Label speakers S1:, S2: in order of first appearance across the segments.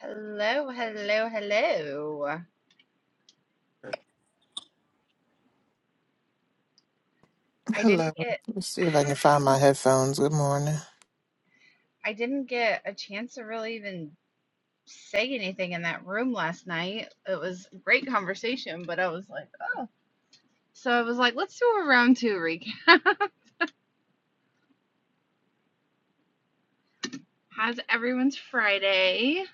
S1: Hello, hello, hello. I
S2: Hello.
S1: didn't get
S2: Let's see if I
S1: Hi.
S2: can find my headphones. Good morning.
S1: I didn't get a chance to really even say anything in that room last night. It was a great conversation, but I was like, oh. So I was like, let's do a round two recap. How's everyone's Friday?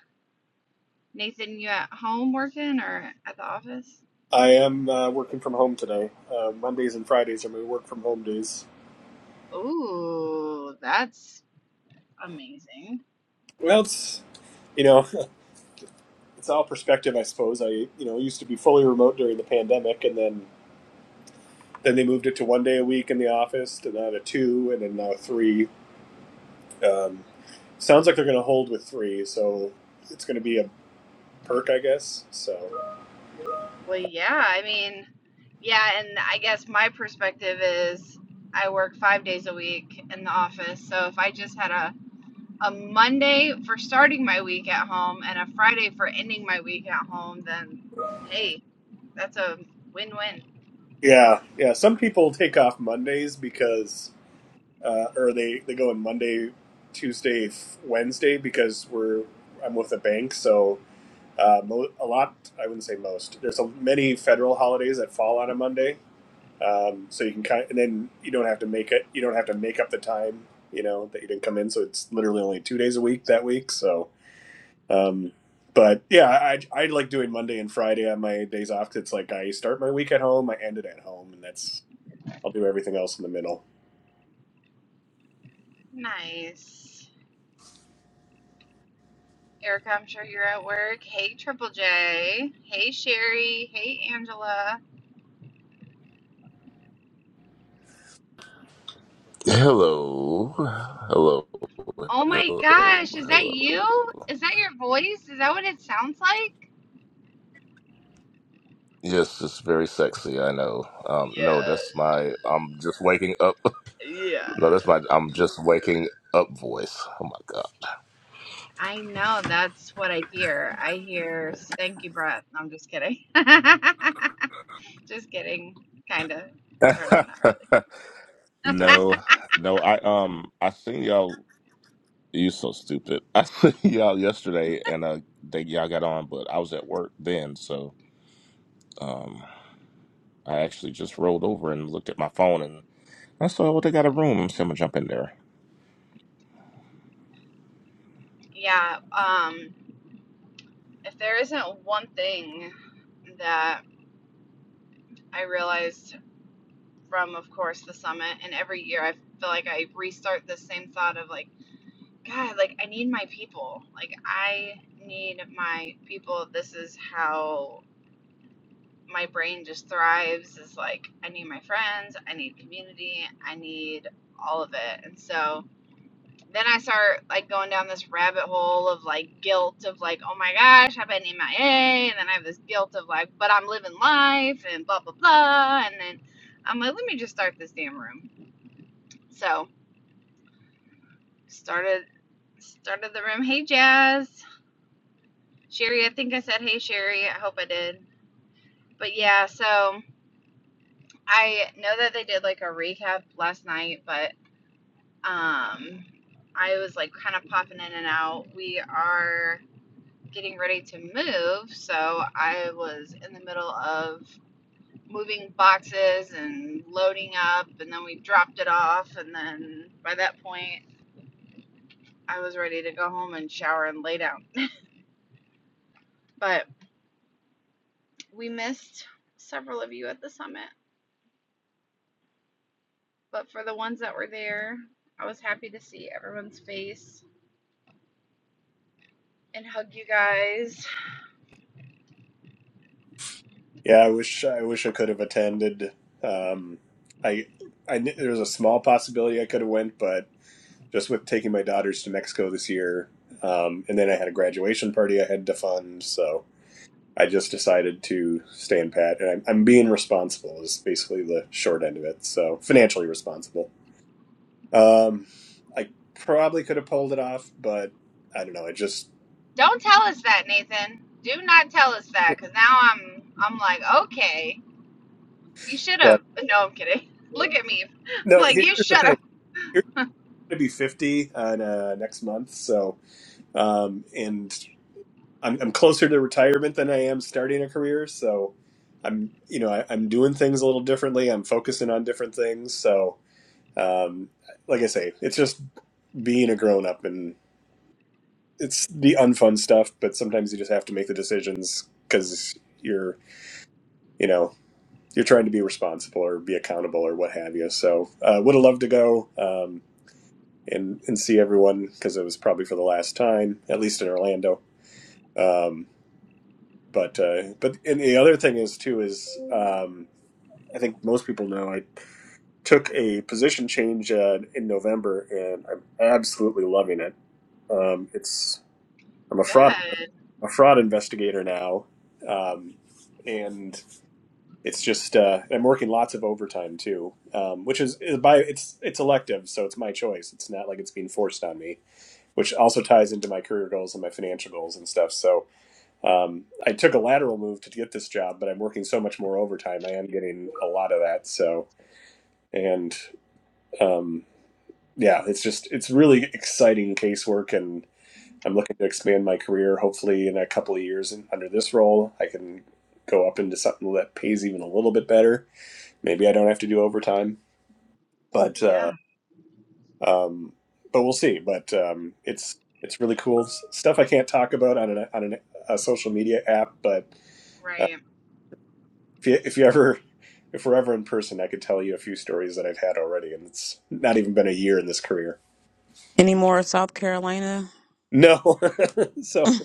S1: Nathan, you at home working or at the office?
S3: I am uh, working from home today. Uh, Mondays and Fridays are my work from home days.
S1: Ooh, that's amazing.
S3: Well, it's you know, it's all perspective, I suppose. I you know used to be fully remote during the pandemic, and then then they moved it to one day a week in the office, to now to two, and then now three. Um, sounds like they're going to hold with three, so it's going to be a perk, I guess. So
S1: Well, yeah, I mean, yeah, and I guess my perspective is I work five days a week in the office. So if I just had a, a Monday for starting my week at home and a Friday for ending my week at home, then hey, that's a win win.
S3: yeah, yeah. Some people take off Mondays because, uh, or they they go on Monday, Tuesday, f- Wednesday because we're I'm with a bank, so Uh, mo- a lot, I wouldn't say most. There's a, many federal holidays that fall on a Monday, um, so you can kind of, and then you don't have to make it. You don't have to make up the time, you know, that you didn't come in. So it's literally only two days a week that week. So, um, but yeah, I I like doing Monday and Friday on my days off. 'cause it's like I start my week at home, I end it at home, and that's I'll do everything else in the middle.
S1: Nice. Erica, I'm sure you're at work. Hey, Triple J. Hey, Sherry. Hey, Angela.
S4: Hello, hello,
S1: Oh my
S4: hello,
S1: gosh, is that
S4: hello.
S1: you? Is that your voice? Is that what it sounds like?
S4: Yes, it's very sexy. I know. Um, no, that's my. I'm just waking up.
S1: Yeah,
S4: No, that's my. I'm just waking up voice. Oh
S1: I know that's what I hear. I hear stanky breath. No, I'm just kidding. just kidding. Kind of,
S4: my
S1: sort of, not really.
S4: god. no, no. I um. I seen y'all. You so stupid. I seen y'all yesterday, and uh, they y'all got on, but I was at work then, so um, I actually just rolled over and looked at my phone, and I saw well, they got a room. I'm gonna jump in there.
S1: Yeah. Um, if there isn't one thing that I realized from, of course, the summit, and every year I feel like I restart the same thought of like, God, like I need my people. Like I need my people. This is how my brain just thrives is like I need my friends, I need community, I need all of it. And so then I start like going down this rabbit hole of like guilt of like, oh my gosh, I've been MIA, and then I have this guilt of like, but I'm living life and blah blah blah. And then I'm like, let me just start this damn room. So started started the room. Hey Jazz, Sherry. I think I said hey Sherry. I hope I did. But yeah, so I know that they did like a recap last night, but um, I was like kind of popping in and out. We are getting ready to move, so I was in the middle of moving boxes and loading up, and then we dropped it off, and then by that point, I was ready to go home and shower and lay down. But we missed several of you at the summit, but for the ones that were there, I was happy to see everyone's face and hug you guys
S3: Yeah, I wish I wish I could have attended. Um, I I kn- there was a small possibility I could have went, but just with taking my daughters to Mexico this year. Um, and then I had a graduation party I had to fund. So I just decided to stand Pat. And I'm, I'm being responsible, is basically the short end of it. So financially responsible. Um, I probably could have pulled it off, but I don't know. I just,
S1: Don't tell us that, Nathan. Do not tell us that, cause now I'm I'm like, okay, you should
S3: but
S1: have. No, I'm kidding. Look at me. I'm
S3: no,
S1: like, you should have.
S3: you're going to be 50 on, uh, next month. So, um, and I'm, I'm closer to retirement than I am starting a career. So I'm, you know, I, I'm doing things a little differently. I'm focusing on different things. So, um, like I say, it's just being a grown up and it's the unfun stuff, but sometimes you just have to make the decisions because you're, you know, you're trying to be responsible or be accountable or what have you. So, uh, would have loved to go, um, and, and see everyone because it was probably for the last time, at least in Orlando. Um, but uh, but and the other thing is too is um, I think most people know I took a position change uh, in November and I'm absolutely loving it. Um, it's I'm a fraud
S1: Good.
S3: a fraud investigator now, um, and it's just uh, I'm working lots of overtime too, um, which is, is by it's it's elective, so it's my choice. It's not like it's being forced on me, which also ties into my career goals and my financial goals and stuff. So Um, I took a lateral move to get this job, but I'm working so much more overtime. I am getting a lot of that. So, and um, yeah, it's just, it's really exciting casework. And I'm looking to expand my career. Hopefully, in a couple of years and under this role, I can go up into something that pays even a little bit better. Maybe I don't have to do overtime, but, uh,
S1: Yeah.
S3: um, but we'll see. But um, it's, it's really cool stuff I can't talk about on an, on an, a social media app, but
S1: Right.
S3: If you if you ever if we're ever in person, I could tell you a few stories that I've had already, and it's not even been a year in this career.
S5: Any more South Carolina?
S3: No, so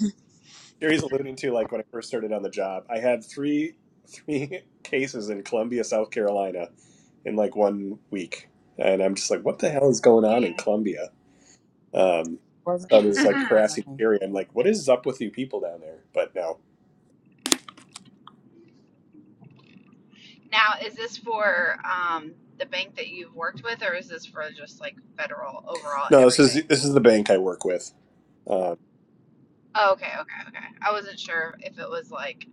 S3: Jerry's alluding to like when I first started on the job, I had three three cases in Columbia, South Carolina, in like one week, and I'm just like, what the hell is going on
S1: Yeah.
S3: in Columbia? Um,
S5: wasn't
S3: so
S5: me.
S3: there's like
S5: It
S3: crassy
S5: wasn't me.
S3: theory. I'm like, what is up with you people down there? But no,
S1: now, is this for um the bank that you've worked with, or is this for just like federal overall
S3: no,
S1: every
S3: this is
S1: bank?
S3: this is the bank I work with. Um,
S1: Oh, okay, okay, okay. I wasn't sure if it was like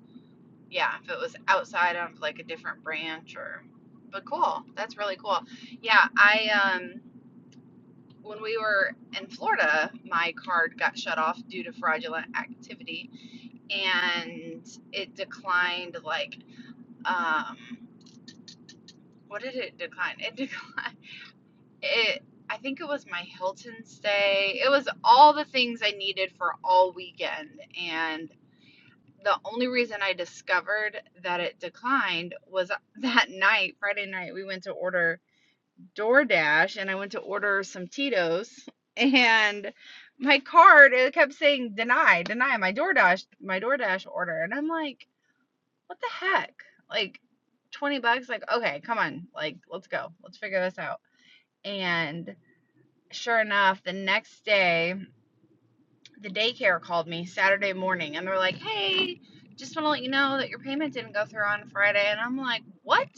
S1: yeah, if it was outside of like a different branch or. But cool. That's really cool. Yeah, I um when we were in Florida, my card got shut off due to fraudulent activity and it declined like um what did it decline? It declined it I think it was my Hilton stay. It was all the things I needed for all weekend and the only reason I discovered that it declined was that night, Friday night, we went to order DoorDash and I went to order some Tito's and my card it kept saying deny, deny my DoorDash, my DoorDash order. And I'm like, what the heck? Like 20 bucks, like, okay, come on, like, let's go. Let's figure this out. And sure enough, the next day, the daycare called me Saturday morning and they're like, Hey, just want to let you know that your payment didn't go through on Friday. And I'm like, What?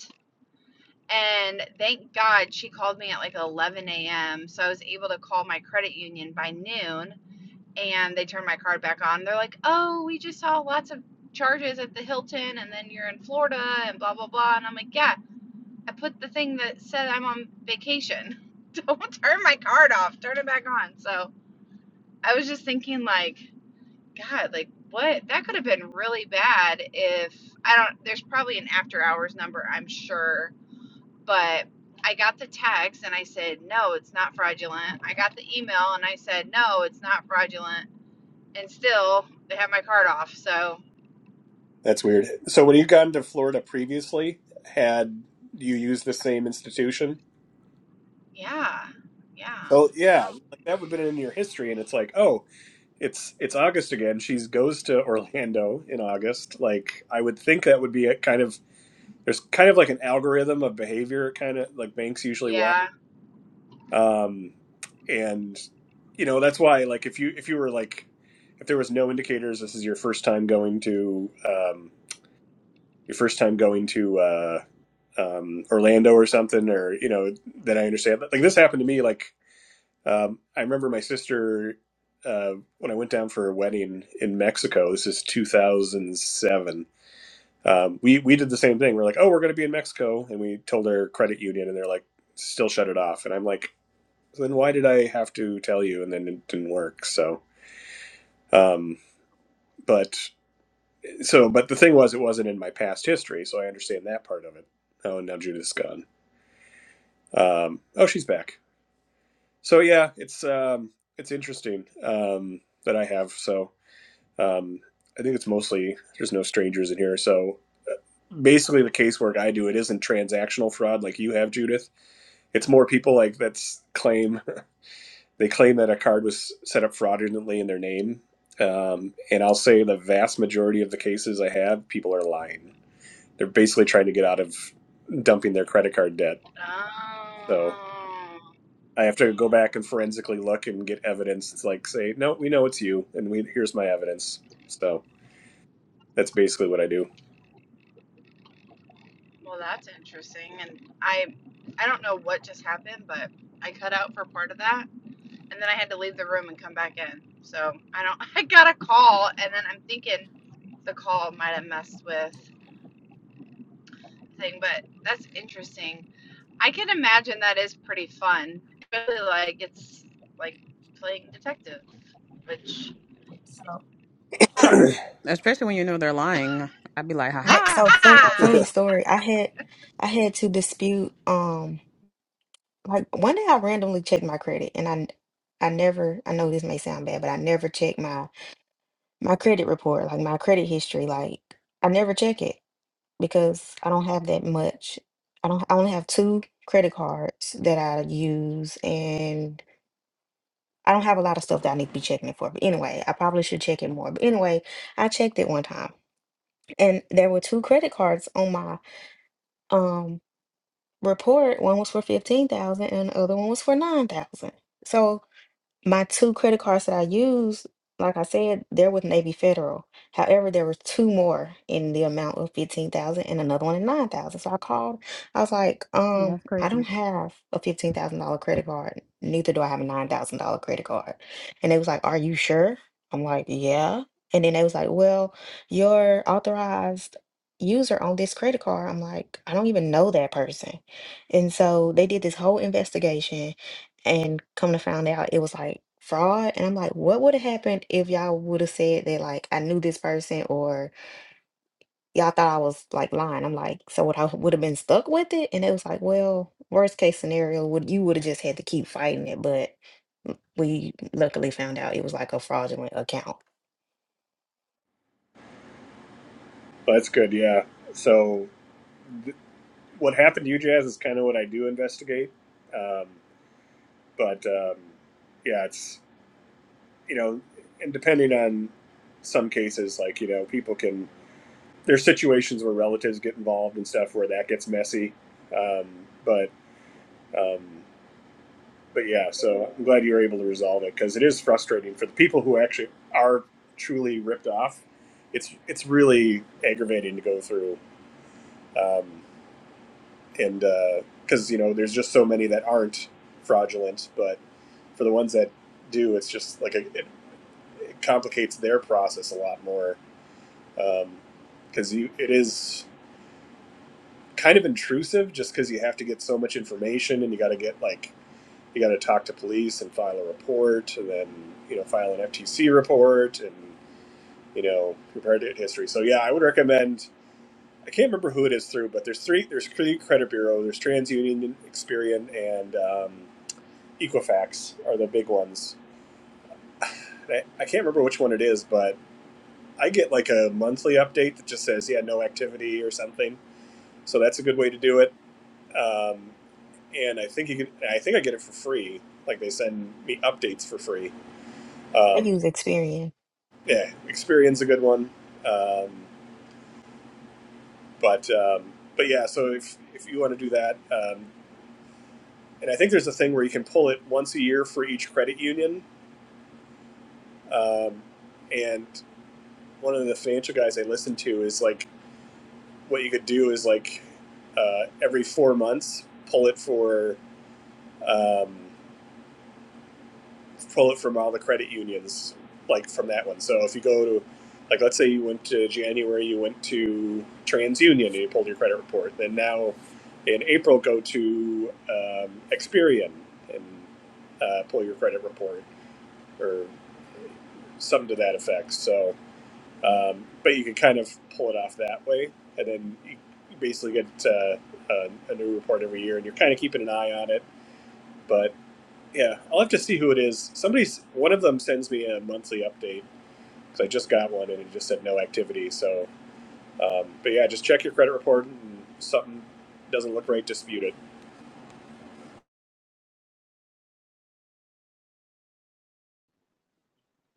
S1: And thank God she called me at like 11 a.m. So I was able to call my credit union by noon and they turned my card back on. They're like, oh, we just saw lots of charges at the Hilton and then you're in Florida and blah, blah, blah. And I'm like, yeah, I put the thing that said I'm on vacation. Don't turn my card off, turn it back on. So I was just thinking, like, God, like, what? That could have been really bad if I don't, there's probably an after hours number, I'm sure but I got the text and I said, no, it's not fraudulent. I got the email and I said, no, it's not fraudulent. And still, they have my card off. So,
S3: That's weird. So when you got into Florida previously, had you used the same institution?
S1: yeah, yeah.
S3: So yeah,
S1: Oh,
S3: like that would have been in your history, and it's like, oh, it's it's August again. She goes to Orlando in August. Like I would think that would be a kind of there's kind of like an algorithm of behavior, kind of like banks usually watch.
S1: yeah.
S3: Um, and you know that's why like if you if you were like if there was no indicators, this is your first time going to um, your first time going to. Uh, um, Orlando or something, or you know, that I understand Like this happened to me. Like um, I remember my sister uh, when I went down for a wedding in Mexico. This is 2007. Um, we we did the same thing. We're like, oh, we're going to be in Mexico, and we told our credit union, and they're like, still shut it off. And I'm like, then why did I have to tell you? And then it didn't work. So, um, but so, but the thing was, it wasn't in my past history, so I understand that part of it. Oh, and now Judith's gone. Um, oh, she's back. So yeah, it's um, it's interesting um, that I have. So um, I think it's mostly there's no strangers in here. So uh, basically, the casework I do it isn't transactional fraud like you have, Judith. It's more people like that's claim they claim that a card was set up fraudulently in their name. Um, and I'll say the vast majority of the cases I have, people are lying. They're basically trying to get out of dumping their credit card debt. So.
S1: Oh,
S3: I have to go back and forensically look and get evidence. It's like say, no, we know it's you, and we here's my evidence. So that's basically what I do.
S1: well, that's interesting. And I, I don't know what just happened, but I cut out for part of that, and then I had to leave the room and come back in. So I don't. I got a call, and then I'm thinking the call might have messed with the thing, but that's interesting. I can imagine that is pretty fun. Really, like it's like playing detective. Which,
S6: So, so
S5: Especially when you know they're lying. I'd be like, ha
S6: but so
S5: ha.
S6: funny funny story. I had I had to dispute um like one day I randomly checked my credit and I I never I know this may sound bad, but I never check my my credit report, like my credit history, like I never check it because I don't have that much. I don't I only have two credit cards that I use and I don't have a lot of stuff that I need to be checking it for. But anyway, I probably should check it more. But anyway, I checked it one time and there were two credit cards on my um report, one was for 15,000 and the other one was for 9,000. So my two credit cards that I used, like I said, they're with Navy Federal. However, there were two more in the amount of 15,000 and another one in 9,000. So I called. I was like, um,
S5: That's
S6: I don't
S5: crazy.
S6: have a $15,000 credit card. Neither do I have a $9,000 credit card. And they was like, "Are you sure?" I'm like, "Yeah." And then they was like, "Well, your authorized user on this credit card." I'm like, "I don't even know that person." And so they did this whole investigation and come to find out it was like fraud and i'm like what would have happened if y'all would have said that like i knew this person or y'all thought i was like lying i'm like so what i would have been stuck with it and it was like well worst case scenario would you would have just had to keep fighting it but we luckily found out it was like a fraudulent account
S3: But that's good, yeah. So what happened to you, Jazz, is kind of what I do investigate. Um, but um, yeah, it's you know, and depending on some cases, like you know, people can there's situations where relatives get involved and stuff where that gets messy. Um, but um, but yeah, so I'm glad you were able to resolve it because it is frustrating for the people who actually are truly ripped off. It's it's really aggravating to go through, um, and because uh, you know there's just so many that aren't fraudulent, but for the ones that do, it's just like a, it, it complicates their process a lot more because um, you it is kind of intrusive just because you have to get so much information and you got to get like you got to talk to police and file a report, and then you know file an FTC report, and you know compare it to history. So yeah, I would recommend. I can't remember who it is through, but there's three. There's three credit bureau. There's TransUnion, Experian, and um, Equifax are the big ones. I, I can't remember which one it is, but I get like a monthly update that just says yeah no activity or something. So that's a good way to do it. Um, and I think you can. I think I get it for free. Like they send me updates for free.
S6: i
S3: Um,
S6: use experian
S3: yeah, experience a good one. Um, but um, but yeah, so if if you want to do that, um, and I think there's a thing where you can pull it once a year for each credit union. Um, and one of the financial guys I listened to is like, what you could do is like uh, every four months pull it for um, pull it from all the credit unions, like from that one. So if you go to, like, let's say you went to January, you went to TransUnion and you pulled your credit report. Then now in April, go to um, Experian and uh, pull your credit report or something to that effect. So, um, but you can kind of pull it off that way. And then you you basically get uh, a, a new report every year and you're kind of keeping an eye on it. But yeah, I'll have to see who it is. Somebody's one of them sends me a monthly update because I just got one and it just said no activity. So, um, but yeah, just check your credit report and if something doesn't look right, dispute it.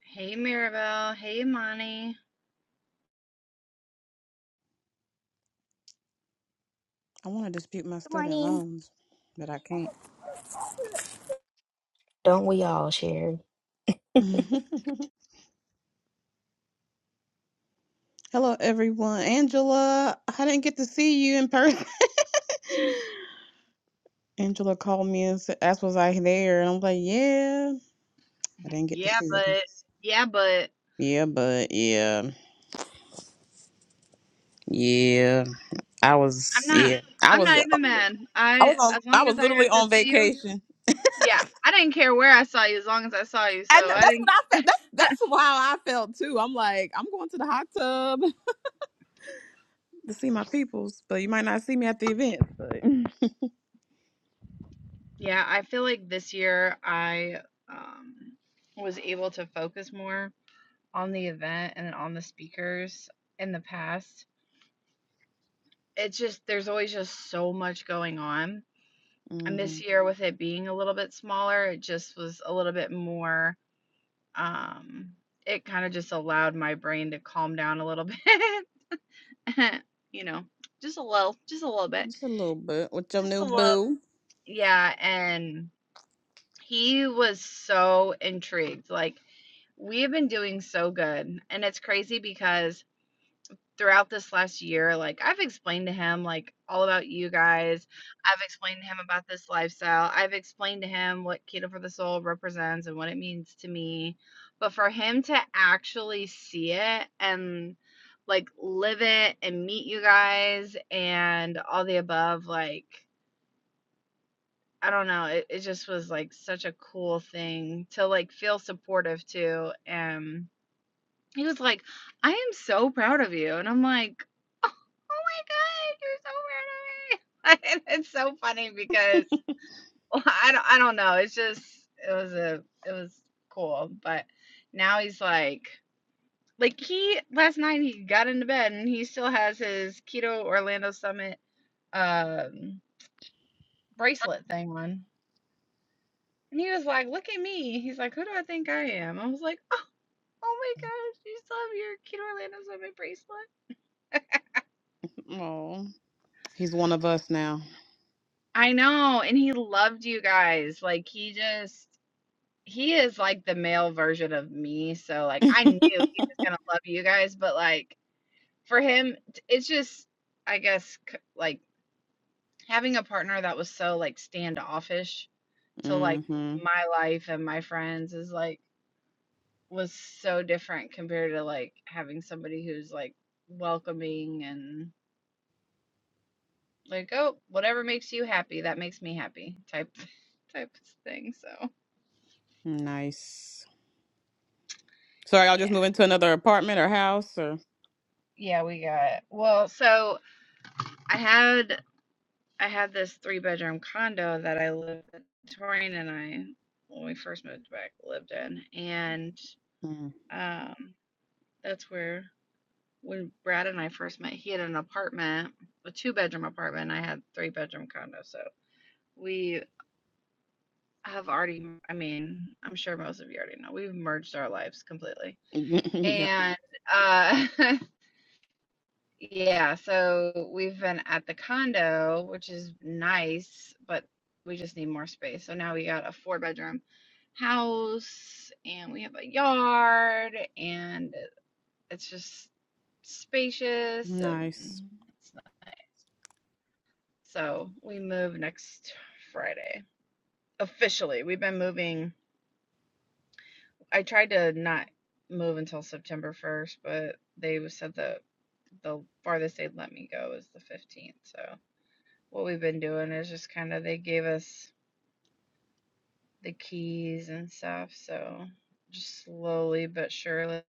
S1: hey Mirabelle, hey Imani.
S5: I want to dispute my
S7: Good
S5: student
S7: morning.
S5: loans, but I can't.
S6: don't we all sherry
S5: Hello, everyone. Angela, I didn't get to see you in person. Angela called me and said, asked, was I there? And I'm like, yeah. I didn't get to
S1: Yeah,
S5: see you.
S1: but yeah, but
S5: Yeah, but yeah, yeah. I
S1: I'm
S5: was,
S1: not.
S5: yeah. I
S1: I'm
S5: was,
S1: not even mad.
S5: I was
S1: I
S5: on,
S1: as
S5: I
S1: long
S5: was
S1: as I got
S5: literally
S1: to
S5: on
S1: see you.
S5: vacation.
S1: Yeah, I didn't care where I saw you as long as I saw you.
S5: And
S1: So I
S5: that's what
S1: didn't.
S5: I felt. That's that's how I felt too. I'm like, I'm going to the hot tub to see my peoples, but you might not see me at the event. But
S1: Yeah, I feel like this year I um, was able to focus more on the event and on the speakers in the past it's just there's always just so much going on. And this
S5: hmm
S1: year with it being a little bit smaller, it just was a little bit more um it kind of just allowed my brain to calm down a little bit. you know, just a little, just a little bit.
S5: just a little bit with your
S1: Just
S5: new
S1: a little.
S5: boo.
S1: Yeah, and he was so intrigued. Like we have been doing so good. And it's crazy because throughout this last year, like I've explained to him like all about you guys. I've explained to him about this lifestyle. I've explained to him what keto for the soul represents and what it means to me. But for him to actually see it and like live it and meet you guys and all the above, like I don't know, it, it just was like such a cool thing to like feel supportive to. And he was like, I am so proud of you. And I'm like, oh, oh my God, you're so proud of me. it's so funny because well, I, don't, I don't know. It's just, it was a, it was cool. But now he's like, like he, last night he got into bed and he still has his Keto Orlando Summit um, bracelet thing on. And he was like, look at me. He's like, who do I think I am? I was like, oh, oh my gosh, you still have your Keto Orlando Summit bracelet?
S5: Oh, he's one of us now.
S1: I know, and he loved you guys. Like he just he is like the male version of me, so like I knew he was going to love you guys, but like for him t- it's just I guess c- like having a partner that was so like standoffish to like
S5: mm-hmm.
S1: my life and my friends is like was so different compared to like having somebody who's like welcoming and like oh whatever makes you happy that makes me happy type type thing so
S5: Nice. So are y'all
S1: yeah.
S5: just moving to another apartment or house or?
S1: Yeah, we got well, so I had I had this three bedroom condo that I lived in Torian and I when we first moved back lived in and
S5: Mm.
S1: um that's where when Brad and I first met, he had an apartment, a two bedroom apartment, and I had three bedroom condo. So we have already I mean, I'm sure most of you already know, we've merged our lives completely.
S5: yep.
S1: And uh Yeah, so we've been at the condo, which is nice, but we just need more space. So now we got a four bedroom house and we have a yard and it's just spacious and
S5: Nice.
S1: it's nice. So we move next Friday. Officially, we've been moving. I tried to not move until September 1st, but they said the the farthest they'd let me go is the 15th. So what we've been doing is just kind of they gave us the keys and stuff, so just slowly but surely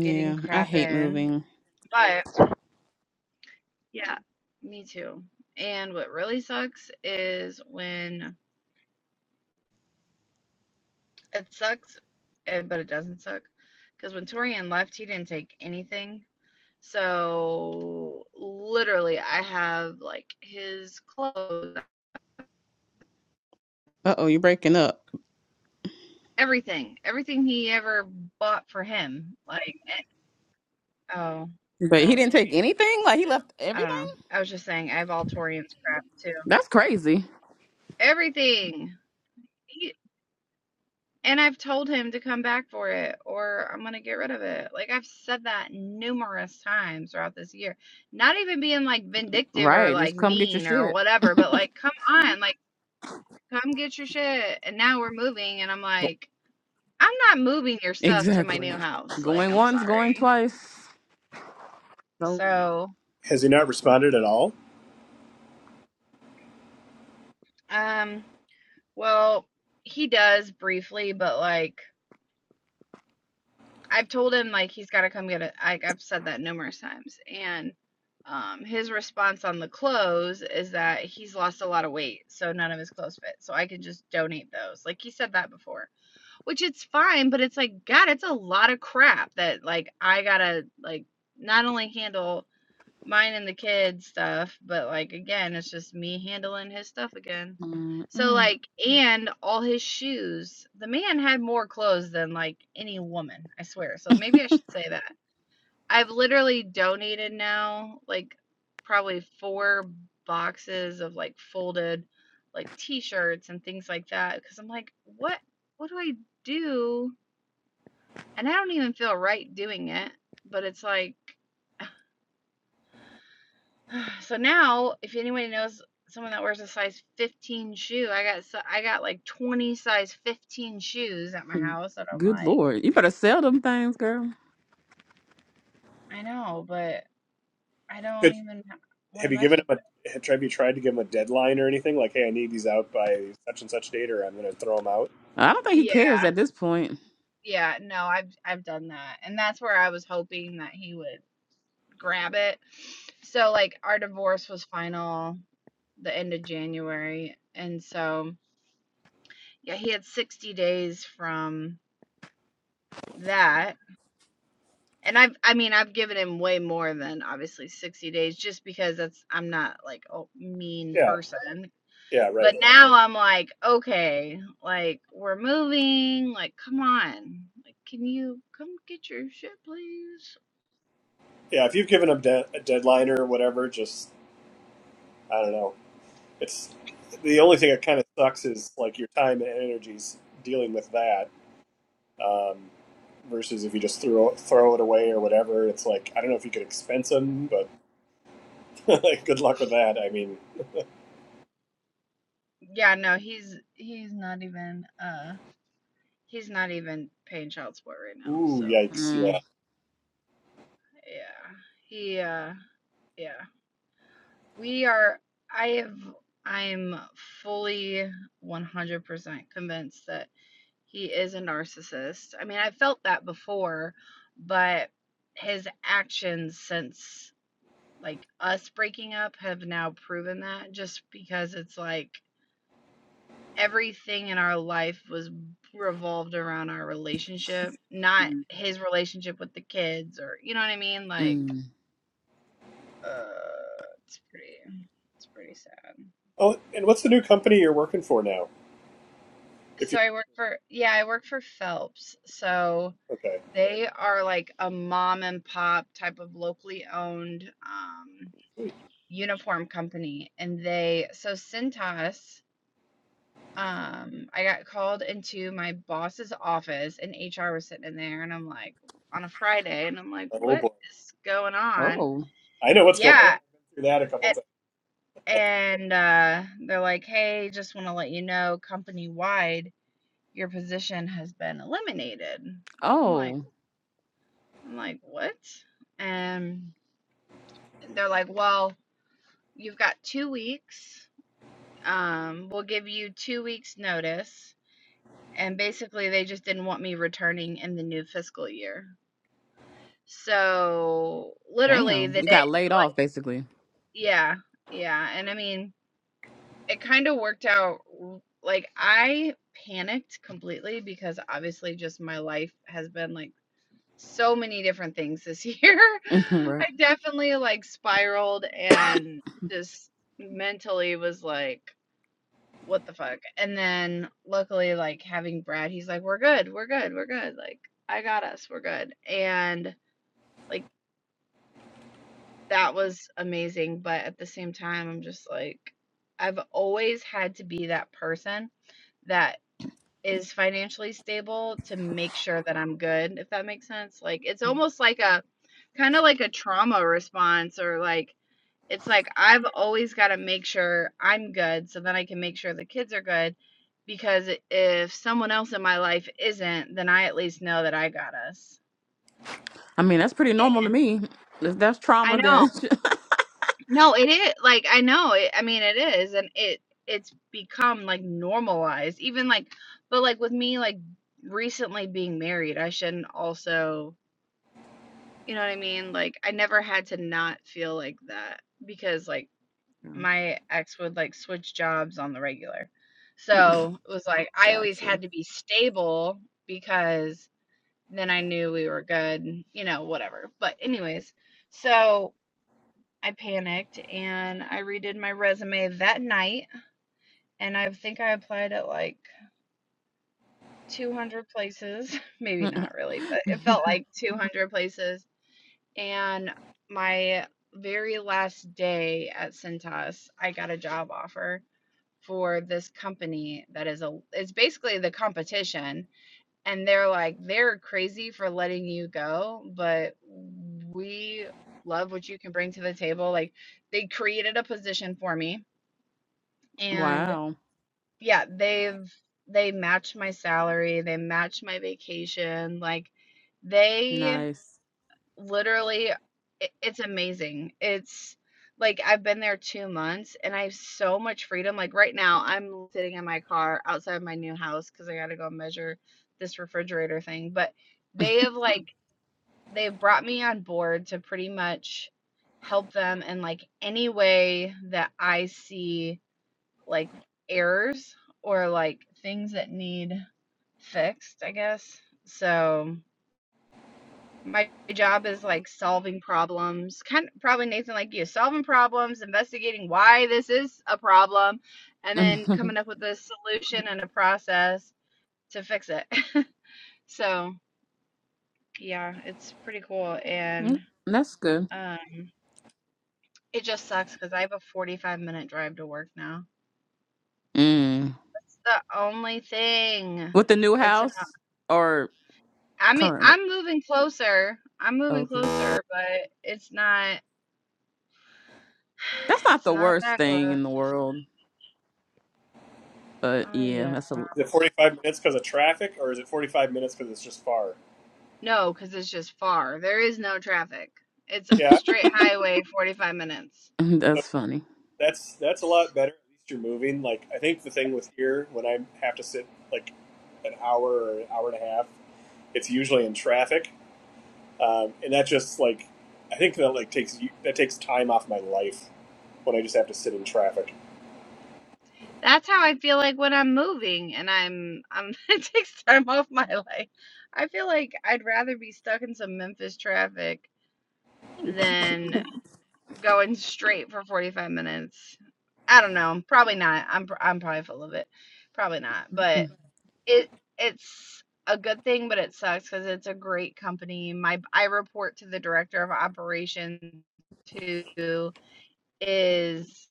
S1: getting
S5: I
S1: crap
S5: hate
S1: in.
S5: moving.
S1: But yeah, me too. And what really sucks is when it sucks, eh, but it doesn't suck because when Torian left, he didn't take anything. So literally, I have like his clothes,
S5: Uh oh, you're breaking up.
S1: everything, everything he ever bought for him, like Oh,
S5: But he
S1: crap.
S5: didn't take anything? Like he left
S1: I don't
S5: everything?
S1: know. I was just saying, I have all Torian's crap too.
S5: That's crazy.
S1: Everything. He, and I've told him to come back for it or I'm going to get rid of it. Like, I've said that numerous times throughout this year. Not even being like vindictive or
S5: Right.
S1: like
S5: Just come get your
S1: mean or
S5: shit.
S1: whatever, but like, come on, like, come get your shit. And now we're moving. And I'm
S5: Go-
S1: like, I'm not moving your stuff to my
S5: Exactly.
S1: new house. Like,
S5: Going
S1: I'm
S5: once, going
S1: sorry.
S5: twice. So,
S1: So,
S3: Has he not responded at all?
S1: um, well, he does briefly, but like, I've told him like he's got to come get it. I, I've said that numerous times, and um, his response on the clothes is that he's lost a lot of weight, so none of his clothes fit. So I can just donate those. Like he said that before, which it's fine, but it's like God, it's a lot of crap that like I gotta like not only handle mine and the kids stuff, but like again, it's just me handling his stuff again. So
S5: mm-mm.
S1: like and all his shoes. The man had more clothes than like any woman, I swear. So maybe I should say that. I've literally donated now like probably four boxes of like folded like t-shirts and things like that cuz I'm like, what what do I do? And I don't even feel right doing it, but it's like So now, if anybody knows someone that wears a size 15 shoe, I got so I got like 20 size 15 shoes at my house, and I'm
S5: good
S1: like,
S5: lord. You better sell them things, girl.
S1: I know, but I don't
S3: Could
S1: even want
S3: have
S1: to
S3: you
S1: mess
S3: given him
S1: with
S3: a
S1: it.
S3: have have you tried to give him a deadline or anything like, hey, I need these out by such and such date, or I'm going to throw them out?
S5: I don't think he cares
S1: Yeah,
S5: at this point.
S1: yeah, no, I've I've done that, and that's where I was hoping that he would grab it. So like our divorce was final the end of January, and so yeah, he had 60 days from that And I've I mean, I've given him way more than obviously 60 days just because that's I'm not like a mean
S3: Yeah,
S1: person.
S3: yeah,
S1: But
S3: right.
S1: now I'm like, okay, like we're moving, like come on. Like can you come get your shit please?
S3: Yeah, if you've given him de- a deadline or whatever, just I don't know. It's the only thing that kind of sucks is like your time and energies dealing with that Um, versus if you just throw throw it away or whatever, it's like I don't know if you could expense them, but like, good luck with that. I mean,
S1: Yeah, no, he's he's not even uh he's not even paying child support right now.
S3: ooh,
S1: So,
S3: yikes,
S5: Mm,
S3: yeah.
S1: yeah. He uh yeah. We are I have I'm fully 100% convinced that He is a narcissist. I mean, I felt that before, but his actions since like us breaking up have now proven that just because it's like everything in our life was revolved around our relationship, not
S5: mm,
S1: his relationship with the kids or you know what I mean? Like
S5: mm.
S1: uh it's pretty it's pretty sad.
S3: Oh, and what's the new company you're working for now? If
S1: So
S3: you
S1: I work for yeah, I work for Phelps. So
S3: okay,
S1: they are like a mom and pop type of locally owned um, uniform company, and they so Cintas. Um, I got called into my boss's office, and HR was sitting in there, and I'm like on a Friday, and I'm like,
S3: oh
S1: what
S3: boy,
S1: is going on?
S5: Oh,
S3: I know what's going
S1: Yeah.
S3: on through that a couple
S1: And,
S3: times.
S1: and uh, they're like, hey, just want to let you know company wide your position has been eliminated. I'm like,
S5: oh,
S1: I'm like, what? And they're like, well, you've got two weeks. Um, we'll give you two weeks notice. And basically, they just didn't want me returning in the new fiscal year. So literally
S5: damn.
S1: the
S5: You
S1: day,
S5: got laid
S1: like,
S5: off, basically.
S1: yeah, yeah. And I mean, it kind of worked out. Like I panicked completely because obviously just my life has been like so many different things this year. I
S5: right.
S1: definitely like spiraled and just mentally was like, what the fuck? And then luckily, like having Brad, he's like, we're good, we're good, we're good. Like, I got us, we're good. And like, that was amazing. But at the same time, I'm just like, I've always had to be that person that is financially stable to make sure that I'm good, if that makes sense. Like it's almost like a kind of like a trauma response or like it's like I've always got to make sure I'm good so then I can make sure the kids are good because if someone else in my life isn't, then I at least know that I got us.
S5: I mean, that's pretty normal to
S1: Yeah.
S5: me. If that's
S1: I
S5: trauma,
S1: know.
S5: then.
S1: No, it is like I know. It, I mean it is and it it's become like normalized even like but like with me like recently being married, I shouldn't also You know what I mean? Like I never had to not feel like that because like my ex would like switch jobs on the regular. So, it was like I
S5: Got
S1: always
S5: you.
S1: had to be stable because then I knew we were good, you know, whatever. But anyways, so I panicked and I redid my resume that night and I think I applied at like 200 places, maybe not really, but it felt like 200 places And my very last day at Cintas, I got a job offer for this company that is a it's basically the competition and they're like they're crazy for letting you go but we love what you can bring to the table like they created a position for me and
S5: wow.
S1: yeah they've they match my salary they match my vacation like they
S5: Nice.
S1: Literally, i it's amazing. It's like I've been there 2 months and I have so much freedom. Like right now, I'm sitting in my car outside my new house because I gotta go measure this refrigerator thing, but they have like they've brought me on board to pretty much help them in like any way that I see like errors or like things that need fixed, I guess. So my job is like solving problems kind of probably nathan like you solving problems investigating why this is a problem and then coming up with a solution and a process to fix it so yeah it's pretty cool and
S5: Mm, That's good.
S1: uh, it just sucks because i have a 45 minute drive to work now
S5: Mm.
S1: that's the only thing
S5: With the new
S1: it's an
S5: house or
S1: i mean
S5: currently?
S1: i'm moving closer i'm moving
S5: Okay.
S1: closer but it's not
S5: That's not
S1: it's
S5: the
S1: not
S5: worst
S1: that close
S5: thing in the world, but
S1: oh yeah.
S5: yeah, that's a lo-
S3: Is it 45 minutes because of traffic, or is it 45 minutes because it's just far?
S1: No, because it's just far. There is no traffic. It's
S3: Yeah,
S1: straight highway, 45 minutes.
S3: so
S5: that's funny.
S3: that's that's a lot better. At least you're moving. Like I think the thing with here when I have to sit like an hour or an hour and a half, it's usually in traffic um, and that just like I think that like takes that takes time off my life when I just have to sit in traffic.
S1: That's how I feel like when I'm moving and I'm I'm it takes time off my life. I feel like I'd rather be stuck in some Memphis traffic than going straight for 45 minutes. I don't know. Probably not. I'm pr- I'm probably full of it. Probably not. But.
S5: Mm.
S1: It it's a good thing, but it sucks because it's a great company. My I report to the director of operations who is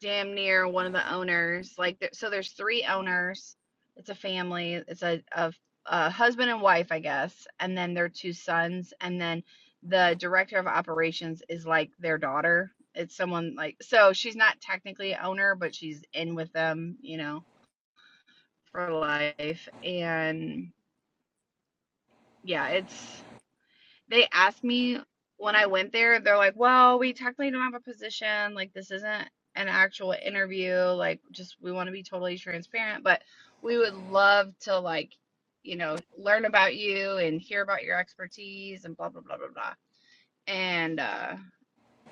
S1: damn near one of the owners. Like, there, so there's three owners. It's a family. It's a, a a husband and wife, I guess, and then their two sons, and then the director of operations is like their daughter. It's someone like so she's not technically a owner, but she's in with them, you know, for life and yeah, it's they asked me when I went there, they're like, "Well, we technically don't have a position. Like this isn't an actual interview. Like just we want to be totally transparent, but we would love to like, you know, learn about you and hear about your expertise and blah blah blah blah blah." And uh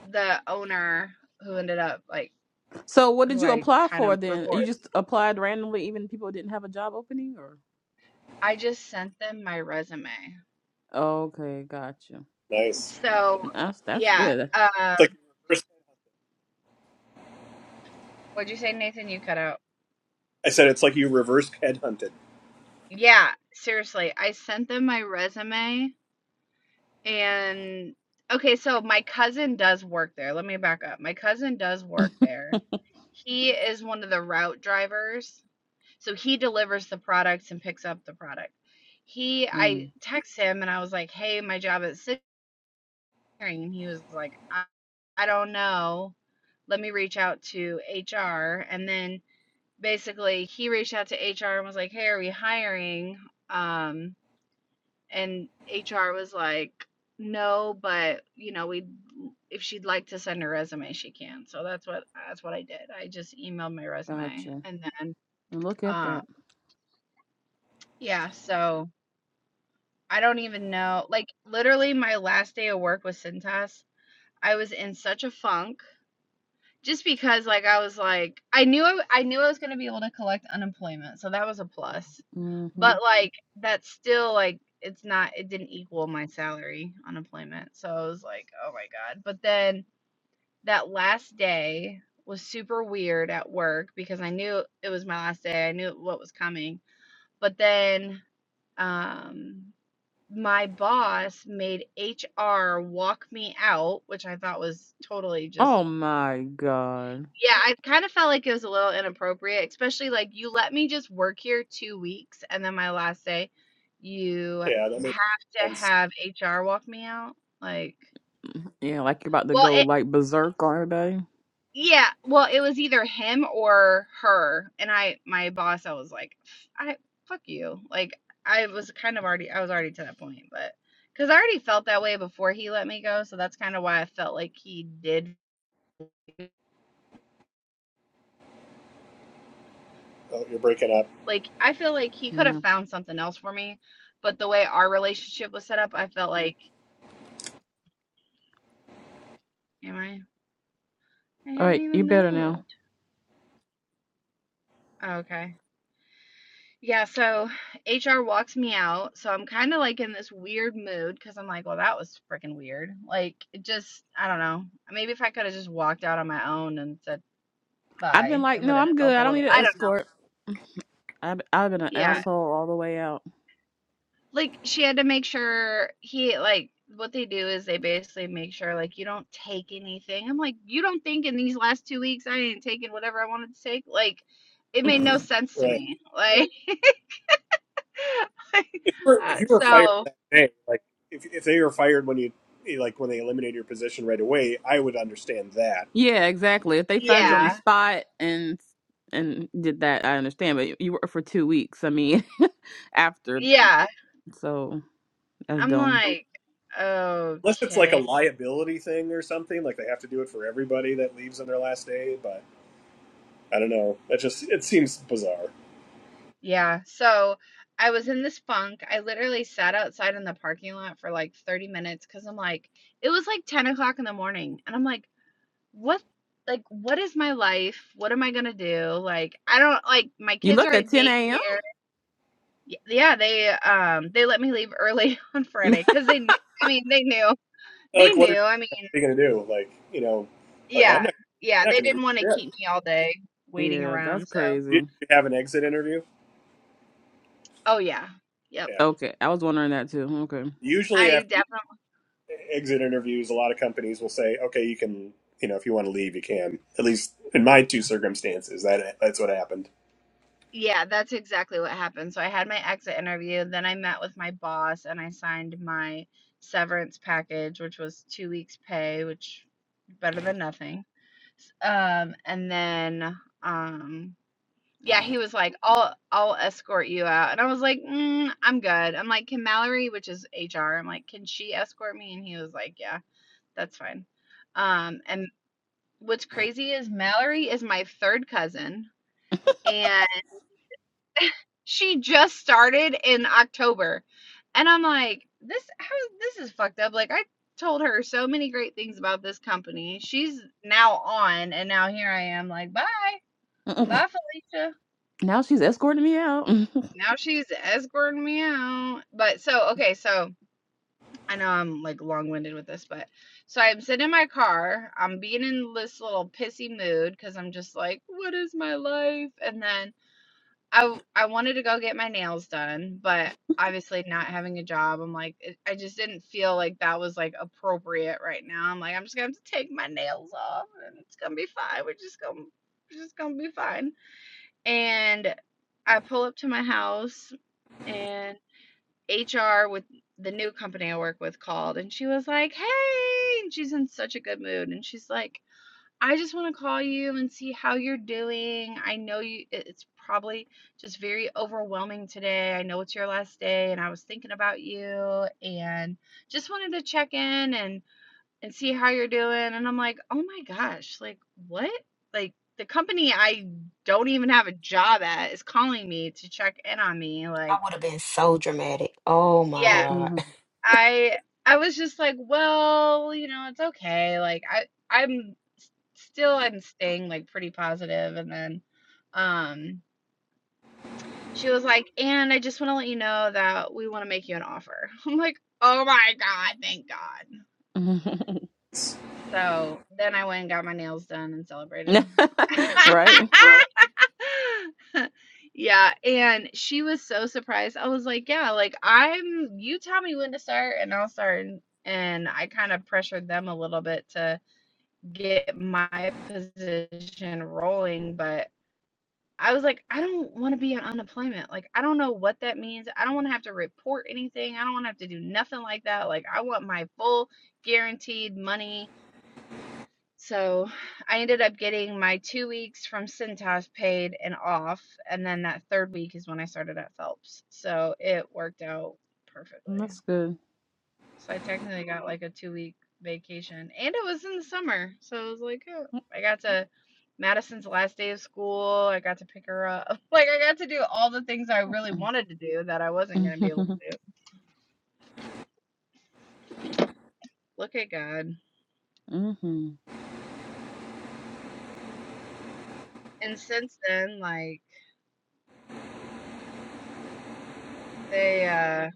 S1: the owner who ended up like
S5: So, what did
S1: who
S5: you
S1: I
S5: apply
S1: kind
S5: for
S1: of
S5: then?
S1: report,
S5: You just applied randomly, even people didn't have a job opening, or
S1: I just sent them my resume.
S5: okay, gotcha.
S3: Nice.
S1: So,
S5: That's that's
S1: yeah,
S5: good.
S1: uh
S3: It's like reverse. headhunted.
S1: what'd you say, Nathan? You cut out.
S3: I said it's like you reverse headhunted.
S1: Yeah, seriously. I sent them my resume and okay, so my cousin does work there. Let me back up. My cousin does work there. He is one of the route drivers. So he delivers the products and picks up the product. He I
S5: Mm,
S1: text him and I was like, "Hey, my job at City," Clearing." and he was like, I, "I don't know. Let me reach out to HR." And then basically he reached out to HR and was like, "Hey, are we hiring?" Um And HR was like, "No, but, you know, we if she'd like to send her resume, she can." So that's what that's what I did. I just emailed my resume
S5: gotcha.
S1: and then
S5: And look at
S1: um
S5: that.
S1: yeah, so I don't even know. Like literally my last day of work with Cintas, I was in such a funk just because like I was like I knew I, I knew I was going to be able to collect unemployment. So that was a plus.
S5: hmm
S1: But, like, that's still, like, it's not it didn't equal my salary unemployment, so I was like, "Oh my god." But then that last day was super weird at work because I knew it was my last day. I knew what was coming. But then, um, my boss made HR walk me out, which I thought was totally just
S5: Oh my god.
S1: yeah, I kinda felt like it was a little inappropriate, especially, like, you let me just work here 2 weeks, and then my last day, you
S3: Yeah, that makes
S1: have to
S3: sense.
S1: have HR walk me out? Like
S5: Yeah, like you're about to
S1: well,
S5: go
S1: it
S5: like berserk on everybody.
S1: yeah, well, it was either him or her, and I my boss, I was like, "Pff, "I fuck you." Like, I was kind of already I was already to that point, but because I already felt that way before he let me go, so that's kinda why I felt like he did
S3: Oh, you're breaking up,
S1: like I feel like he could have
S5: Yeah.
S1: found something else for me, but the way our relationship was set up, I felt like, am I? I
S5: All
S1: haven't
S5: right, you
S1: even
S5: better now.
S1: moved. Oh, okay. Yeah, so HR walks me out, so I'm kind of like in this weird mood because I'm like, well, that was freaking weird. Like, it just, I don't know. Maybe if I could have just walked out on my own and said
S5: I'd been
S1: bye,
S5: like,
S1: it would
S5: no,
S1: have
S5: I'm good.
S1: felt a
S5: I don't
S1: little,
S5: need an
S1: I don't know.
S5: escort. I've, I've been an
S1: Yeah,
S5: asshole all the way out.
S1: Like, she had to make sure he like, what they do is they basically make sure, like, you don't take anything. I'm like, "You don't think in these last 2 weeks I ain't taking whatever I wanted to take?" Like, it made no sense to
S3: right?
S1: me. Like,
S3: If you were
S1: uh,
S3: if you were fired
S1: so
S3: that day, like if if they were fired when you eh, like when they eliminated your position right away, I would understand that.
S5: yeah, exactly. If they fired you on the
S1: yeah.
S5: spot and and did that, I understand. But you were for two weeks. I mean, after,
S1: Yeah.
S5: so that's
S1: I'm
S5: dumb.
S1: like,
S3: Unless it's like a
S1: "Okay."
S3: liability thing or something, like they have to do it for everybody that leaves on their last day. But I don't know. That just it seems bizarre.
S1: Yeah, so I was in this funk. I literally sat outside in the parking lot for, like, 30 minutes because 'cause I'm like it was, like, 10 o'clock in the morning, and I'm like, what like what is my life? What am I gonna do? Like I don't like my
S5: You
S1: kids are
S5: left at
S1: at
S5: 10 a.m.
S1: daycare. Y- Yeah, they um they let me leave early on Friday because they knew, I mean they knew they
S3: Like what? If,
S1: knew I mean
S3: are you going to do? Like, you know, like I'm
S1: yeah
S3: not,
S1: yeah
S3: I'm not
S1: they
S3: going to do
S1: didn't want to
S3: shit.
S1: keep me all day waiting
S5: yeah, that's
S1: around so
S3: Did
S5: crazy.
S3: you have an exit interview?
S1: oh yeah yep
S3: Yeah.
S5: Okay, I was wondering that too. Okay.
S3: Usually
S1: I
S3: after
S1: definitely
S3: exit interviews, a lot of companies will say, okay, you can, you know, if you want to leave, you can. At least in my two circumstances, that that's what happened.
S1: yeah that's exactly what happened so I had my exit interview then I met with my boss and I signed my severance package which was two weeks pay which better than nothing Um, and then, um, yeah, he was like, "I'll I'll escort you out," and I was like, mm, "I'm good." I'm like, "Can Mallory, which is HR, I'm like, can she escort me?" And he was like, "Yeah, that's fine." Um, and what's crazy is Mallory is my third cousin, and she just started in October, and I'm like, "This how this is fucked up." Like I told her so many great things about this company. She's now on, and now here I am, like, "Bye." Bye, Felicia.
S5: Now she's escorting me out.
S1: Now she's escorting me out. But so, okay, so I know I'm like long winded with this, but so I'm sitting in my car. I'm being in this little pissy mood because I'm just like, what is my life? And then I I wanted to go get my nails done, but obviously not having a job, I'm like, it, I just didn't feel like that was like appropriate right now. I'm like, I'm just gonna have to take my nails off and it's gonna be fine. We're just gonna, we're just gonna be fine. And I pull up to my house, and HR with the new company I work with called, and she was like, Hey, and she's in such a good mood. And she's like, I just want to call you and see how you're doing. I know you, it- it's probably just very overwhelming today. I know it's your last day, and I was thinking about you, and just wanted to check in. And and see how you're doing. And I'm like, oh my gosh, like what? Like the company I don't even have a job at is calling me to check in on me.
S6: i
S1: Like,
S6: would have been so dramatic oh my
S1: yeah,
S6: god
S5: Mhm.
S1: I I was just like, well, you know, it's okay. Like I I'm s- still I'm staying like pretty positive. And then um she was like, and I just want to let you know that we want to make you an offer. I'm like, oh my God, thank God. So then I went and got my nails done and celebrated.
S5: right?
S1: Yeah, and she was so surprised. I was like, "Yeah, like I'm you tell me when to start and I'll start." And, and I kind of pressured them a little bit to get my position rolling, but I was like, "I don't want to be on unemployment. Like I don't know what that means. I don't want to have to report anything. I don't want to have to do nothing like that. Like I want my full guaranteed money so I ended up getting my two weeks from Cintas paid and off. And then that third week is when I started at Phelps. So it worked out perfectly.
S5: That's good.
S1: So I technically got like a two week vacation. And it was in the summer. So it was like, oh, I got to Madison's last day of school. I got to pick her up. Like, I got to do all the things I really wanted to do that I wasn't going to be able to do. Look at God.
S5: mm-hmm.
S1: And since then, like, they, uh,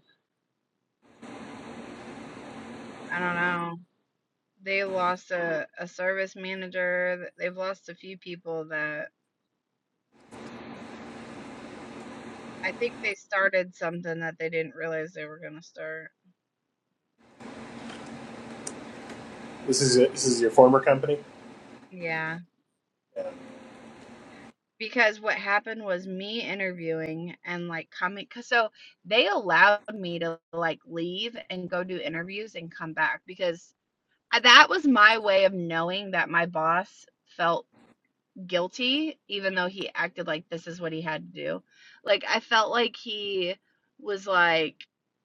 S1: I don't know. They lost a, a service manager. th- They've lost a few people that I think they started something that they didn't realize they were going to start.
S3: This is a, this is your former company.
S1: Yeah.
S3: Yeah. I
S1: Because what happened was me interviewing and like coming. 'cause So they allowed me to like leave and go do interviews and come back because I- that was my way of knowing that my boss felt guilty even though he acted like this is what he had to do. Like I felt like he was like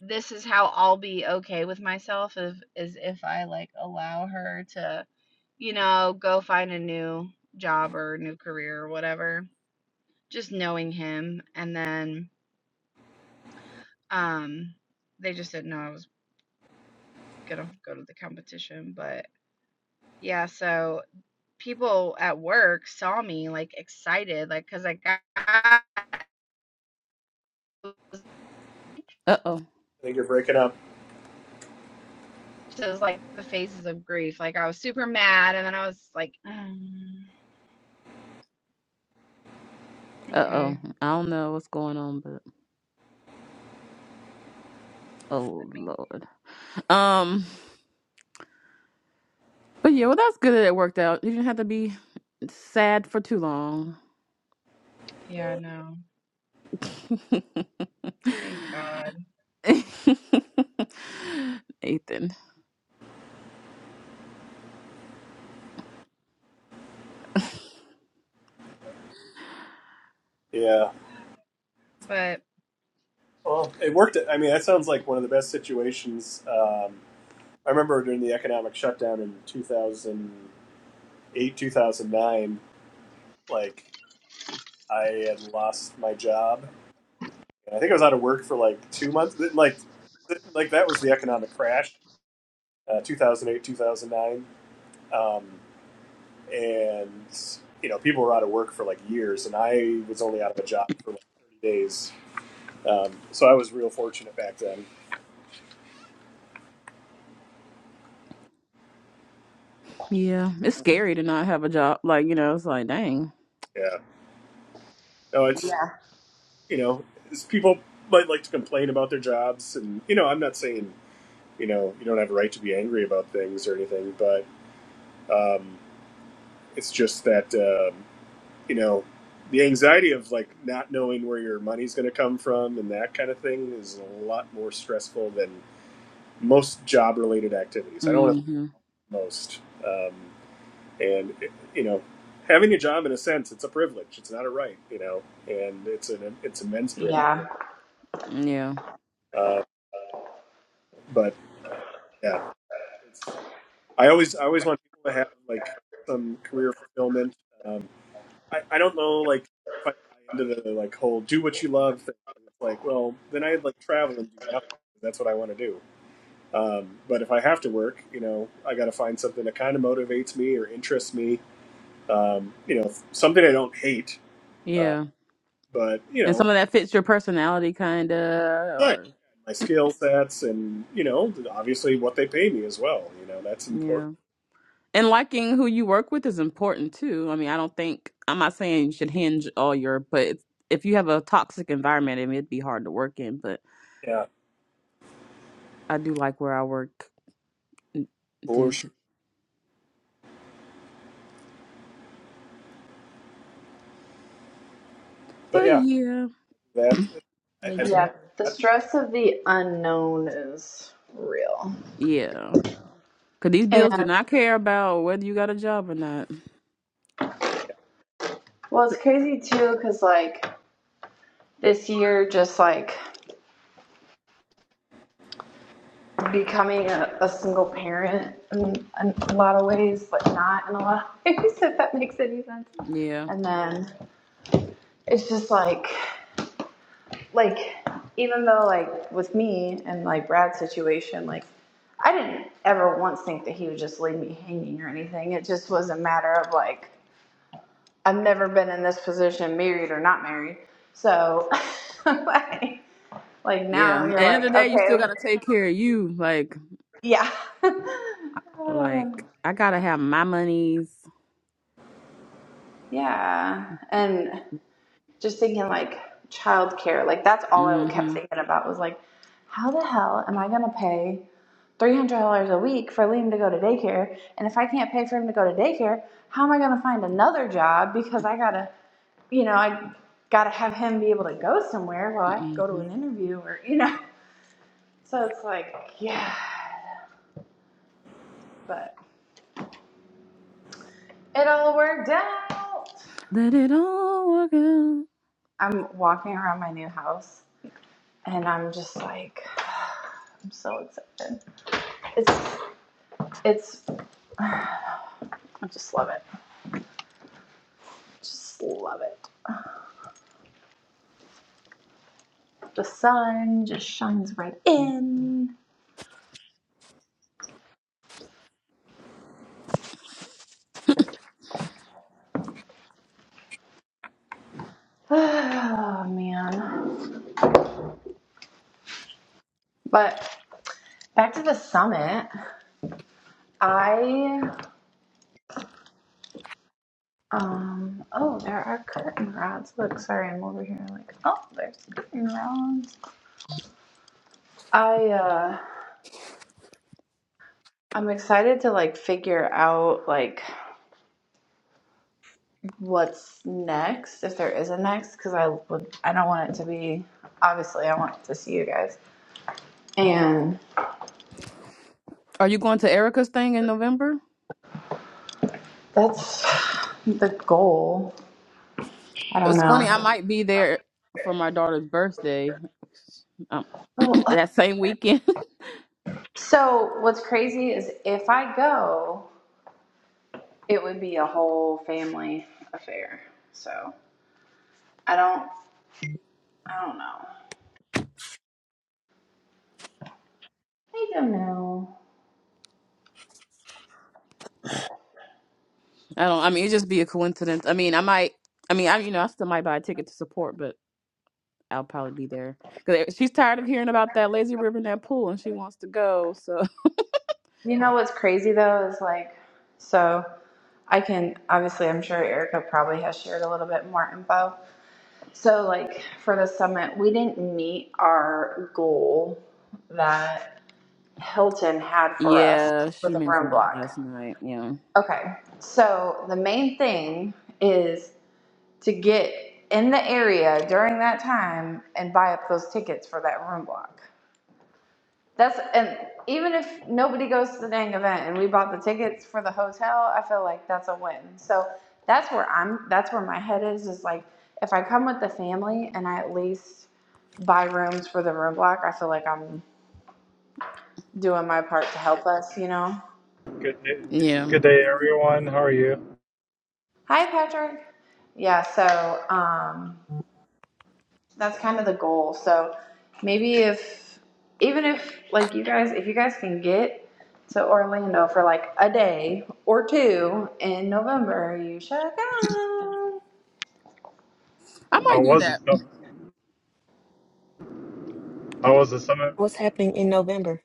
S1: this is how I'll be okay with myself if is if I like allow her to you know go find a new job or new career or whatever. Just knowing him and then um they just didn't know I was going to go to the competition but yeah, so people at work saw me like excited like cuz I got
S5: Uh oh.
S3: think you're breaking up.
S1: So like the phases of grief. Like I was super mad, and then I was like, um,
S5: Uh
S1: okay,
S5: oh. I don't know what's going on, but oh
S1: let me.
S5: lord. Um. But yeah, well, that's good that it worked out. You didn't have to be sad for too long.
S1: Yeah, no, thank God.
S5: Nathan.
S3: Yeah.
S1: But
S3: Well, it worked. I mean, that sounds like one of the best situations. Um, I remember during the economic shutdown in 2008, 2009, like I had lost my job I think I was out of work for like two months. Like, like that was the economic crash, uh, two thousand eight, two thousand nine, um, and you know people were out of work for like years, and I was only out of a job for like thirty days. Um, so I was real fortunate back then.
S5: Yeah, it's scary to not have a job. Like you know, it's like dang.
S3: Yeah. No, it's
S1: Yeah,
S3: you know it's people might like to complain about their jobs, and you know I'm not saying you know you don't have a right to be angry about things or anything, but um, it's just that. Um, you know, the anxiety of like not knowing where your money's going to come from and that kind of thing is a lot more stressful than most job related activities. I don't want to
S5: hmm
S3: say most. Um, and, it, you know, having a job in a sense, it's a privilege. It's not a right, you know, and it's an, it's immense privilege.
S1: yeah,
S5: Yeah.
S3: Uh, but yeah, it's, I always, I always want people to have like some career fulfillment. Um, I, I don't know like if I buy into the like whole do what you love thing. It's like, well, then I'd like travel and do nothing. That's what I want to do. Um, but if I have to work, you know, I got to find something that kind of motivates me or interests me. Um, you know, something I don't hate, uh,
S5: Yeah.
S3: but you
S5: And some
S3: know,
S5: of that fits your personality, kinda.
S3: but
S5: Or
S3: my skill sets and you know, obviously what they pay me as well. You know, that's
S5: yeah.
S3: important.
S5: And liking who you work with is important too. I mean, I don't think I'm not saying you should hinge all your, but it's- if you have a toxic environment, I mean, it'd be hard to work in. But
S3: Yeah,
S5: I do like where I work, n- due
S3: for sure.
S5: to.
S3: But
S5: But
S3: yeah,
S5: yeah,
S3: that I, I
S6: me
S3: think
S6: too
S1: yeah. The stress of the unknown is real.
S5: yeah, because these
S1: And
S5: bills do not care about whether you got a job or not.
S1: well, it's crazy too, because like this year, just like becoming a, a single parent in, in a lot of ways, but not in a lot of ways, if that makes any sense.
S5: Yeah,
S1: And then it's just like, like even though like with me and like Brad's situation, like I didn't ever once think that he would just leave me hanging or anything. It just was a matter of like I've never been in this position, married or not married. So like, like
S5: yeah.
S1: now
S5: And
S1: you're
S5: end of the
S1: like,
S5: day, you still
S1: okay,
S5: got to take care of you. Like,
S1: yeah. uh,
S5: like I gotta have my monies.
S1: yeah. And just thinking like childcare, like that's all I kept
S5: Mm-hmm.
S1: thinking about was like, how the hell am I gonna pay three hundred dollars a week for Liam to go to daycare? And if I can't pay for him to go to daycare, how am I gonna find another job because I gotta, you know, I gotta have him be able to go somewhere while I go to
S5: hmm
S1: an interview or you know. So it's like, yeah, but it all worked out.
S5: Let it all work out.
S1: I'm walking around my new house and I'm just like, I'm so excited. It's. It's. I just love it. Just love it. The sun just shines right in. Oh man. But back to the summit. I um oh there are curtain rods. Look, sorry, I'm over here like oh there's curtain rods. I uh I'm excited to like figure out like what's next if there is a next because I would I don't want it to be obviously I want to see you guys And
S5: Are you going to Erica's thing in November?
S1: that's the goal. I don't
S5: It's funny. I
S1: know.
S5: might be there for my daughter's birthday. Um,
S1: Well,
S5: that same weekend.
S1: So, what's crazy is if I go, it would be a whole family affair. So, I don't, I don't know. You
S5: I don't. I mean, it'd just be a coincidence. I mean, I might. I mean, I you know, I still might buy a ticket to support, but I'll probably be there because she's tired of hearing about that lazy river and that pool, and she wants to go. So
S1: know what's crazy though is like, so I can, obviously, I'm sure Erica probably has shared a little bit more info. So, like, for the summit, we didn't meet our goal that Hilton had for us
S5: yeah,
S1: for
S5: she
S1: the room
S5: mentioned that
S1: block.
S5: last night. Yeah,
S1: Okay, so the main thing is to get in the area during that time and buy up those tickets for that room block. That's and even if nobody goes to the dang event and we bought the tickets for the hotel, I feel like that's a win. So that's where I'm. That's where my head is. Is like if I come with the family and I at least buy rooms for the room block, I feel like I'm doing my part to help us. You know.
S8: Good,
S5: yeah,
S8: good day, everyone. How are you?
S1: Hi, Patrick. Yeah. So. um that's kind of the goal. So maybe if even if like you guys if you guys can get to Orlando for like a day or two in November, you should go.
S5: I
S8: How
S5: might do
S8: was the
S5: that.
S8: summit? How was the summit?
S6: what's happening in november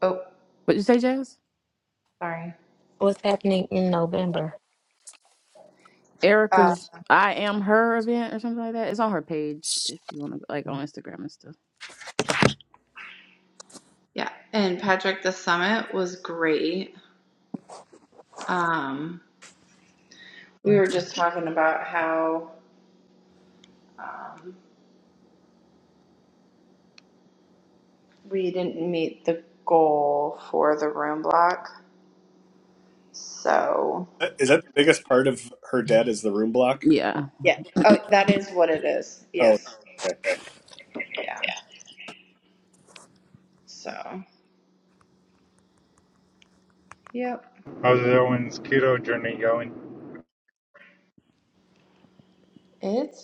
S1: Oh,
S5: What you say, Jazz?
S1: sorry.
S6: what's happening in november
S1: Uh,
S5: Erica's I am her event or something like that. It's on her page if you want to like on Instagram and stuff.
S1: yeah, and Patrick, the summit was great. Um, we were just talking about how um, we didn't meet the goal for the room block. So
S3: that is that the biggest part of her debt is the room block.
S5: Yeah,
S1: yeah. Oh, that is what.
S3: Oh, okay.
S1: Yeah. So. Yep.
S8: How's everyone's keto journey going?
S1: It's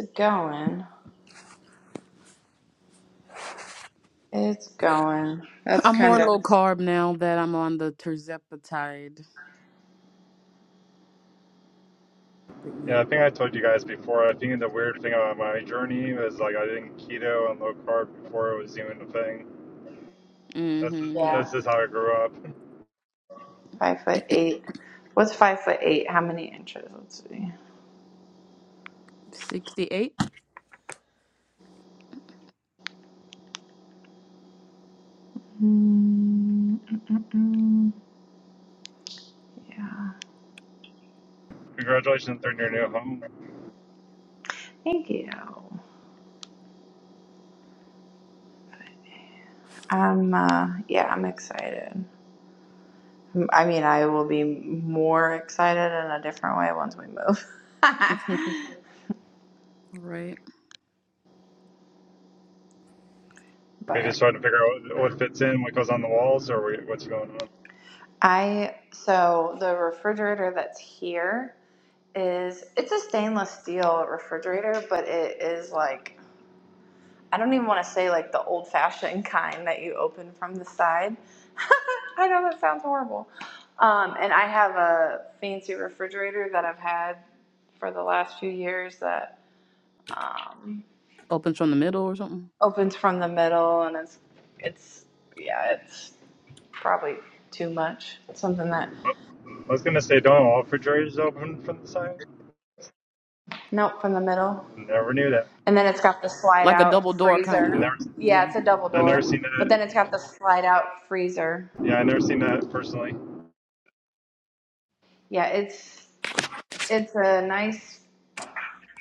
S1: It's going. That's
S5: I'm more
S1: kind of
S5: low carb now that I'm on the terzepatide. But
S8: Yeah,
S5: yeah.
S8: I think I told you guys before. I think the weird thing about my journey was like I didn't keto and low carb before it was even a thing. That's just,
S5: Mm-hmm.
S1: yeah.
S5: Yep.
S8: that's just how I grew up.
S1: Five foot eight. What's five foot eight? How many inches? Let's see.
S5: Sixty-eight.
S1: Mm, mm, mm, mm. Yeah.
S8: Congratulations on your new home.
S1: Thank you. I'm uh yeah, I'm excited. M- I mean, I will be more excited in a different way once we move.
S5: All right.
S8: We
S1: but
S8: just trying to figure out what fits in, what goes on the walls, or what's going on.
S1: I so the refrigerator that's here is it's a stainless steel refrigerator, but it is like I don't even want to say like the old fashioned kind that you open from the side. I know that sounds horrible. Um, and I have a fancy refrigerator that I've had for the last few years that um,
S5: Opens from the middle or something.
S1: opens from the middle, and it's it's yeah, it's probably too much. It's Something that
S8: Oh, I was gonna say, don't all refrigerators open from the side?
S1: nope from the middle,
S8: Never knew that.
S1: and then it's got the slide
S5: Like a
S1: out
S5: double door
S1: freezer.
S5: kinda.
S8: Never,
S1: Yeah,
S5: Yeah.
S1: it's a double
S8: I never
S1: door,
S8: seen
S1: but
S8: that.
S1: then it's got the slide out freezer.
S8: Yeah, I never seen that personally.
S1: Yeah, it's it's a nice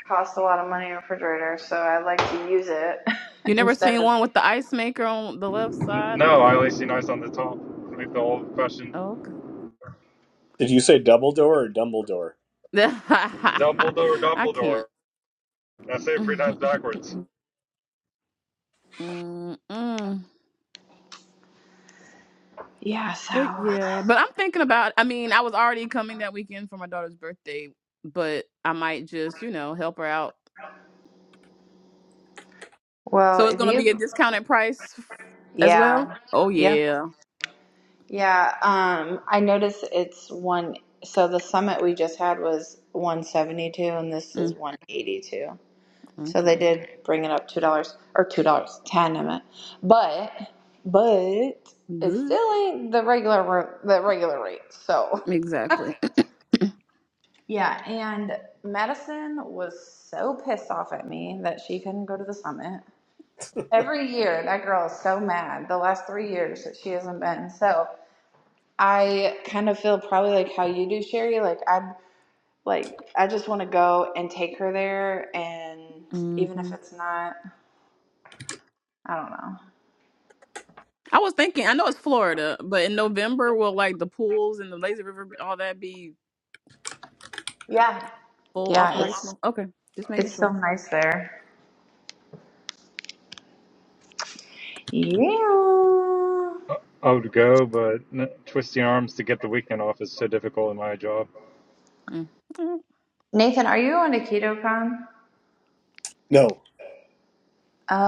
S1: cost a lot of money in a refrigerator, so I like to use it
S5: You never
S1: instead
S5: seen
S1: of
S5: one with the ice maker on the left side and
S8: No, I only
S5: then
S8: see nice on the top with the old question.
S5: oh, okay.
S3: Did you say Dumbledore or Dumbledore?
S8: Dumbledore,
S5: I
S8: Dumbledore.
S5: can't.
S8: I say it three times backwards.
S5: Mm-mm.
S1: yeah.
S5: But
S1: So
S5: yeah. But I'm thinking about I mean, I was already coming that weekend for my daughter's birthday, but I might just, you know, help her out
S1: well,
S5: So it's
S1: if
S5: gonna be a
S1: you
S5: discounted price as well.
S1: yeah
S5: Oh
S1: yeah
S5: yeah.
S1: yeah um I noticed it's one. So the summit we just had was one seventy two, and this is
S5: Mm,
S1: one eighty two. So
S5: okay.
S1: they did bring it up two dollars or two dollars ten a minute, but but it
S5: But
S1: still ain't the regular ro- the regular rate. So
S5: Exactly.
S1: Yeah, and Madison was so pissed off at me that she couldn't go to the summit. Every year, that girl is so mad. The last three years that she hasn't been. So I kind of feel probably like how you do, Sherry. Like i like I just want to go and take her there, and even if
S5: hmm
S1: it's not, I don't know.
S5: I was thinking. I know it's Florida, but in November will like the pools and the lazy river, all that be
S1: Yeah,
S5: full
S1: yeah, it's
S5: operational? Okay, just making
S1: it's so
S5: sure.
S1: nice there. Yeah.
S8: I would go, but n- twisting arms to get the weekend off is so difficult in my job.
S5: Mm. Mm.
S1: Nathan, are you going to KetoCon?
S3: No,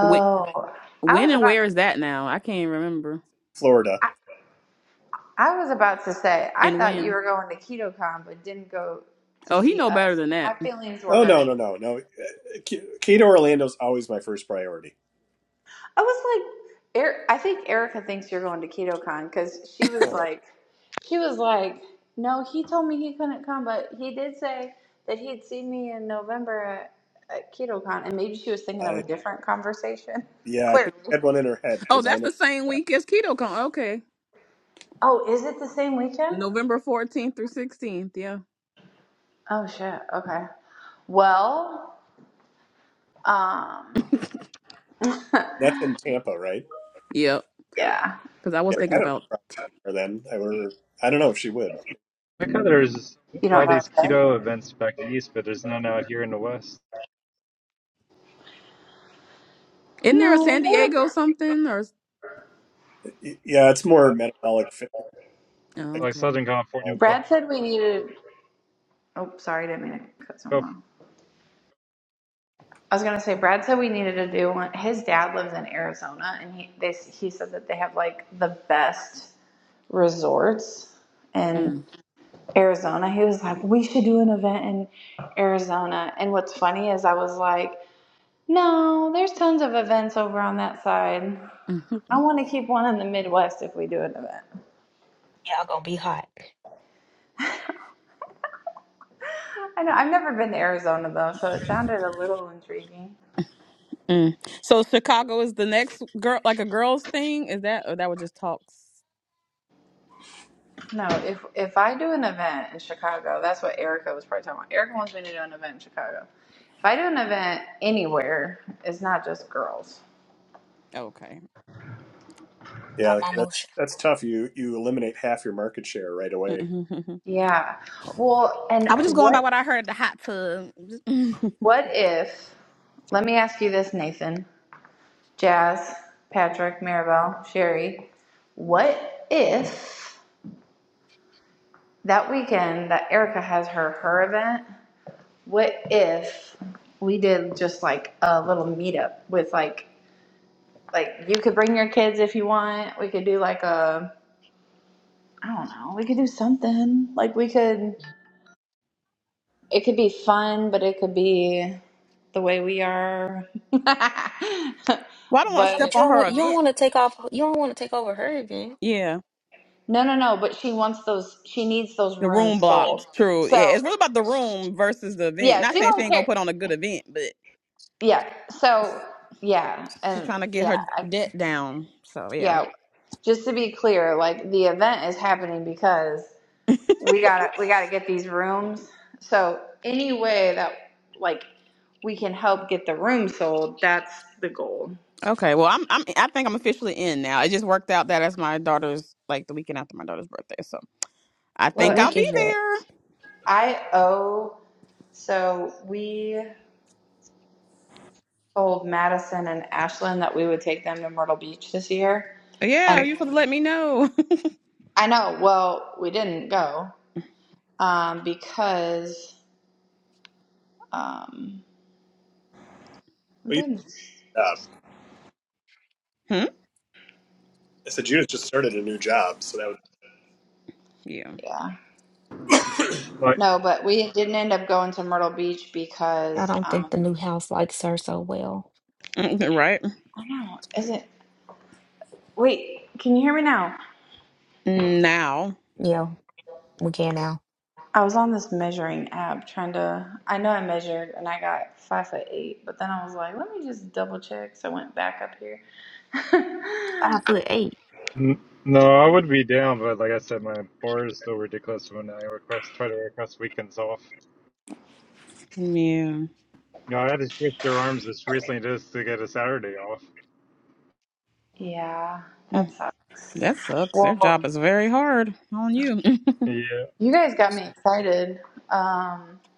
S5: When,
S1: I
S5: when
S1: was
S5: and
S1: about
S5: where is
S1: to.
S5: that now? I can't remember.
S3: Florida.
S1: I was about to say, I
S5: And
S1: thought you
S5: when?
S1: were going to KetoCon, but didn't go to
S5: Oh, he
S1: see
S5: know
S1: us.
S5: better than
S1: My
S5: that.
S1: feelings were
S3: Oh no,
S1: hurt.
S3: no, no, no. Cato Orlando's always my first priority.
S1: I was like, er- I think Erica thinks you're going to KetoCon because she was
S3: Oh no,
S1: like, she was like, no, he told me he couldn't come, but he did say that he'd see me in November at, at KetoCon, and maybe she was thinking of a
S3: I
S1: different conversation.
S3: yeah, I
S1: Clearly.
S3: think I had one in her head
S5: Oh,
S3: because I
S5: that's
S3: know
S5: the same
S3: that.
S5: week as KetoCon. Okay,
S1: Oh, is it the same weekend?
S5: November fourteenth through sixteenth. Yeah.
S1: Oh shit. Okay. Well, um,
S3: That's in Tampa, right?
S5: Yep.
S1: yeah.
S5: Because I was
S3: Yeah, I
S5: thinking
S3: don't know
S5: about
S3: her then. I were I don't know if she would.
S8: Like how there's
S1: You don't
S8: all
S1: know.
S8: these
S1: that.
S8: keto events back east, but there's none out here in the west.
S5: Isn't there a
S1: No,
S5: San Diego something or?
S3: Yeah, it's more metabolic fit. I
S5: Oh,
S3: can
S8: Like
S5: okay.
S8: Southern California, but
S3: but
S1: Brad said we needed. Oh, sorry, I didn't mean to cut someone off. I was gonna say Brad said we needed to do one. His dad lives in Arizona, and he they he said that they have like the best resorts in
S5: Mm,
S1: Arizona. He was like, we should do an event in Arizona. And what's funny is I was like, no, there's tons of events over on that side.
S5: mhm,
S1: I want to keep one in the Midwest if we do an event.
S6: y'all gonna be hot
S1: I know I've never been to Arizona though, so it sounded a little intriguing.
S5: mm. So Chicago is the next girl, like a girls thing. Is that or that was just talks?
S1: No, if if I do an event in Chicago, that's what Erica was probably talking about. Erica wants me to do an event in Chicago. If I do an event anywhere, it's not just girls.
S5: Okay.
S3: yeah,
S6: I'm
S3: like that's
S6: almost
S3: that's tough. You you eliminate half your market share right away.
S5: Mm-hmm.
S1: Yeah. Well, and
S5: I was just going by
S1: what
S5: what I heard at the hot tub. Just- mhm.
S1: what if? Let me ask you this, Nathan, Jazz, Patrick, Maribel, Sherry. What if that weekend that Erica has her her event? What if we did just like a little meetup with like Like you could bring your kids if you want. We could do like a I don't know. We could do something. Like we could it could be fun, but it could be the way we are.
S5: well, I don't want to
S6: yeah,
S5: step
S6: but
S1: but
S6: you
S5: on
S6: don't
S5: her
S6: want you don't
S5: event.
S6: want to take off you don't want to take over her again.
S5: Yeah,
S1: no, no, no, but she wants those she needs those
S5: the room
S1: rooms sold.
S5: blocks. True. Yeah,
S1: So,
S5: it's really about the room versus the event.
S1: yeah,
S5: Not
S1: she
S5: saying she
S1: don't
S5: ain't gonna
S1: care.
S5: put on a good event, but
S1: Yeah. So, yeah,
S5: she's
S1: and
S5: trying to get
S1: yeah,
S5: her
S1: I,
S5: debt down. So yeah.
S1: yeah, just to be clear, like the event is happening because we gotta we gotta get these rooms. So any way that like we can help get the room sold, that's the goal.
S5: Okay, well, I'm, I'm I think I'm officially in now. It just worked out that as my daughter's like the weekend after my daughter's birthday, so I
S1: Well,
S6: What
S5: think I'll
S1: and
S6: week
S5: be
S6: is that?
S5: there.
S1: I owe so we told Madison and Ashlyn that we would take them to Myrtle Beach this year,
S5: Yeah,
S1: and
S5: you supposed to let me know.
S1: I know. Well, we didn't go um, because um, I'm
S3: Well, you
S1: doing this.
S3: job.
S5: hmm?
S3: I said you just started a new job, so that would.
S5: Yeah.
S1: Yeah,
S8: like
S1: no, but we didn't end up going to Myrtle Beach
S6: I
S1: because
S6: don't think the
S1: um,
S6: new house likes her so well.
S5: Mm, Right
S1: I don't know. Is it? Wait, can you hear me now?
S5: now.
S6: Yeah, we can now.
S1: I was on this measuring app trying to. I know I measured and I got five foot eight, but then I was like, let me just double check. So I went back up here.
S6: Five foot eight.
S8: n- no, I would be down, but like I said, my board is still ridiculous when I request try to request weekends off.
S5: Yeah.
S8: You know, I had to twist their arms as recently just to get a Saturday off.
S1: yeah, that
S5: Mm,
S1: sucks.
S5: That sucks. Their
S1: Well,
S5: job is very hard on you.
S8: Yeah.
S1: you guys got me excited. Um,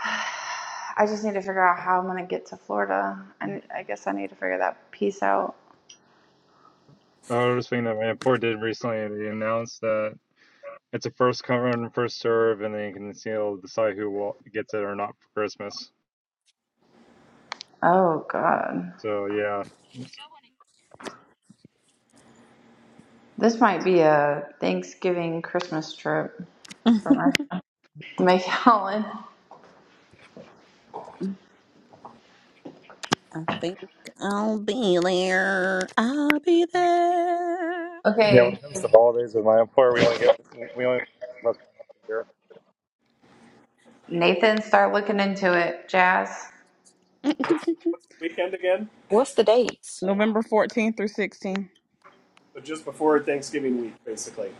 S1: I just need to figure out how I'm gonna get to Florida. I, I guess I need to figure that piece out.
S8: I was thinking that my report did recently. They announced that it's a first come first serve, and then you can you know, decide who will, gets it or not for Christmas.
S1: Oh God,
S8: So yeah, yeah.
S1: this might be a Thanksgiving Christmas trip for my my Helen.
S5: I think I'll be there. I'll be there.
S8: When
S1: Okay,
S8: it comes to holidays, with my employer, we only get we only.
S1: Nathan, start looking into it. Jazz,
S3: What's what's the weekend again?
S6: What's the dates?
S5: November 14th through 16th.
S3: So just before Thanksgiving week, basically.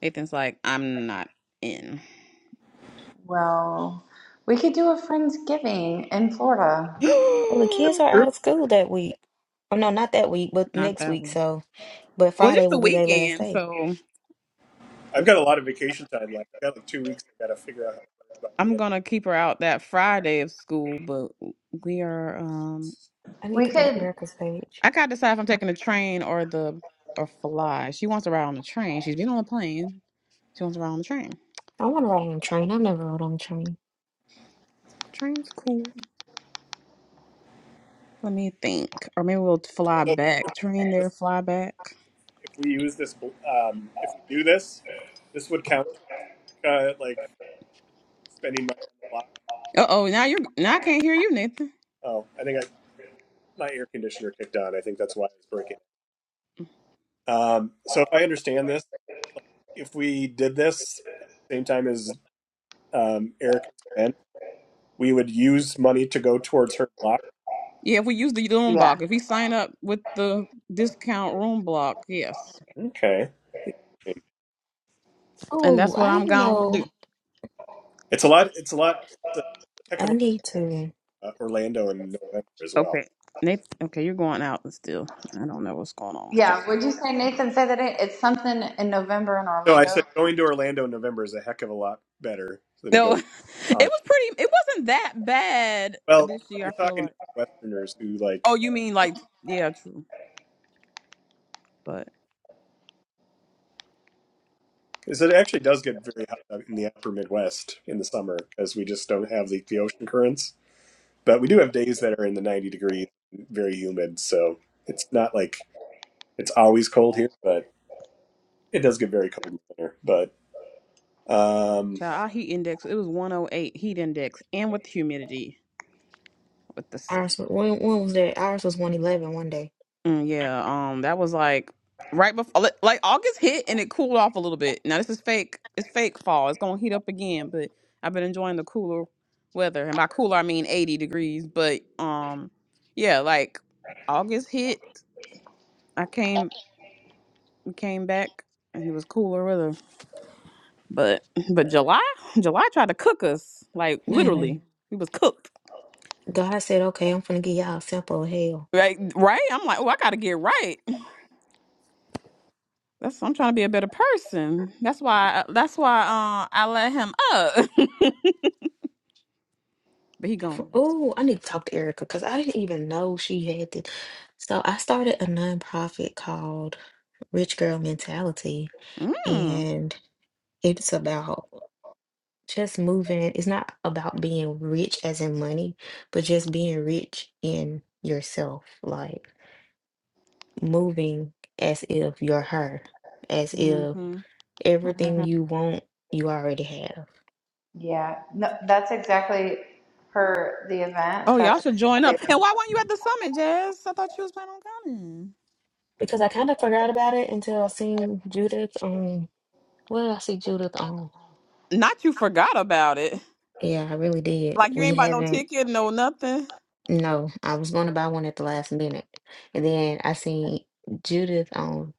S5: Ethan's like, I'm not in.
S1: well, we could do a Friendsgiving in Florida.
S6: Oh, the kids
S5: not
S6: are
S3: Sure.
S6: out of school that week. Oh no, not that week, but next
S5: that
S6: week.
S5: way.
S6: So, but
S5: Well,
S6: Friday
S5: just the
S6: will be their last
S5: weekend,
S6: day.
S5: so
S3: I've got
S5: let's
S3: a
S5: see.
S3: lot of vacation time left. I got like two weeks. I got to figure out how to burn by the
S5: I'm
S3: end.
S5: gonna keep her out that Friday of school, but we are um
S6: I need
S1: We
S6: to go to
S1: could,
S6: Erica's page.
S5: I gotta decide if I'm taking the train or the or fly. She wants to ride on the train. She's been on a plane. She wants to ride on the train.
S6: I want to ride on a train. I've never rode on a train.
S5: Train's cool. Let me think. Or maybe we'll fly
S3: So
S5: back. Train there,
S3: this,
S5: fly back.
S3: if we use this, um, if we do this, this would count towards Erica like spending money on the block.
S5: Uh oh, now you're now I can't hear you, Nathan.
S3: Oh, I think I, my air conditioner kicked on. I think that's why I was breaking. It. Um, so if I understand this, like if we did this at the same time as um, Erica's event, we would use money to go towards her block.
S5: Yeah, if we use the room
S1: yeah.
S5: block, if we sign up with the discount room block, yes.
S3: Okay,
S5: And that's
S6: Oh,
S5: what
S6: I
S5: I'm
S6: didn't
S5: gonna do.
S6: know.
S3: it's a lot. It's a lot. It's a heck of
S6: I
S3: a lot
S6: need to.
S3: uh, Orlando in November as well.
S5: Okay. Nate, okay, you're going out still. I don't know what's going on with y'all.
S1: Yeah, would you say, Nathan, say that it, it's something in November in
S3: No, I
S1: Orlando?
S3: said going to Orlando in November is a heck of a lot better than
S5: No,
S3: going.
S5: it was
S3: to
S5: pretty.
S3: August.
S5: It wasn't that bad
S3: Well,
S5: this year. I
S3: you're
S5: feel
S3: talking
S5: like.
S3: to Westerners who like
S5: Oh, you mean like yeah, true. But
S3: because it actually does get very hot out in the upper Midwest in the summer because we just don't have the, the ocean currents. But we do have days that are in the 90 degrees, very humid. So it's not like it's always cold here, but it does get very cold in the winter. But um,
S5: child, our heat index it was 108 heat index, and with humidity with the s-
S6: Ours wa- when when was that? Ours was one eleven one day.
S5: Mm, yeah, um, that was like right before, like August hit and it cooled off a little bit. Now this is fake. It's fake fall. It's gonna heat up again, but I've been enjoying the cooler weather, and by cooler I mean eighty degrees. But um, yeah, like August hit, I came came back and it was cooler weather. But but July, July tried to cook us like
S6: Man.
S5: literally. We was cooked.
S6: God said, okay, I'm finna give y'all a sample of hell.
S5: Right, right. I'm like, oh, I gotta get right. That's I'm trying to be a better person. That's why. That's why. Uh, I let him up, but he gone.
S6: Oh, I need to talk to Erica because I didn't even know she had this. So I started a nonprofit called Rich Girl Mentality,
S5: Mm.
S6: and it's about just moving. It's not about being rich as in money, but just being rich in yourself, like moving as if you're her, as if
S5: hmm
S6: everything
S1: hmm
S6: you want, you already have
S1: Yeah, no, that's exactly her, the event.
S5: Oh, y'all
S1: That's
S5: should join up.
S1: exactly
S5: And why
S1: the
S5: weren't you at the summit, Jazz? I thought you was planning on coming.
S6: because I kind of forgot about it until I seen Judith um, What did I see Judith on?
S5: Not you forgot about it.
S6: Yeah, I really did.
S5: Like you
S6: We
S5: ain't bought no
S6: haven't.
S5: ticket, no nothing.
S6: No, I was going to buy one at the last minute, and then I seen Judith on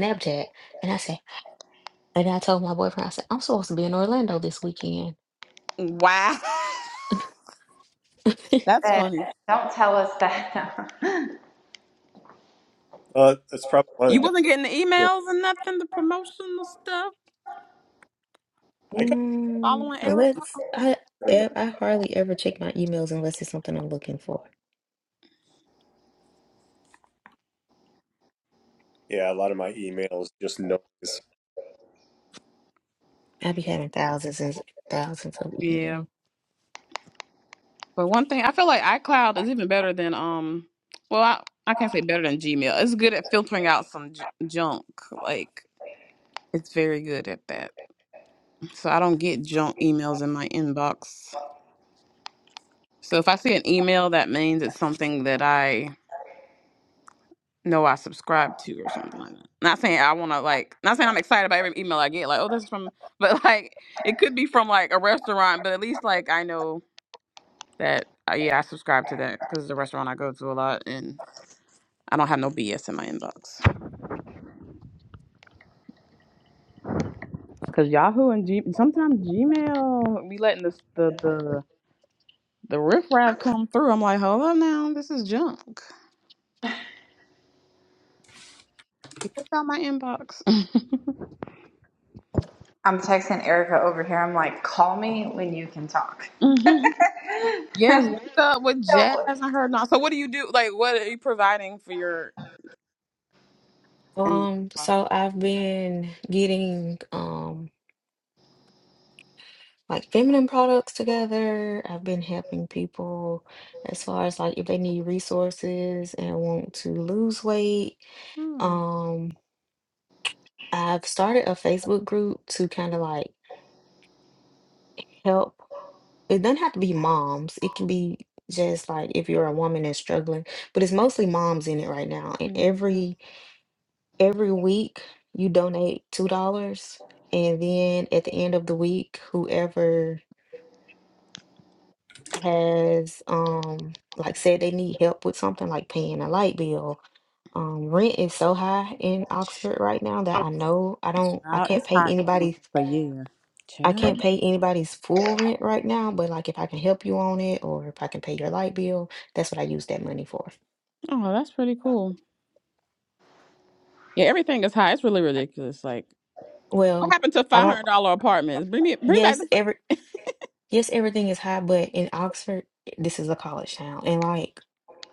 S6: Snapchat, and I said, and I told my boyfriend, I said, I'm supposed to be in Orlando this weekend.
S5: Wow, that's
S1: event.
S5: funny.
S1: Don't tell us that.
S3: uh, that's probably one of
S5: You
S3: the
S5: wasn't getting the
S3: down.
S5: emails and nothing, the promotional stuff,
S3: I got
S6: Mm,
S5: following Erica.
S6: unless I,
S3: very much.
S6: e- I hardly ever check my emails unless it's something I'm looking for.
S3: Yeah, a lot of my emails just noise.
S6: I be having thousands and thousands of
S5: Yeah.
S6: emails.
S5: But one thing I feel like iCloud is even better than um. Well, I I can't say better than Gmail. It's good at filtering out some j- junk. Like it's very good at that. So I don't get junk emails in my inbox. So if I see an email, that means it's something that I know I subscribe to or something like that. Not saying I want to like. Not saying I'm excited about every email I get. Like oh, this is from. But like it could be from like a restaurant. But at least like I know that uh, yeah I subscribe to that because it's a restaurant I go to a lot and I don't have no BS in my inbox. Cause Yahoo and G sometimes Gmail be letting this the the The riffraff come through. I'm like, hold up now, this is junk. Get this out my inbox.
S1: I'm texting Erica over here. I'm like, call me when you can talk.
S5: Mhm. yes, link up with Jazz
S1: so,
S5: and her. Not so. What do you do? Like, what are you providing for your? And your
S6: Um,
S5: nonprofit?
S6: so I've been getting um. like feminine products together. I've been helping people as far as like if they need resources and want to lose weight.
S5: Hmm.
S6: Um, I've started a Facebook group to kind of like help. It doesn't have to be moms. It can be just like if you're a woman and struggling, but it's mostly moms in it right now. And
S5: hmm
S6: every every week you donate two dollars. And then at the end of the week, whoever has um like said they need help with something like paying a light bill. Um, rent is so high in Oxford right now that I know I don't I
S5: Child,
S6: can't
S5: it's
S6: pay
S5: hot everywhere.
S6: anybody's
S5: But yeah.
S6: I can't
S5: Child.
S6: pay anybody's full rent right now, but like if I can help you on it or if I can pay your light bill, that's what I use that money for.
S5: Oh, that's pretty cool. Yeah, everything is high. It's really ridiculous. Like, what
S6: Well,
S5: happened to
S6: I
S5: five
S6: don't
S5: hundred dollar apartments? Bring me, bring back
S6: yes,
S5: the.
S6: every yes, everything is high, but in Oxford, this is a college town and like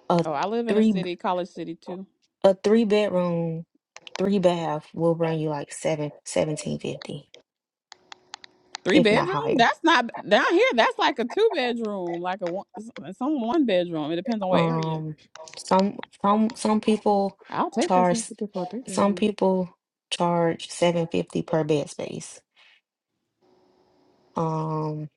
S6: a
S5: Oh, I live in a
S6: three.
S5: city, college city too.
S6: a three bedroom, three bath will run you like seven seventeen fifty,
S5: Three
S6: if not
S5: bedroom?
S6: higher.
S5: That's not down here. That's like a two bedroom, like a one, some one bedroom. It depends on what area.
S6: Um, some some some people
S5: I'll take that
S6: charge
S5: certificate for a three
S6: some
S5: bedroom.
S6: people charge seven fifty per bed space. Um,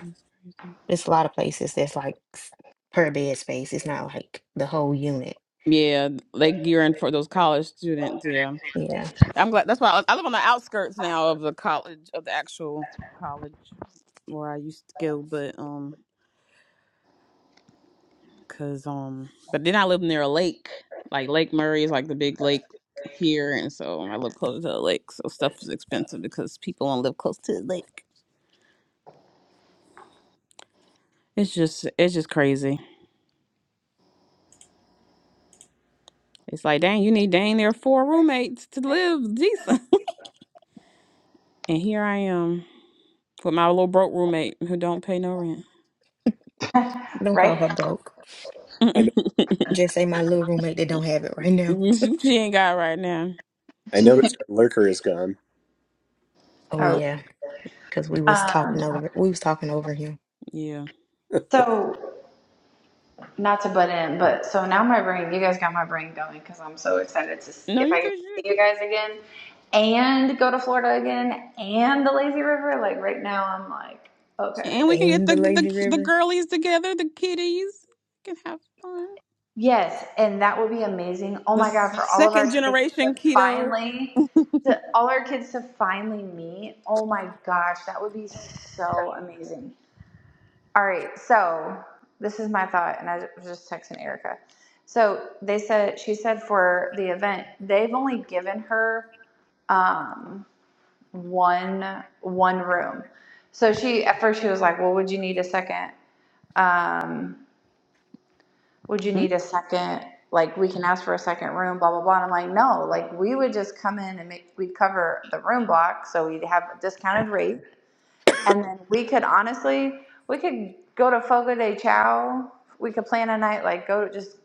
S5: That's crazy.
S6: there's a lot of places that's like s- per bed space. It's not like the whole unit.
S5: Yeah, they gearing for those college students. Yeah,
S6: Yeah,
S5: I'm glad. That's why I, I live on the outskirts now of the college, of the actual college where I used to go. But um, Cause um, but then I live near a lake. Like Lake Murray is like the big lake here, and so I live close to the lake. So stuff is expensive because people don't live close to the lake. It's just it's just crazy. It's like dang, you need dang there four roommates to live decent. And here I am with my little broke roommate who don't pay no rent.
S6: don't call her
S1: right?
S6: broke.
S3: I
S6: Just say my little roommate that don't have it right now.
S5: she ain't got it right now.
S3: I noticed our lurker is gone.
S6: Oh
S1: oh,
S6: yeah, because we was talking
S1: um,
S6: over we was talking over him
S5: Yeah.
S1: So, not to butt in, but so now my brain, you guys got my brain going because I'm so excited to s-
S5: No,
S1: if
S5: you're
S1: I get
S5: good.
S1: to
S5: You're... good.
S1: see you guys again and go to Florida again and the lazy river. Like right now, I'm like, okay,
S5: And
S1: this
S5: we
S1: is
S5: can get
S6: and
S5: the
S6: the lazy
S5: the the
S6: river.
S5: girlies together, the kiddies. We can have fun.
S1: yes, and that would be amazing. Oh
S5: The
S1: my God, for all of our
S5: second
S1: kids to
S5: generation keto.
S1: finally, to all our kids to finally meet. Oh my gosh, that would be so amazing. All right, so this is my thought, and I was just texting Erica. So they said she said for the event they've only given her um, one one room. So she at first she was like, "Well, would you need a second? Um, would you need a second? Like we can ask for a second room, blah blah blah." And I'm like, "No, like we would just come in and make we'd cover the room block, so we'd have a discounted rate." And then we could honestly, we could go to Fogo de Chao. We could plan a night, like go to just,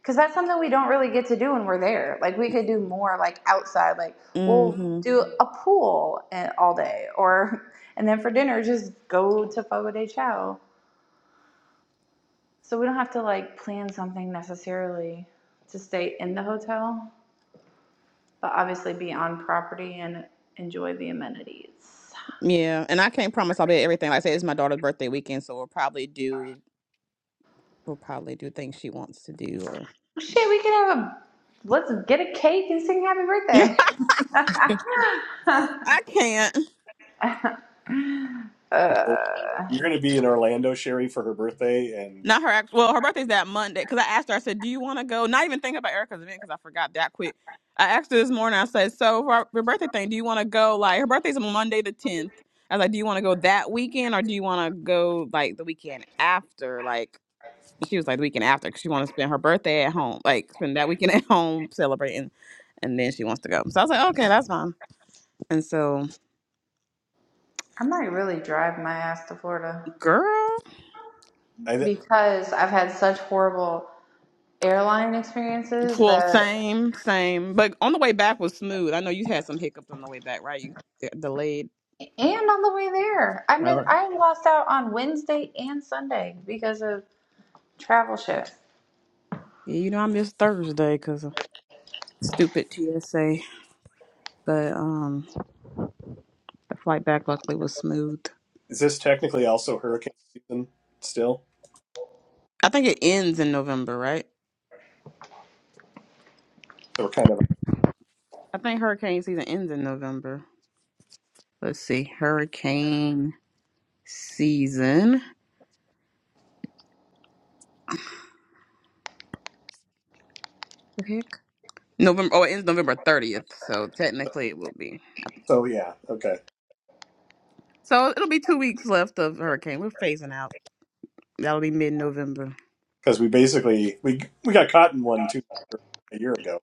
S1: because that's something we don't really get to do when we're there. Like we could do more like outside, like we'll
S5: hmm
S1: do a pool and, all day or, and then for dinner, just go to Fogo de Chao. So we don't have to like plan something necessarily to stay in the hotel, but obviously be on property and enjoy the amenities.
S5: Yeah, and I can't promise I'll be at everything. Like I said, it's my daughter's birthday weekend, so we'll probably do we'll probably do things she wants to do. Or
S1: Shit, we can have a let's get a cake and sing happy birthday.
S5: I can't.
S3: Well,
S1: uh,
S3: You're going to be in Orlando, Sherry, for her birthday, and
S5: Not her. act- Well, her birthday's that Monday because I asked her. I said, "Do you want to go?" Not even thinking about Erica's event because I forgot that quick. I asked her this morning. I said, "So for our- your birthday thing, do you want to go? Like her birthday's on Monday the tenth. I was like, do you want to go that weekend or do you want to go like the weekend after? Like." she was like the weekend after because she wanted to spend her birthday at home, like spend that weekend at home celebrating, and then she wants to go. So I was like, "Oh, okay, that's fine. And so,
S1: I might really drive my ass to Florida
S5: girl,
S3: I, th-
S1: because I've had such horrible airline experiences
S5: well,
S1: that
S5: same, same, but on the way back was smooth. I know you had some hiccups on the way back, right? You got delayed.
S1: and on the way there, I missed.
S5: Oh,
S1: I lost out on Wednesday and Sunday because of travel shit.
S5: yeah, you know I missed Thursday because of stupid TSA, but um, the flight back luckily was smooth.
S3: is this technically also hurricane season still?
S5: I think it ends in November, right?
S3: So we're kind of
S5: I think hurricane season ends in November. Let's see, hurricane season. The heck? November. Oh, it ends November thirtieth, so technically it will be.
S3: so yeah okay
S5: So it'll be two weeks left of hurricane. We're phasing out. That'll be mid-November.
S3: because we basically we we got caught in one two a year ago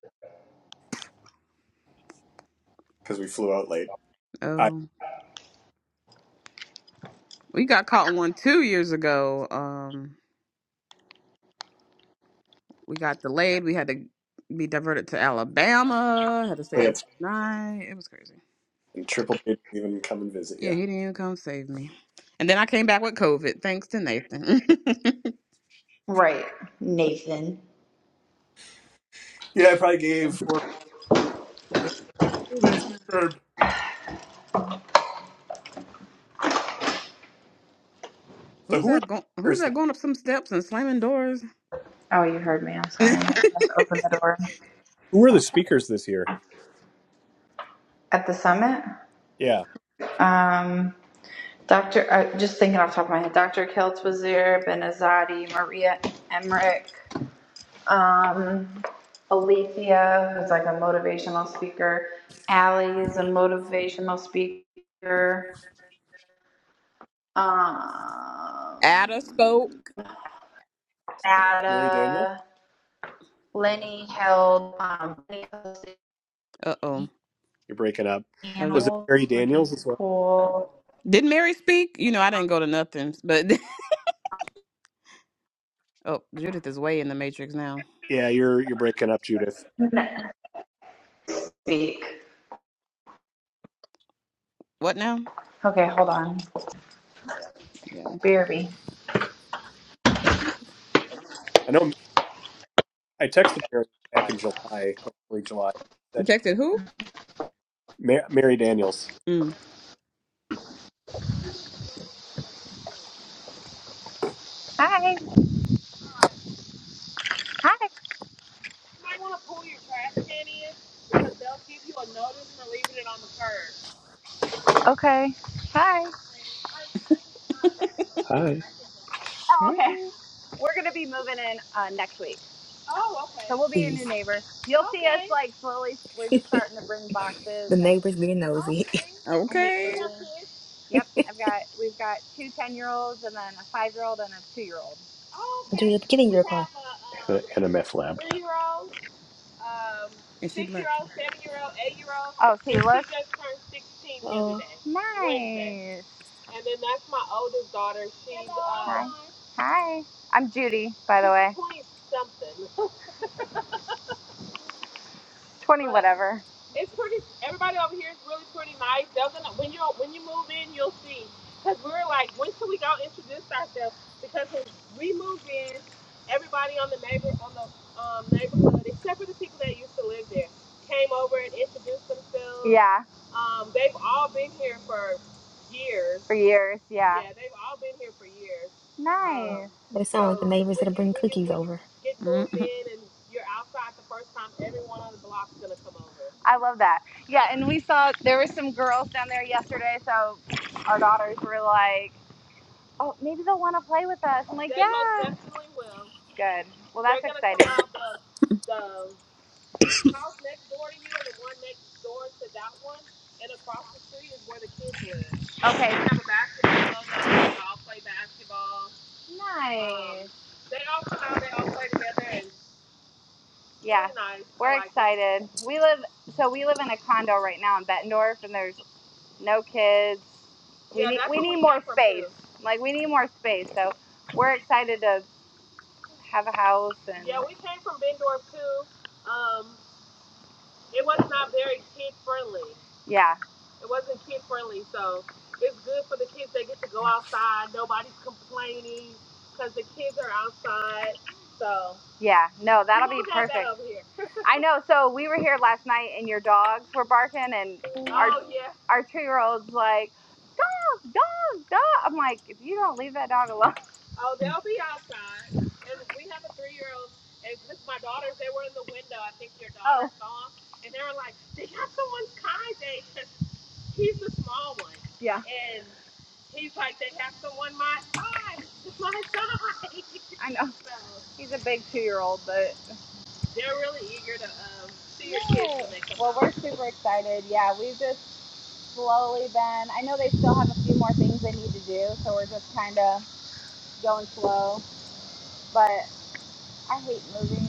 S3: because we flew out late. I
S5: Oh, we got caught in one two years ago. Um, we got delayed. We had to be diverted to Alabama. Had to
S3: yeah,
S5: stay
S3: it's-
S5: extra night. It was crazy.
S3: and Triple J didn't even come and visit
S5: Yeah,
S3: you.
S5: he didn't even come save me. And then I came back with COVID, thanks to Nathan.
S1: Right, Nathan.
S3: Yeah, I probably gave four. So
S5: who's
S3: who are
S5: that
S3: the
S5: going? Who's
S3: speakers?
S5: that going up some steps and slamming doors?
S1: Oh, you heard me. I'm sorry. I just opened the door
S3: Who are the speakers this year?
S1: at the summit.
S3: Yeah,
S1: Um, Dr. I just thinking off the top of my head, Dr. Keltz was there, Benazati, Maria Emmerich, um, Alethea, who's like a motivational speaker. Allie is a motivational speaker.
S5: Ada spoke.
S1: Um,
S3: Mary Daniels.
S1: Ada, Lenny held um, Lenny hosted
S5: Uh oh.
S3: You're breaking up. Was it
S1: panels,
S3: Mary
S1: which was
S3: Daniels as well?
S1: cool.
S5: Did Mary speak? You know, I didn't go to nothing. But oh, Judith is way in the matrix now.
S3: Yeah, you're you're breaking up, Judith.
S1: Speak.
S5: What now?
S1: Okay, hold on.
S5: Yeah.
S1: BRB.
S3: I know I texted Mary back in July, like early July.
S5: You
S3: Said
S5: texted who?
S3: Ma- Mary Daniels.
S5: Mm.
S1: Hi. Okay. Hi.
S3: Hi,
S1: Oh,
S5: Hey.
S1: okay. We're gonna be moving in uh, next week, Okay. so we'll be a
S6: Please.
S1: new neighbor. You'll okay. see us like slowly. We're just starting to bring
S6: The
S1: boxes, and
S6: neighbors being nosy.
S1: I hate
S5: Okay.
S1: moving. Yep, I've got we've got two ten year olds, and then a five year old and a two year old.
S6: Judith, get in your car.
S3: Anna, a Meth Lab.
S5: And she black.
S1: Oh, see,
S6: Oh,
S1: nice. Hi, I'm Judy, but twenty whatever. Yeah, for years. Yeah, nice.
S6: they sound like the neighbors that'll bring cookies over.
S5: Mm-hmm.
S1: I love that. Yeah, and we saw there were some girls down there yesterday, so our daughters were like, "Oh, maybe they'll want to play with us." like, Good. Well, okay. Nice. Yeah. excited. We live so we live in a condo right now in Bettendorf, and there's no kids. Like we need more space, so we're excited to have a house. And yeah, yeah, no, I know. So we were here last night, and your dogs were barking, and our two-year-old's like, dog, dog, dog. I'm like, if you don't leave that dog alone, yeah, I know. He's a big two-year-old, but super excited. Yeah, we've just slowly been. I know they still have a few more things they need to do, so we're just kind of going slow. But I hate moving.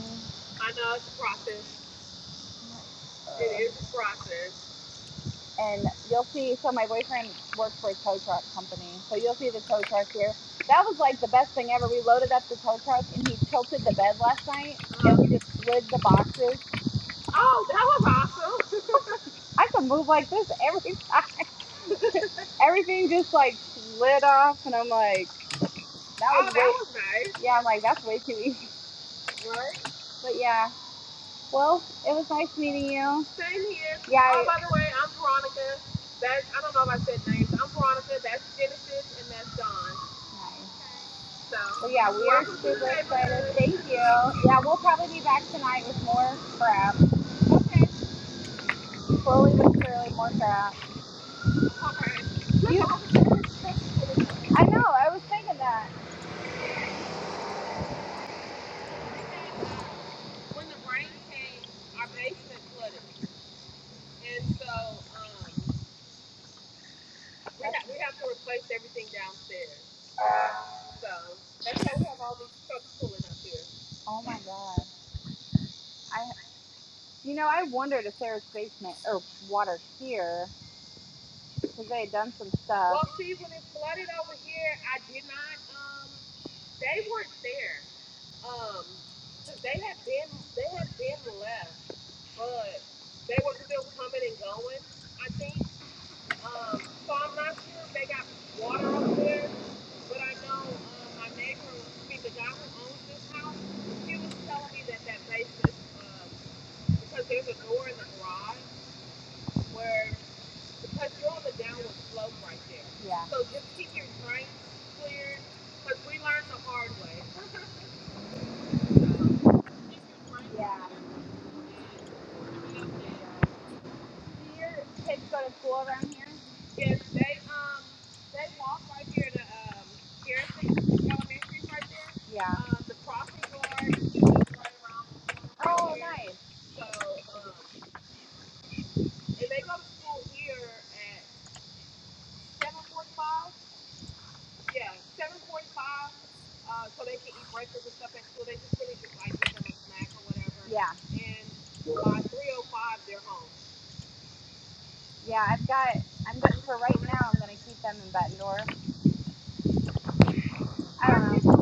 S1: And you'll see, so my boyfriend works for a tow truck company. So you'll see the tow truck here. That was like the best thing ever. We loaded up the tow truck and he tilted the bed last night, just slid the boxes. I could move like this every time. Everything just like slid off. And I'm like, that, yeah, I'm like, that's way too easy. But yeah, well, it was nice meeting you. Thank you. Yeah, we'll probably be back tonight with more crap. slowly but surely, more fast. I know. I was thinking that. Oh my god. I. You know, I wondered if there was basement or water here because they had done some stuff. Yeah, yeah, yeah, yeah. I've got. I'm good for right now. I'm gonna keep them in Bettendorf. I don't know.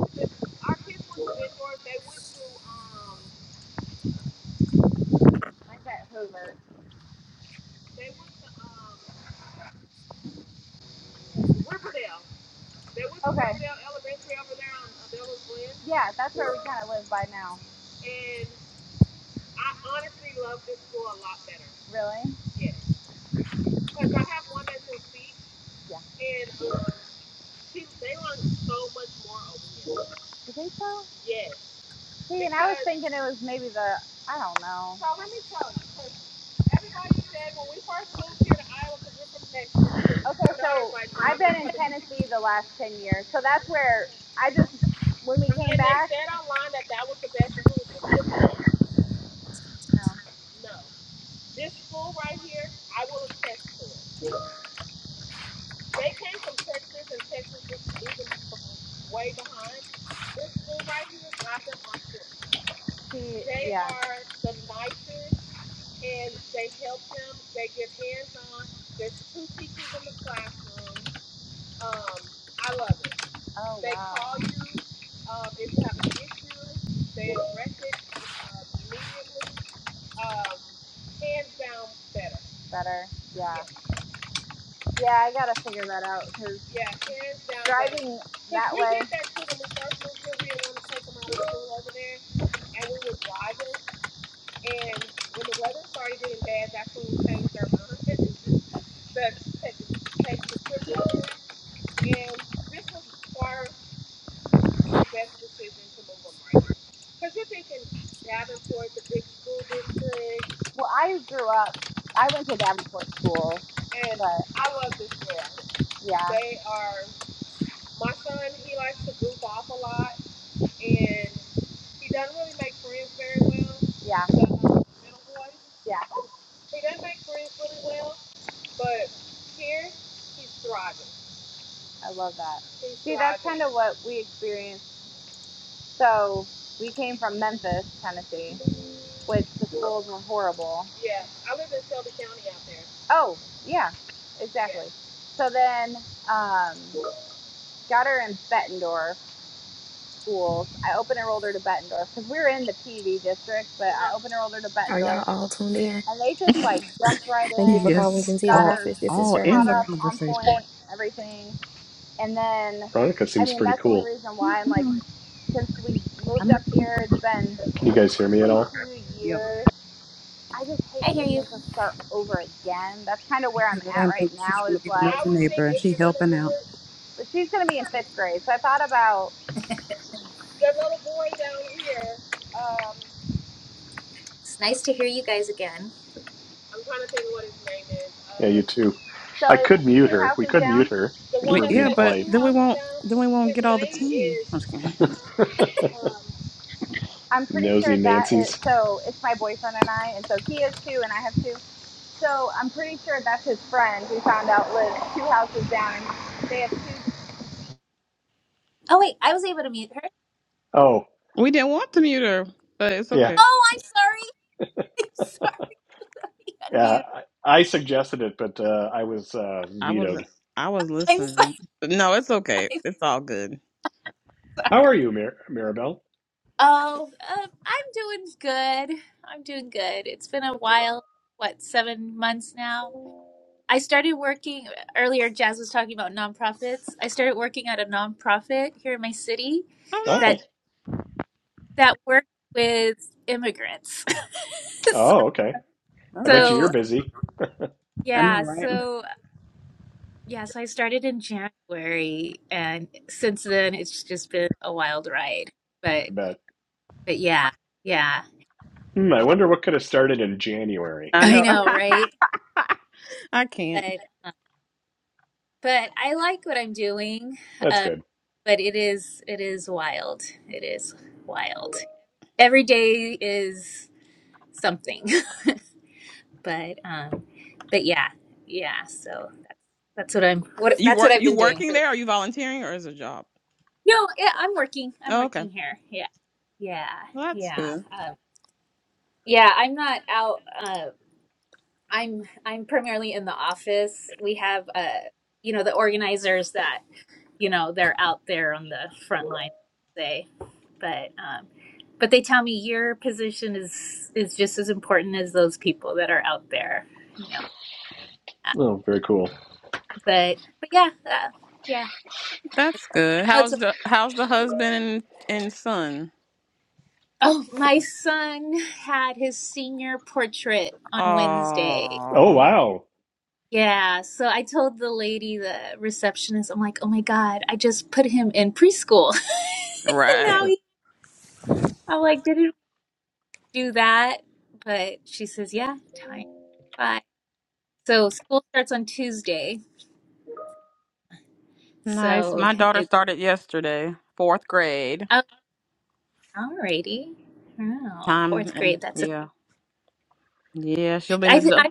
S1: I bet Hoover. Yeah, that's where we kind of live by now. Really? Yeah. You think so? He's thinking it was maybe the. I don't know. Okay, Tennessee the last ten years. So that's where I just when we came. No. She. Oh, better. Yeah. Yeah, I gotta figure that out because I will. Yeah, yeah, I love that. So What we experienced. So we came from Memphis, Tennessee, which the schools were horrible. Oh, yeah, exactly. So then, um, got her in Bettendorf schools. I open enrolled her to Bettendorf because we were in the PV district, but I open enrolled her to
S6: Are y'all
S1: Bettendorf,
S6: all tuned in?
S1: and they just like jumped right
S6: Thank you for
S1: in,
S6: calling
S5: Yes,
S6: Gentiva
S1: got
S5: all
S1: her
S6: Hospice. This is
S5: all in
S1: caught
S5: the
S1: up
S6: Jasmine.
S1: on
S5: conversation.
S1: point, everything. And then,
S3: Veronica
S1: I
S3: seems
S1: mean,
S3: pretty
S1: that's the only
S3: cool.
S1: reason
S5: Yeah,
S1: why I'm like, since we moved
S5: I'm
S1: up
S5: here for the-
S1: here, it's been
S3: Can you guys hear
S1: it's
S3: me at
S1: been
S3: all?
S1: two
S5: yep.
S1: years. I just hate
S7: I hear
S1: to
S7: you.
S1: make her start over again. That's kind of where I'm
S5: Here I
S1: at
S5: am
S1: right
S5: thinking she's
S1: now.
S5: trying to
S1: Is
S5: be the
S1: like,
S5: nosy neighbor, and she helping out.
S1: but she's gonna be in fifth grade, so I thought about
S7: It's nice to hear you guys again.
S3: Yeah, you too.
S1: so
S3: I
S1: it,
S3: could mute
S1: two
S3: her. We
S1: houses
S3: could mute
S1: down.
S3: her if we're
S5: But yeah,
S3: being
S5: but
S3: polite.
S5: then we won't then we won't get all the tea. I'm just kidding.
S1: I'm pretty sure
S3: Nosy
S1: that is,
S3: Nancy's.
S1: so it's my boyfriend and I, and so he is two, and I have two. So I'm pretty sure that's his friend who found out.
S7: Oh wait, I was able to mute her.
S3: Oh,
S5: We didn't want to mute her, but it's
S3: yeah.
S5: okay.
S7: Oh, I'm sorry. I'm sorry.
S3: Yeah,
S7: Unmute.
S3: I I suggested it, but uh, I was uh,
S5: I was
S3: vetoed.
S5: I was
S7: I'm
S5: listening.
S7: sorry.
S5: No, it's okay.
S7: I'm
S5: It's all good.
S7: sorry.
S3: How are you, Mir- Mirabelle?
S7: Oh, um, I'm doing good. I'm doing good. It's been a while. What, seven months now? I started working earlier. Jazz was talking about nonprofits. I started working at a nonprofit here in my city
S5: Oh
S7: that
S3: Oh,
S5: nice.
S7: that worked with immigrants. so,
S3: oh, okay.
S5: All
S3: I bet
S5: right.
S3: you
S7: so
S3: you're busy.
S5: I know,
S7: yeah.
S5: right?
S7: So Yes, I started in January, and since then it's just been a wild ride. But
S3: I bet.
S7: but yeah, yeah,
S3: Hmm, I wonder what could have started in January.
S5: I
S7: I
S5: know.
S7: know, right?
S5: I can't.
S7: But but I like what I'm doing.
S3: That's
S7: Uh,
S3: good.
S7: but it is it is wild. It is wild. Every day is something. But um, but yeah, yeah. So that's that's what I'm what
S5: You
S7: that's what
S5: work
S7: I've
S5: you
S7: been doing
S5: working
S7: for the.
S5: there? Are you volunteering or is it a job?
S7: No, yeah, I'm working. I'm
S5: Oh, okay.
S7: working here. Yeah, yeah,
S5: Well, that's
S7: yeah.
S5: good.
S7: uh, Yeah, I'm not out. Uh, I'm I'm primarily in the office. We have uh, you know, the organizers that you know they're out there on the front line, say, but um, but they tell me your position is is just as important as those people that are out there, you know. Uh,
S3: Oh, very cool.
S7: But but yeah, uh, yeah.
S5: That's good.
S7: I know it's
S5: How's
S7: a,
S5: the how's the husband and and son?
S7: oh, my son had his senior portrait on Wednesday.
S3: Oh,
S5: Oh
S3: wow.
S7: Yeah, so I told the lady, the receptionist, I'm like, oh my God, I just put him in preschool. And
S5: right.
S7: now he, I'm like, didn't we do that? But she says, yeah, time. Bye. So school starts on Tuesday.
S5: Nice.
S7: So
S5: My daughter
S7: it's,
S5: started yesterday, fourth grade.
S7: oh, alrighty. Oh,
S5: Time
S7: fourth
S5: and
S7: grade. That's it.
S5: yeah. Yeah, she'll be in the dub.
S7: I,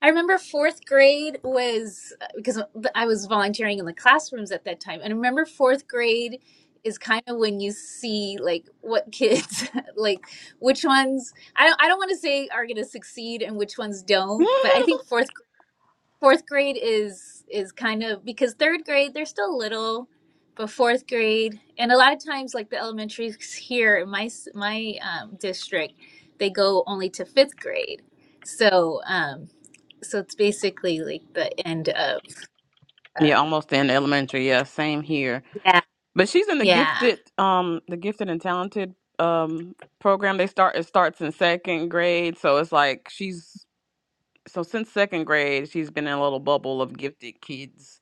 S7: I remember fourth grade was because I was volunteering in the classrooms at that time. And I remember fourth grade is kind of when you see like what kids like which ones I don't I don't want to say are going to succeed and which ones don't, but I think fourth fourth grade is is kind of because third grade they're still little but fourth grade and a lot of times like the elementaries here in my s- my um, district they go only to fifth grade so um so it's basically like the end of uh,
S5: yeah, almost in elementary. Yeah, same here.
S7: yeah
S5: But she's in the
S7: yeah
S5: gifted, um, the gifted and talented um program. They start it starts in second grade, so it's like she's so since second grade she's been in a little bubble of gifted kids.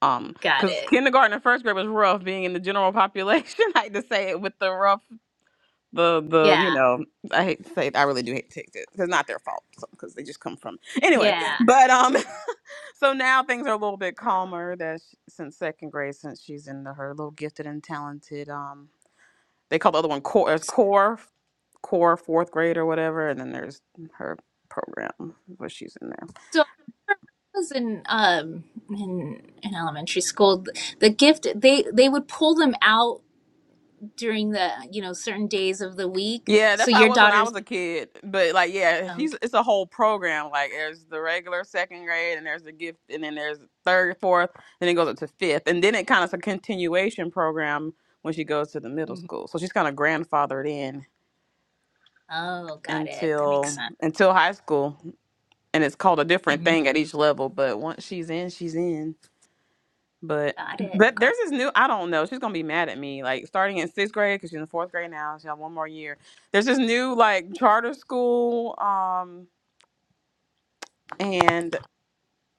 S5: Um,
S7: got
S5: because
S7: it
S5: kindergarten and first grade was rough. Being in the general population, I hate to say it with the rough, the the you
S7: yeah
S5: know, I hate to say it. I really do hate to take it. It's not their fault because they just come from anyway. Yeah.
S7: yeah
S5: But um, so now things are a little bit calmer. That sh- since second grade, since she's in the, her little gifted and talented um they call the other one core as
S7: so,
S5: core core fourth grade or whatever and then there's her program where she's in there
S7: so I was in um in in elementary school the gift they they would pull them out during the you know certain days of the week.
S5: yeah that's
S7: So
S5: how i
S7: your
S5: was when i
S7: daughter's
S5: was a kid but like yeah she's
S7: okay.
S5: it's a whole program like there's the regular second grade and there's the gift and then there's third fourth then it goes up to fifth and then it kind of a continuation program when she goes to the middle
S7: Mhm.
S5: school so she's kind of grandfathered in
S7: Oh, got it. That makes
S5: until
S7: sense.
S5: until high school and it's called a different
S7: hmm
S5: thing at each level but once she's in she's in but
S7: Got it.
S5: but
S7: Got,
S5: there's this new i don't know she's gonna be mad at me like starting in sixth grade because she's in fourth grade now she have one more year there's this new like charter school um and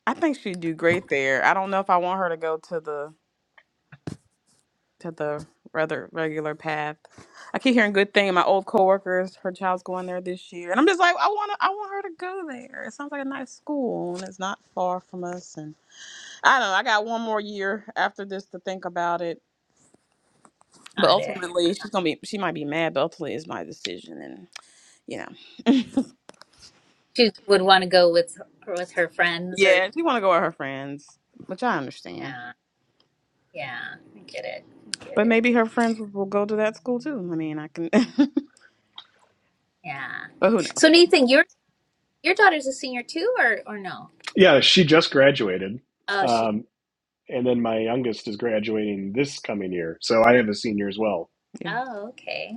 S5: i think she'd do great there i don't know if i want her to go to the to the rather regular path. I keep hearing good thing. My old coworkers, her child's going there this year, and I'm just like, I want to, I want her to go there. It sounds like a nice school, and it's not far from us. And I don't know. I got one more year after this to think about it, but
S7: got it.
S5: ultimately, she's gonna be, she might be mad, but ultimately, it's my decision, and you know,
S7: She would want to go with with her friends or
S5: yeah, she want to go with her friends, which I understand.
S7: yeah, yeah. I get it. I get
S5: But
S7: it.
S5: maybe her friends will will go to that school too. I mean, I can, but
S7: Yeah.
S5: who knows?
S7: So Nathan, your your daughter's a senior too, or or no?
S3: Yeah, she just graduated.
S7: Oh, she.
S3: Um, and then my youngest is graduating this coming year. So I have a senior as well.
S5: Yeah.
S7: Oh, okay.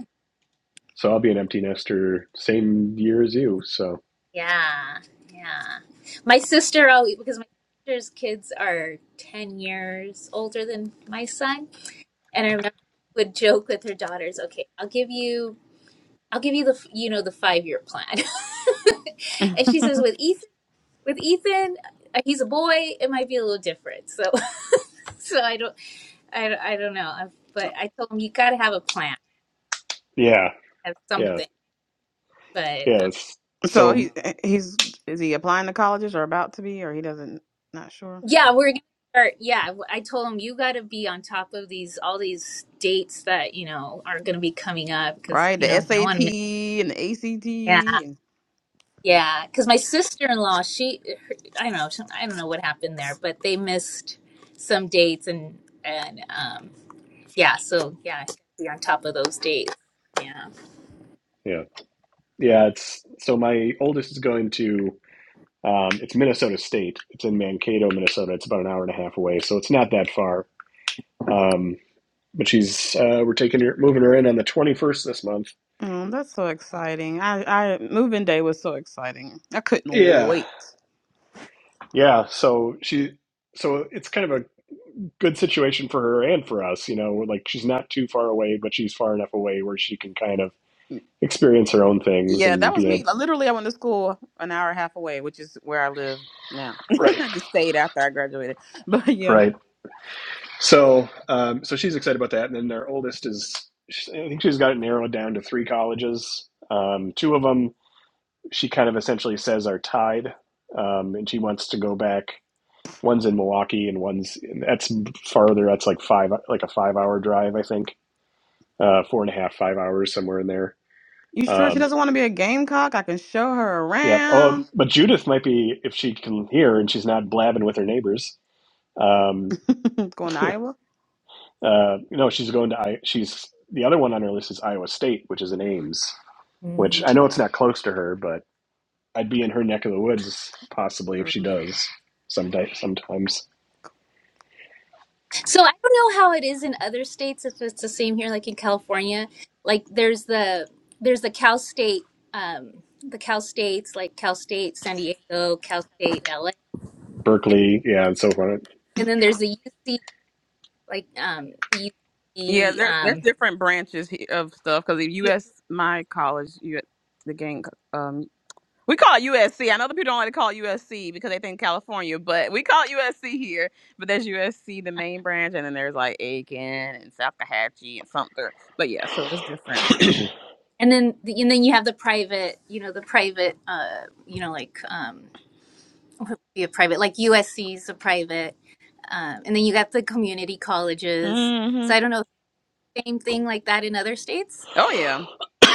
S3: So I'll be an empty nester same year as you. So
S7: Yeah, yeah. My sister, oh, because my sister's kids are ten years older than my son And I remember she would joke with her daughters, "Okay, I'll give you, I'll give you the, f- you know, the five-year plan." and she says, "With Ethan, with Ethan, uh, he's a boy. It might be a little different." So, so I don't, I, don't- I don't know. I- But I told him you got to have a plan,
S3: yeah,
S7: have
S3: yeah,
S7: something. But
S3: yeah.
S7: um,
S3: it's-
S5: So he
S3: So
S5: he's is he applying to colleges or about to be or he doesn't not sure.
S7: yeah, we're gonna start. Yeah, I told him you got to be on top of these all these dates that you know are gonna be coming up because
S5: Right?
S7: you
S5: The
S7: know you don't want
S5: SAT
S7: to
S5: and the
S7: miss.
S5: ACT. and-
S7: Yeah, because my sister-in-law, she, her, I don't know, she, I don't know what happened there, but they missed some dates and and um yeah, so yeah, be on top of those dates. Yeah.
S3: yeah, yeah. It's so my oldest is going to um, it's Minnesota State. It's in Mankato, Minnesota. It's about an hour and a half away, so it's not that far. Um, but she's uh, we're taking her moving her in on the 21st this month
S5: Mm, that's so exciting. I I moving day was so exciting. I couldn't
S3: yeah
S5: wait.
S3: yeah so she so it's kind of a good situation for her and for us you know we're like she's not too far away but she's far enough away where she can kind of experience her own things
S5: Yeah, that
S3: and
S5: was
S3: be in
S5: me. Like,
S3: a
S5: Literally I went to school an hour and a half away, which is where I live now.
S3: right
S5: I just stayed after I graduated. But yeah.
S3: right so um, so she's excited about that and then their oldest is i think she's got it narrowed down to three colleges um, two of them she kind of essentially says are tied um, and she wants to go back One's in Milwaukee, and one's in, that's farther. That's like five, like a five-hour drive, I think. Uh, four and a half, five hours, somewhere in there.
S5: You sure she
S3: Um,
S5: doesn't want to be a gamecock? I can show her
S3: yeah. Oh,
S5: around.
S3: but Judith might be if she can hear and she's not blabbing with her neighbors. Um,
S5: Going to
S3: uh,
S5: Iowa?
S3: no, she's going to. I. She's the other one on her list is Iowa State, which is in Ames, which
S7: Mm.
S3: I know it's not close to her, but I'd be in her neck of the woods possibly if she
S5: Mhm.
S3: does. Sometimes, sometimes
S7: So I don't know how it is in other states if it's the same here, like in California. Like there's the there's the Cal State, um, the Cal States, like Cal State San Diego, Cal State LA, and,
S3: Berkeley, yeah, and so
S7: and then there's the UC, like um, the
S5: Yeah,
S7: UC.
S5: there, there's
S7: Um,
S5: different branches he- of stuff because U.S. my college, U, the gang, um, we call it USC. I know the people don't like to call it USC because they think California, but we call it USC here. But there's USC, the main branch, and then there's like Aiken and Salcahatchee and Sumter. But yeah, so it's different.
S3: on.
S7: and then the, and then you have the private you know the private uh you know like um be private like usc's a private um and then you got the community colleges
S5: hmm
S7: so i don't know same thing like that in other states
S5: Oh yeah,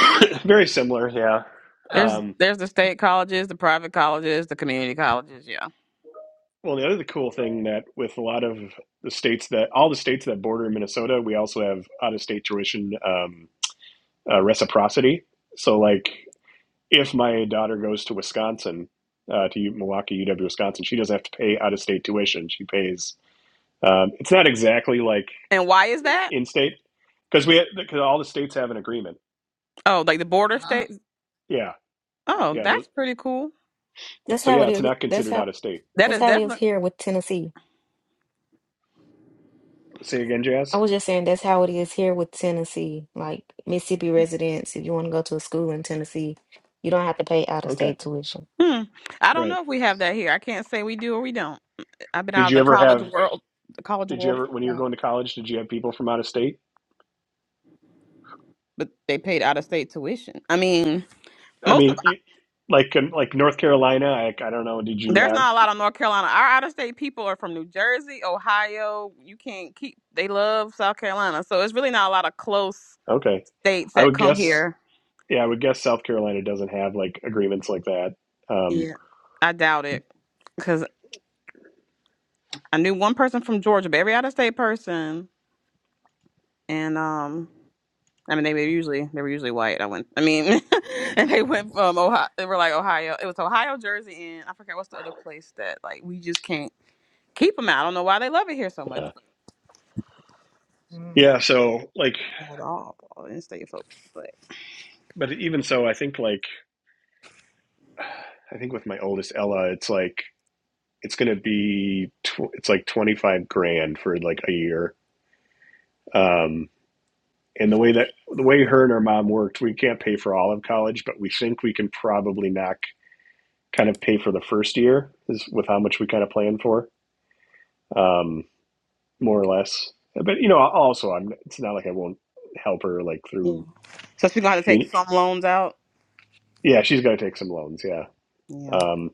S3: Very similar, yeah.
S7: uh,
S5: there's
S3: Um,
S5: there's the state colleges, the private colleges, the community colleges. Yeah,
S3: well, the other cool thing that with a lot of the states that all the states that border Minnesota, we also have out of state tuition um, uh, reciprocity. So, like, if my daughter goes to Wisconsin, uh, to Milwaukee, UW, Wisconsin, she doesn't have to pay out of state tuition. She pays. Um, it's not exactly like
S5: and why is that?
S3: in state because we because all the states have an agreement.
S5: Oh, like the border
S7: uh,
S5: states.
S3: Yeah,
S5: Oh,
S3: yeah. tho-
S5: that's pretty cool.
S6: That's
S3: so
S6: how
S3: yeah,
S6: it
S3: it's
S6: is.
S3: not
S6: That's
S3: considered out
S6: how.
S3: of state.
S5: That
S6: That's
S5: is
S6: how it is
S5: definitely.
S6: here with Tennessee.
S3: Say again,
S6: I
S3: Jazz.
S6: was just saying that's how it is here with Tennessee. Like Mississippi residents, if you want to go to a school in Tennessee, you don't have to pay out of
S3: Okay,
S6: state tuition.
S5: Hmm. I don't
S3: right.
S5: know if we have that here. I can't say we do or we don't. I've been out
S3: Did
S5: of
S3: you
S5: the
S3: ever
S5: college
S3: have
S5: world, the college
S3: Did you
S5: world,
S3: ever,
S5: for
S3: when you
S5: a
S3: were
S5: while,
S3: going to college, did you have people from out of state?
S5: but they paid out of state tuition. I mean,
S3: I
S5: most of
S3: mean, you, like um, like North Carolina, I, I don't know. Did you
S5: there's
S3: have?
S5: not a lot of North Carolina. Our out of state people are from New Jersey, Ohio. You can't keep. They love South Carolina, so it's really not a lot of close
S3: Okay,
S5: states
S3: I
S5: that
S3: would
S5: come
S3: guess.
S5: here.
S3: Yeah, I would guess South Carolina doesn't have like agreements like that. Um,
S5: Yeah, I doubt it, because I knew one person from Georgia, but every out of state person, and um. I mean, they were usually they were usually white. I went. I mean, and they went from Ohio. They were like Ohio. It was Ohio, Jersey, and I forget what's the other place that like we just can't keep them out. I don't know why they love it here so much
S3: yeah,
S7: Mm.
S3: yeah. So like,
S5: at all. In state folks, but
S3: but even so, I think like I think with my oldest Ella, it's like it's gonna be tw- it's like twenty five grand for like a year. Um, and the way that the way her and her mom worked, we can't pay for all of college, but we think we can probably knock. kind of pay for the first year is with how much we kind of plan for, um, more or less. But you know, also I'm. It's not like I won't help her like
S5: yeah.
S3: through.
S5: So she's gonna have to
S3: I
S5: take
S3: mean,
S5: some loans out.
S3: yeah, she's got to take some loans, yeah.
S5: Yeah.
S3: Um,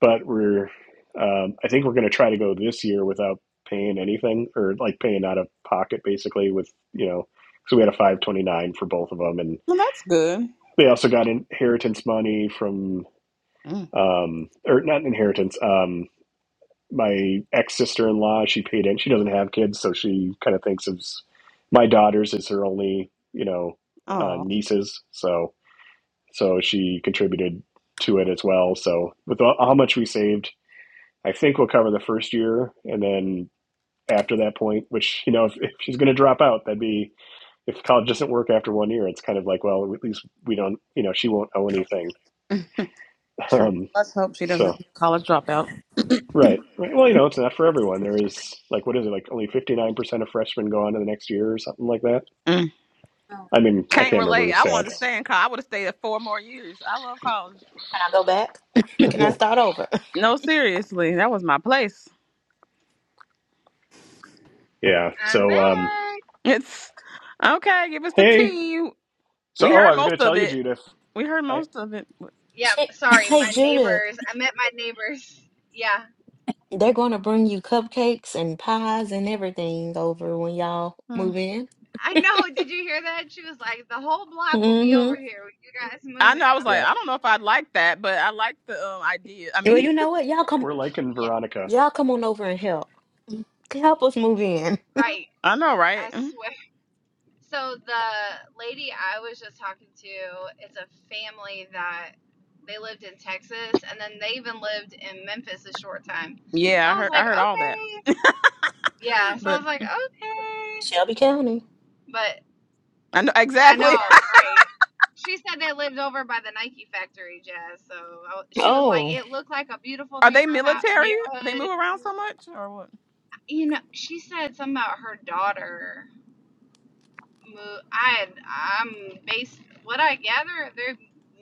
S3: but we're. Um, I think we're going to try to go this year without paying anything or like paying out of pocket, basically. With you know, so we had a five twenty nine for both of them, and
S5: Well, that's good.
S3: they also got inheritance money from
S5: Mm.
S3: um, or not inheritance. Um, my ex sister in law. She paid in. She doesn't have kids, so she kind of thinks of s- my daughters as her only, you know, uh,
S5: Oh,
S3: nieces. So so she contributed to it as well. So with all, how much we saved, I think we'll cover the first year, and then after that point, which you know, if, if she's going to drop out, that'd be if college doesn't work after one year, it's kind of like well, at least we don't, you know, she won't owe anything.
S5: true.
S3: Um,
S5: Let's hope she
S3: so.
S5: doesn't college dropout.
S3: Right. Right. Well, you know, it's not for everyone. There is like what is it, like only fifty nine percent of freshmen go on to the next year or something like that.
S5: Mm.
S7: oh.
S3: I mean, I
S5: Can't
S3: can't remember
S5: relate.
S3: the
S5: I wanted
S3: stats.
S5: to stay in college. I would have stayed at four more years. I love college.
S6: Can I go back? Can I start over?
S5: No, seriously, that was my place.
S3: Yeah.
S1: I'm back.
S3: So um
S5: It's okay. Give us the
S3: hey.
S5: tea.
S3: So
S5: We
S3: oh
S5: heard
S3: I was gonna
S5: most
S3: tell
S5: of
S3: you,
S5: it.
S3: Judith.
S5: We heard
S3: I
S5: most of it. but-
S1: Yeah,
S6: Shit.
S1: sorry, my
S6: Hey, Judah,
S1: neighbors. I met my neighbors. Yeah.
S6: they're going to bring you cupcakes and pies and everything over when y'all
S5: Hmm.
S6: move in.
S1: I know. Did you hear that? She was like, the whole block will be
S6: Mm-hmm.
S1: over here when you guys
S5: I
S1: move
S5: know. I
S1: in.
S5: was
S1: I'm-
S5: like,
S3: yeah,
S5: I don't know if I'd like that, but I like the um, idea. I
S6: Well,
S5: mean,
S6: you know what? Y'all come,
S3: we're liking
S1: yeah,
S3: Veronica.
S6: y'all come on over and help. Help us move in.
S1: right.
S5: I know,
S1: I
S5: right? Mhm.
S1: swear. So the lady I was just talking to, it's a family that they lived in Texas, and then they even lived in Memphis a short time. So
S5: Yeah, I
S1: I was
S5: heard. I
S1: like,
S5: heard all that.
S1: okay. Yeah. So I
S5: but
S1: was like, okay.
S6: Shelby County.
S1: But
S5: I know
S1: I
S5: exactly.
S1: know, right? She said they lived over by the Nike factory, Jazz. So I, she was like,
S6: Oh,
S1: it looked like a beautiful
S5: Are they
S1: neighbor ho-
S5: military? They
S1: neighborhood.
S5: move around so much, or what?
S1: You know, she said something about her daughter. Move. I I'm based. What I gather, they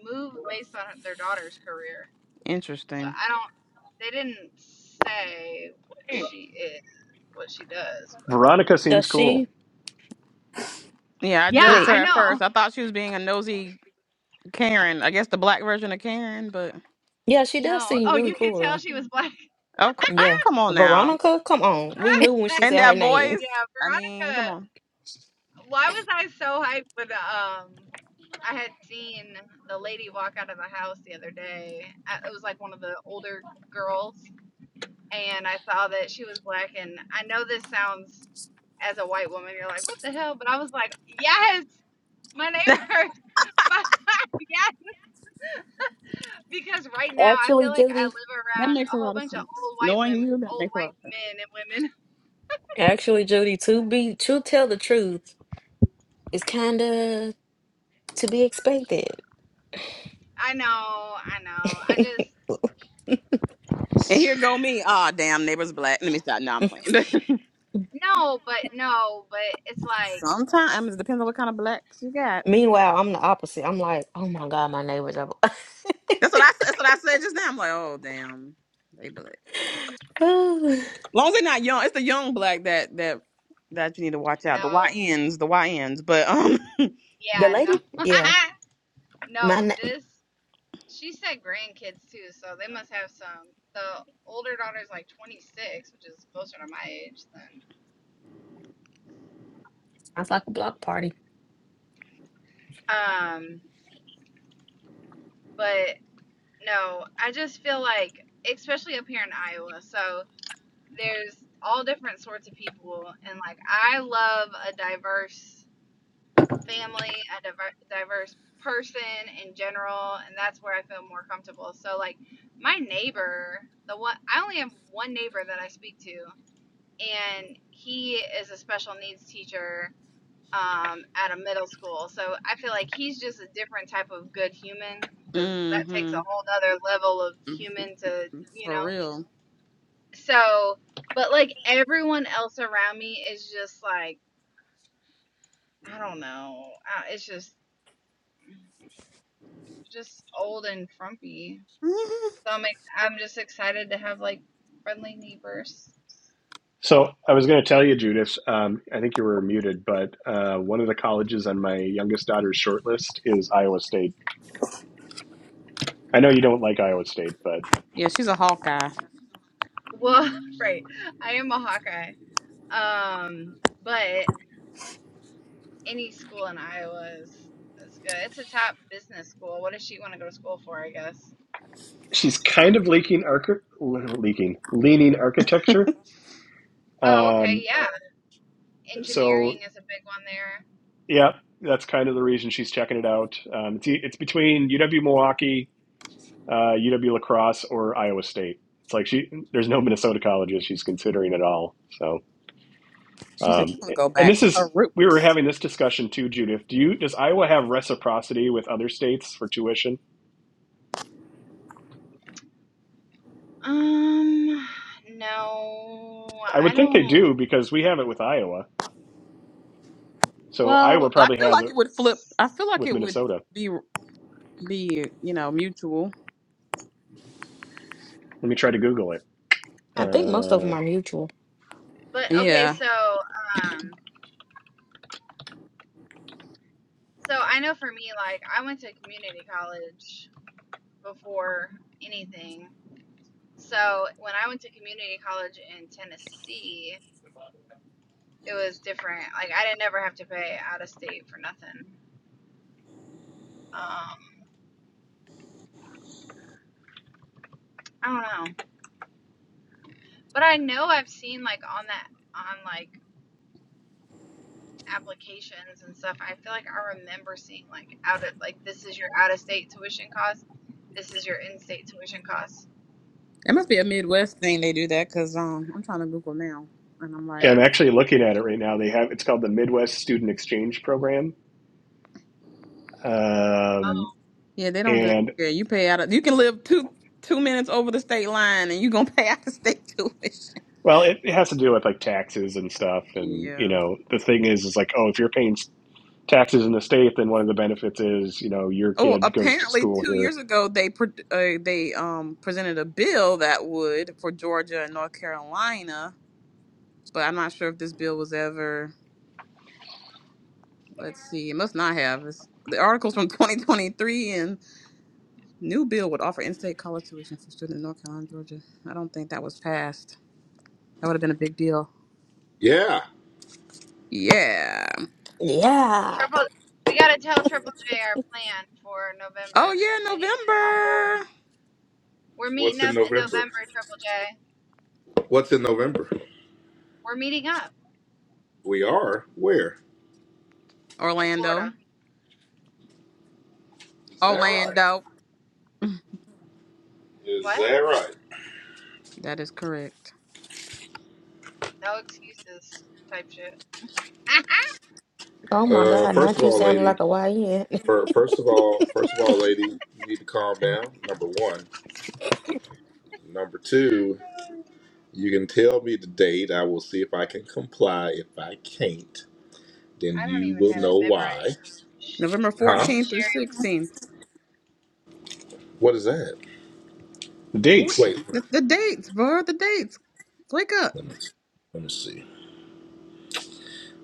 S1: moved based on their daughter's career. So
S5: Interesting.
S1: I don't. They didn't say what she is, what she does. But
S3: Veronica
S6: does
S3: seems cool.
S6: she?
S5: Yeah, I
S1: yeah,
S5: judged her
S1: I
S6: Wait.
S5: at
S1: know.
S5: first. I thought she was being a nosy Karen. I guess the black version of Karen, but
S6: Yeah, she does
S1: No.
S6: seem
S1: Oh,
S6: really
S1: you could
S6: cool
S1: tell she was black.
S5: of course,
S6: Yeah.
S5: come on now.
S6: Veronica, come on. We knew when she
S5: And
S6: said her
S5: that
S6: name.
S5: voice.
S1: yeah,
S5: I mean, come
S1: Veronica.
S5: on.
S1: Why was I so hyped when um I had seen the lady walk out of the house the other day? I- It was like one of the older girls, and I saw that she was black. And I know this sounds, as a white woman, you're like, what the hell? But I was like, yes, my neighbor. my- yes, because right now I
S6: Actually,
S1: feel like I
S6: Judy,
S1: live
S5: That
S1: around
S5: makes
S1: a
S5: a
S1: whole
S5: lot of
S1: bunch of
S5: sense.
S1: old white
S5: Knowing
S1: women,
S5: you, that
S1: old
S5: makes a lot
S1: white
S5: of sense.
S1: men and women.
S6: Actually, Judy, to be to tell the truth is kinda to be expected.
S1: I know, I know. I just
S5: And here go me. Ah, damn, neighbor's black. Let me stop. Now I'm playing.
S1: no, but no, but it's like
S5: Sometimes it depends on what kind of blacks you got.
S6: Meanwhile, I'm the opposite. I'm like, oh my god, my neighbors are
S5: That's what I. That's what I said just now. I'm like, oh damn, they black. long as they're not young, it's the young black that that that you need to watch
S1: no,
S5: out. The YNs, the YNs. But um,
S6: the
S1: yeah,
S6: lady.
S1: no,
S6: Yeah.
S1: no.
S6: My na-
S1: This She said grandkids too, so they must have some. The older daughter's like 26, which is closer to my age than.
S6: Sounds like a block party.
S1: Um, but no, I just feel like, especially up here in Iowa, so there's all different sorts of people, and like I love a diverse family, a diver- diverse person in general, and that's where I feel more comfortable. So like my neighbor, the one I only have one neighbor that I speak to, and he is a special needs teacher um, at a middle school. So I feel like he's just a different type of good human because that takes
S5: hmm
S1: a whole other level of human to, you
S5: for
S1: know.
S5: real.
S1: So, but like everyone else around me is just like, I don't know. Uh, It's just, just old and frumpy.
S5: Mhm.
S1: So I'm, like, I'm just excited to have like friendly neighbors.
S3: So I was gonna tell you, Judith, um, I think you were muted, but uh, one of the colleges on my youngest daughter's shortlist is Iowa State. I know you don't like Iowa State, but
S5: Yeah, she's a Hawkeye.
S1: Well, right. I am a Hawkeye. Um, but any school in Iowa is that's good. It's a top business school. What does she want to go to school for? I guess.
S3: she's kind of leaking arch- leaking leaning architecture
S1: Oh, okay,
S3: Um,
S1: yeah.
S3: so
S1: Engineering is a big one there.
S3: yeah, that's kind of the reason she's checking it out. Um, it's e- it's between UW Milwaukee, uh, UW La Crosse, or Iowa State. It's like she there's no Minnesota colleges she's considering at all. So
S5: She said
S3: um,
S5: she want to go
S3: and
S5: back
S3: this
S5: to
S3: is
S5: her
S3: we were
S5: roots.
S3: having this discussion too, Judith. Do you does Iowa have reciprocity with other states for tuition?
S1: Um, no,
S3: I
S1: I
S3: would think they
S1: don't.
S3: do because we have it with Iowa. So Iowa
S1: Well,
S5: But I
S3: probably
S5: feel
S3: has
S5: like
S3: it
S5: it would flip. I feel like
S3: with
S5: it would
S3: Minnesota.
S5: be be you know mutual.
S3: Let me try to Google it.
S6: I think most of them
S3: Uh.
S6: are mutual.
S1: but okay,
S5: Yeah.
S1: so um, so I know for me, like I went to community college before anything. So when I went to community college in Tennessee, it was different. Like I didn't ever have to pay out of state for nothing. Um, I don't know, but I know I've seen like on that on like applications and stuff. I feel like I remember seeing like out of like this is your out of state tuition cost, this is your in state tuition cost.
S5: It must be a Midwest thing they do that because um I'm trying to Google now and I'm like, I
S3: I'm
S5: don't-
S3: actually looking at it right now. They have it's called the Midwest Student Exchange Program,
S1: Oh,
S3: um,
S5: yeah, they don't do that.
S3: and
S5: Yeah, you pay out of you can live two two minutes over the state line and you gonna pay out of state tuition.
S3: well, it, it has to do with like taxes and stuff. And you
S5: Yeah.
S3: know, the thing is, is like, oh, if you're paying taxes in the state, then one of the benefits is you know your
S5: Oh,
S3: kid goes to
S5: apparently
S3: school
S5: two
S3: here.
S5: years ago they pre- uh, they um presented a bill that would for Georgia and North Carolina, but I'm not sure if this bill was ever. Let's see, it must not have. It's, the articles from 2023 and new bill would offer in-state college tuition for students in North Carolina, Georgia. I don't think that was passed. That would have been a big deal.
S4: Yeah.
S5: Yeah.
S6: Yeah.
S1: triple. We gotta tell Triple J our plan for
S5: Oh
S1: November because
S5: yeah,
S1: we need him on board.
S5: November.
S1: We're meeting
S4: What's in
S1: up in
S4: November?
S1: November, Triple J.
S4: What's in November?
S1: We're meeting up
S4: We are where?
S1: in Florida.
S5: Orlando.
S4: Is that right?
S5: Orlando.
S4: Is
S1: What?
S4: that right?
S5: That is correct.
S1: No excuses type shit. I
S6: Oh my
S4: Uh,
S6: god,
S4: first of
S6: not you
S4: all,
S6: sounding
S4: lady.
S6: like a YN.
S4: For first of all, first of all, lady, you need to calm down. Number one. Number two. You can tell me the date. I will see if I can comply. If I can't, then
S1: don't
S4: you
S1: even
S4: will
S1: have it
S4: know why.
S1: memorized. Sh-
S5: November
S4: Huh?
S5: 14th through
S1: Sherry
S5: 16th.
S4: What is that?
S3: The
S5: What-
S3: dates.
S4: Wait.
S5: The, the dates, bro. The dates. Wake up.
S4: Let me let me see.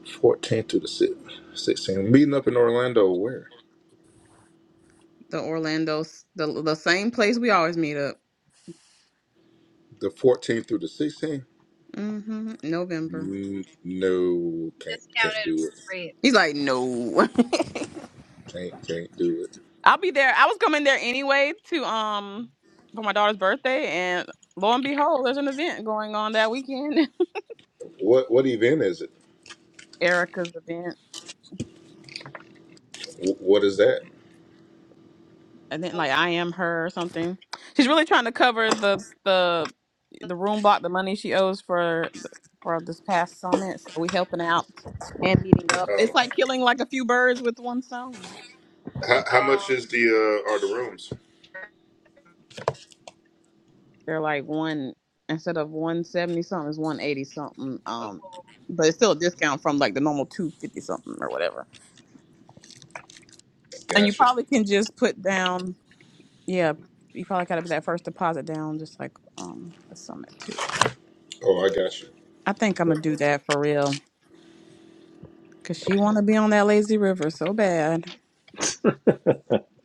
S4: 14th through the 16th. Meeting up in Orlando. Where?
S5: The Orlando's the the same place we always meet up.
S4: The 14th through the 16th.
S5: hmm November.
S4: Mm, No, can't can't
S1: discounted
S4: do it.
S1: rate
S5: He's like, no.
S4: Can't can't do it.
S5: I'll be there. I was coming there anyway to um for my daughter's birthday, and lo and behold, there's an event going on that weekend.
S4: What what event is it?
S5: Erica's event.
S4: Wh- What is that?
S5: and then
S1: was
S5: like I am her or something. She's really trying to cover the the the room block, the money she owes for the, for this past summit. So we helping out and meeting up. It's
S4: Oh,
S5: like killing like a few birds with one stone.
S4: how, how
S1: oh,
S4: much is the uh, are the rooms?
S1: sure.
S5: They're like one instead of one seventy something, it's one eighty something. Um,
S1: oh
S5: but it's still a discount from like the normal two fifty something or whatever. And you
S4: Gotcha.
S5: probably can just put down, yeah. You probably gotta put that first deposit down, just like um a summit too.
S4: Oh, I got
S5: I think I'm
S4: you.
S5: gonna do that for real Cause she wanna be on that lazy river so bad.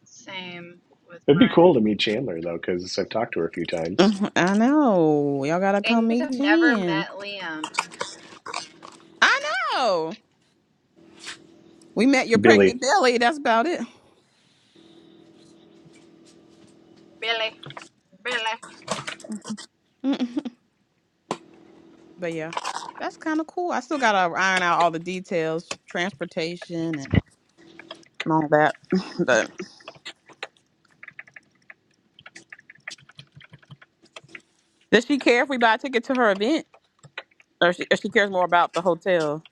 S1: same with
S3: It'd be
S1: mine.
S3: cool to meet Chandler though, because I've talked to her a few times.
S5: Mhm, I know. Y'all gotta
S1: And you
S5: come
S1: guys have
S5: meet
S1: never
S5: Jen.
S1: met Liam.
S5: I know. We met your pregnant
S3: Billy.
S5: belly. That's about it.
S1: Billy. Billy.
S5: Mhm. Mhm. but yeah, that's kind of cool. I still gotta iron out all the details, the transportation and all that. but does she care if we buy a ticket to her event, or she, or she cares more about the hotel?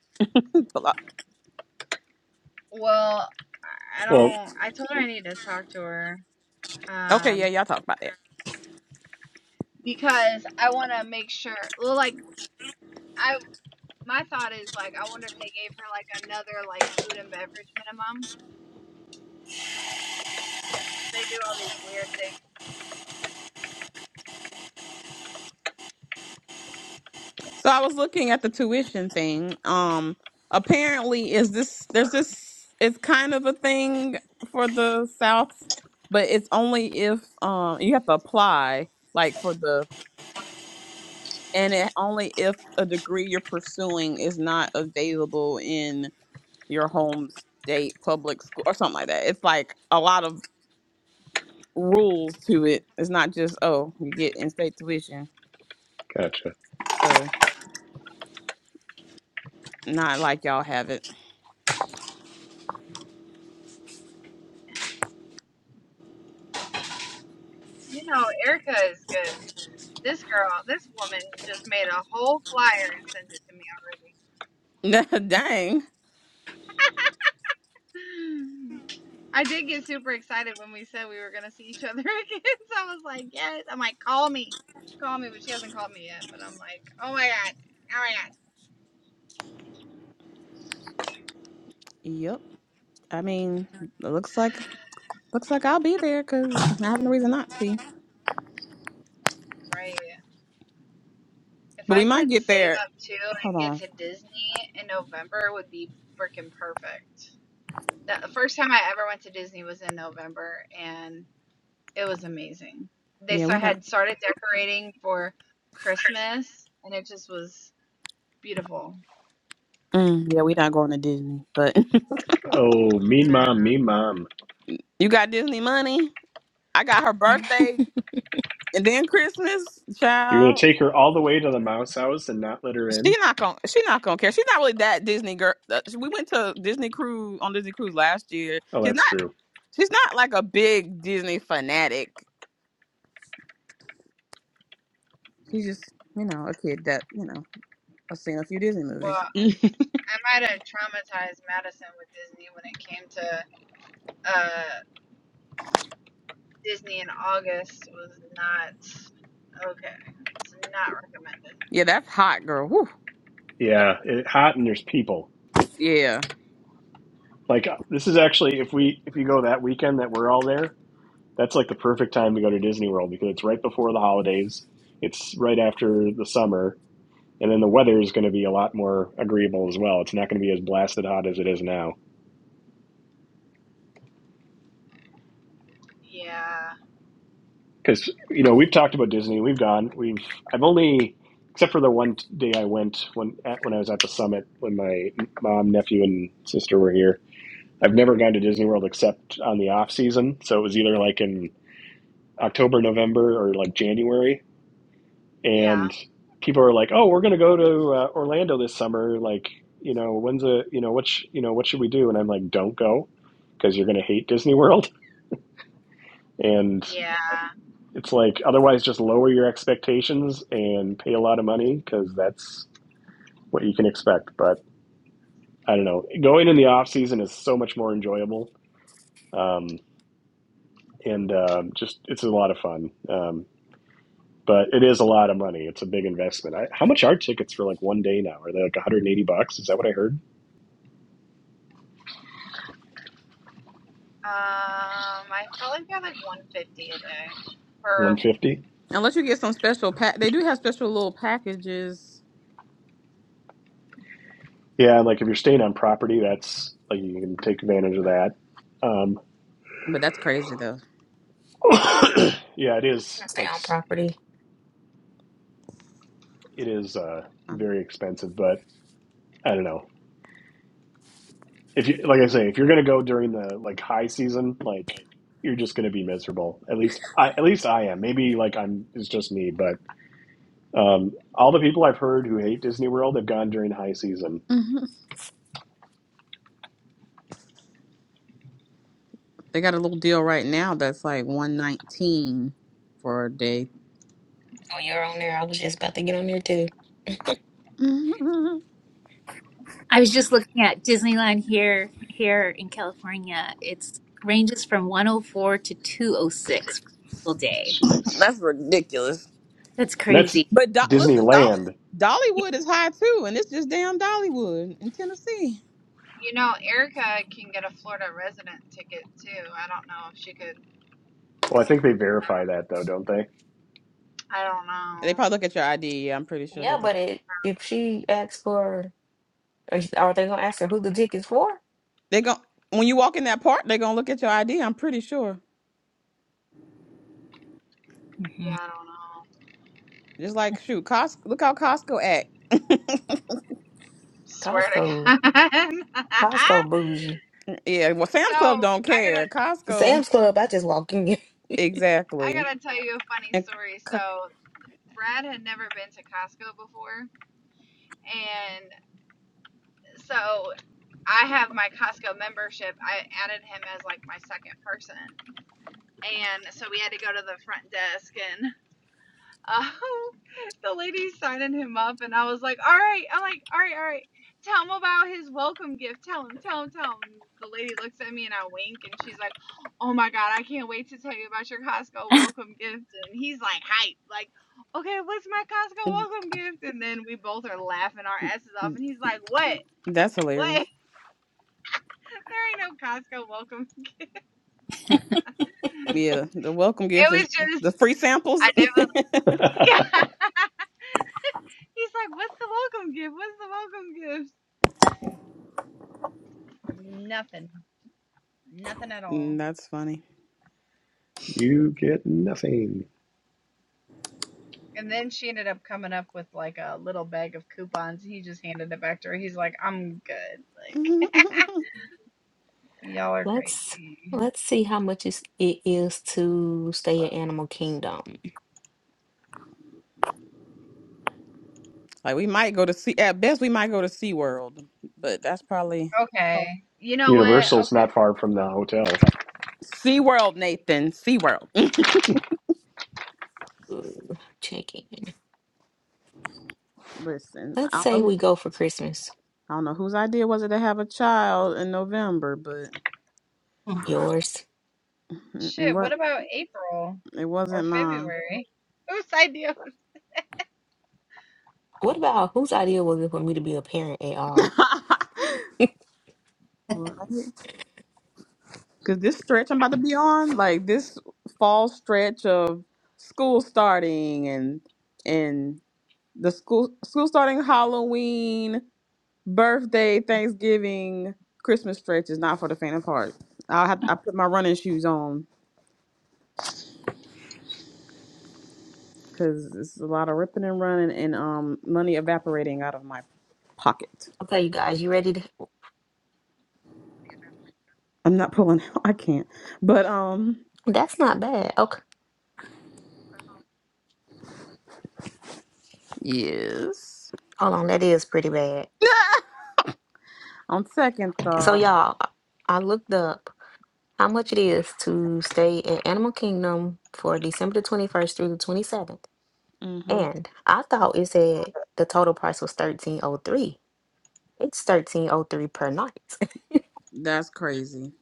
S5: But, like,
S1: Well, I
S3: Well,
S1: don't I told her I need to talk to her.
S5: okay, yeah,
S1: Um
S5: y'all talk about that.
S1: because I want to make sure well, like I my thought is like I wonder if they gave her like another like food and beverage minimum. They do all these weird things.
S5: So I was looking at the tuition thing. Um apparently is this there's this it's kind of a thing for the South, but it's only if um you have to apply like for the and it only if a degree you're pursuing is not available in your home state public school or something like that. It's like a lot of rules to it. It's not just oh, you get in state tuition.
S3: gotcha.
S5: So not like y'all have it.
S1: You know, Erica is good. This girl, this woman just made a whole flyer and sent it to me
S5: Dang.
S1: I did get super excited when we said we were gonna see each other again. So I was like, yes. I'm like, call me, call me, but she hasn't called me yet. But I'm like, oh my god, oh my god.
S5: Yep. I mean, it looks like looks like I'll be there because I have no reason not to be.
S1: Right. If
S5: But
S1: I
S5: we might
S1: could
S5: get
S1: save
S5: there.
S1: up too
S5: Hold
S1: and get
S5: on.
S1: to Disney in November, it would be freaking perfect. The first time I ever went to Disney was in November, and it was amazing. They
S5: Yeah,
S1: so
S5: we not.
S1: had started decorating for Christmas, and it just was beautiful.
S5: Mm, yeah, we not going to Disney. But
S3: Oh, mean mom, mean mom.
S5: you got Disney money. I got her
S6: You
S5: birthday and then Christmas,
S3: You're gonna
S5: child.
S3: take her all the way to the mouse house and not let her
S5: She
S3: in?
S5: not gonna. She not gonna care. She's not really that Disney girl. uh, We went to Disney cruise on Disney cruise last year.
S3: Oh,
S5: She's not.
S3: that's true.
S5: She's not like a big Disney fanatic. She's just you know a kid that you know has seen a few Disney movies.
S1: Well. I might have traumatized Madison with Disney when it came to uh, Disney in August was not okay. It's not recommended.
S5: yeah, that's hot, girl. Whew.
S3: Yeah, it, hot and there's people.
S5: Yeah.
S3: Like uh, this is actually if we if you go that weekend that we're all there, that's like the perfect time to go to Disney World because it's right before the holidays. It's right after the summer, and then the weather is going to be a lot more agreeable as well. It's not going to be as blasted hot as it is now.
S1: Yeah,
S3: Because you know we've talked about Disney, we've gone, we've I've only except for the one day I went when at, when I was at the summit when my mom, nephew, and sister were here. I've never gone to Disney World except on the off season. So it was either like in October, November, or like January.
S1: yeah,
S3: And people are like, "Oh, we're going to go to uh, Orlando this summer. Like, you know, when's a, you know, what, sh- you know, what should we do?" And I'm like, "Don't go because you're going to hate Disney World." And
S1: yeah.
S3: it's like, otherwise, just lower your expectations and pay a lot of money because that's what you can expect. But I don't know. Going in the off season is so much more enjoyable. Um, and um, just it's a lot of fun. Um, but it is a lot of money. It's a big investment. I, how much are tickets for like one day now? Are they like 180 bucks? Is that what I heard?
S1: Um, I felt like they're like one fifty a day. Or
S3: 150?
S5: Unless you get some special pack, they do have special little packages,
S3: Yeah, like if you're staying on property, that's like you can take advantage of that. Um,
S5: but that's crazy though.
S3: yeah, it is
S6: stay
S3: like
S6: on property.
S3: it is uh,
S5: Um,
S3: very expensive, but I don't know. If you like I say, if you're gonna go during the like high season, like you're just gonna be miserable. At least I at least I am. Maybe like I'm it's just me, but um, all the people I've heard who hate Disney World have gone during high season
S5: mhm. They got a little deal right now that's like one nineteen for a day.
S6: Oh, you're on there. I was just about to get on there too.
S5: hmm
S7: i was just looking at disneyland here here in california it's ranges from 104 to 206 for day
S3: Jeez.
S5: that's ridiculous.
S7: that's
S3: And that's
S7: crazy
S5: But do- listen, Dolly,
S3: Disneyland.
S5: Dollywood is high too, and it's just damn Dollywood in Tennessee.
S1: you know, Erica can get a Florida resident ticket too. I don't know if she could.
S3: Well, I think they verify that though, don't they?
S1: I don't
S5: They
S1: know.
S5: probably look at your ID. Yeah, I'm pretty sure they
S6: Yeah,
S5: look.
S6: but it, if she asks for, are are they gonna ask her who the dick is for?
S5: They go when you walk in that park, they're gonna look at your ID. I'm pretty sure.
S1: Yeah,
S7: hmm
S1: I don't know.
S5: Just like shoot, Costco. Look how Costco act.
S1: Swear to
S6: Costco,
S1: God.
S6: Costco bougie.
S5: yeah, well,
S1: so
S5: Sam's
S1: I
S5: Club don't
S1: gotta
S5: care. Costco
S6: Sam's Club. I just walk in.
S1: I
S5: exactly,
S1: gotta tell you a funny
S5: and
S1: story. So Brad had never been to Costco before, and so I have my Costco membership. I added him as like my second person, and so we had to go to the front desk and um, the lady signing him up, and I was like, "All right," I'm like, "All right, all right, tell him about his welcome gift. Tell him, tell him, tell him." The lady looks at me and I wink, and she's like, "Oh my god, I can't wait to tell you about your Costco welcome gift." And he's like, "Hype!" Like, "Okay, what's my Costco
S5: c-
S1: welcome gift?" And then we both are laughing our asses off, and he's like, "What?
S5: that's
S1: What?
S5: hilarious.
S1: there ain't no Costco welcome." gift."
S5: Yeah, the welcome
S1: It
S5: gift is
S1: was just,
S5: the free samples.
S1: I never. He's like, "What's the welcome gift? What's the welcome gift?" Nothing. Nothing at
S5: Mm,
S1: all.
S5: that's funny.
S3: you get nothing.
S1: And then she ended up coming up with like a little bag of coupons. He just handed it back to her. He's like, I'm good. Like, y'all are
S6: Let's
S1: crazy.
S6: let's see how much is, it is to stay at Animal Kingdom.
S5: Like we might go to sea at best we might go to SeaWorld, but that's probably
S1: Okay. You know what?
S3: Universal's
S1: Okay.
S3: not far from the hotel.
S5: SeaWorld, Nathan. SeaWorld.
S6: Ooh, check in.
S5: Listen,
S6: Let's
S5: I don't
S6: say
S5: know who
S6: we go for Christmas.
S5: I don't know whose idea was it to have a child in November, but
S7: Oh,
S6: Yours.
S5: it, it
S1: Shit,
S5: wa-
S1: what about April
S5: it
S1: or
S5: wasn't mine.
S1: February? Whose idea?
S6: What about whose idea was it for me to be a parent at
S5: right?
S6: all?
S5: Cause this stretch I'm about to be on, like this fall stretch of school starting and and the school school starting Halloween birthday, Thanksgiving, Christmas stretch is not for the faint of heart. I have I put my running shoes on because it's a lot of ripping and running and um money evaporating out of my pocket.
S6: Okay, you guys, you ready to?
S5: I'm not pulling out. I can't. But um
S6: That's not bad. Okay,
S5: yes.
S6: hold on, that is pretty bad.
S5: on second
S6: So
S5: thought,
S6: y'all, I I looked up. how much it is to stay at Animal Kingdom for December the 21st through the 27th.
S5: hmm
S6: And I thought it said the total price was 1303. It's 1303 per night.
S5: that's crazy.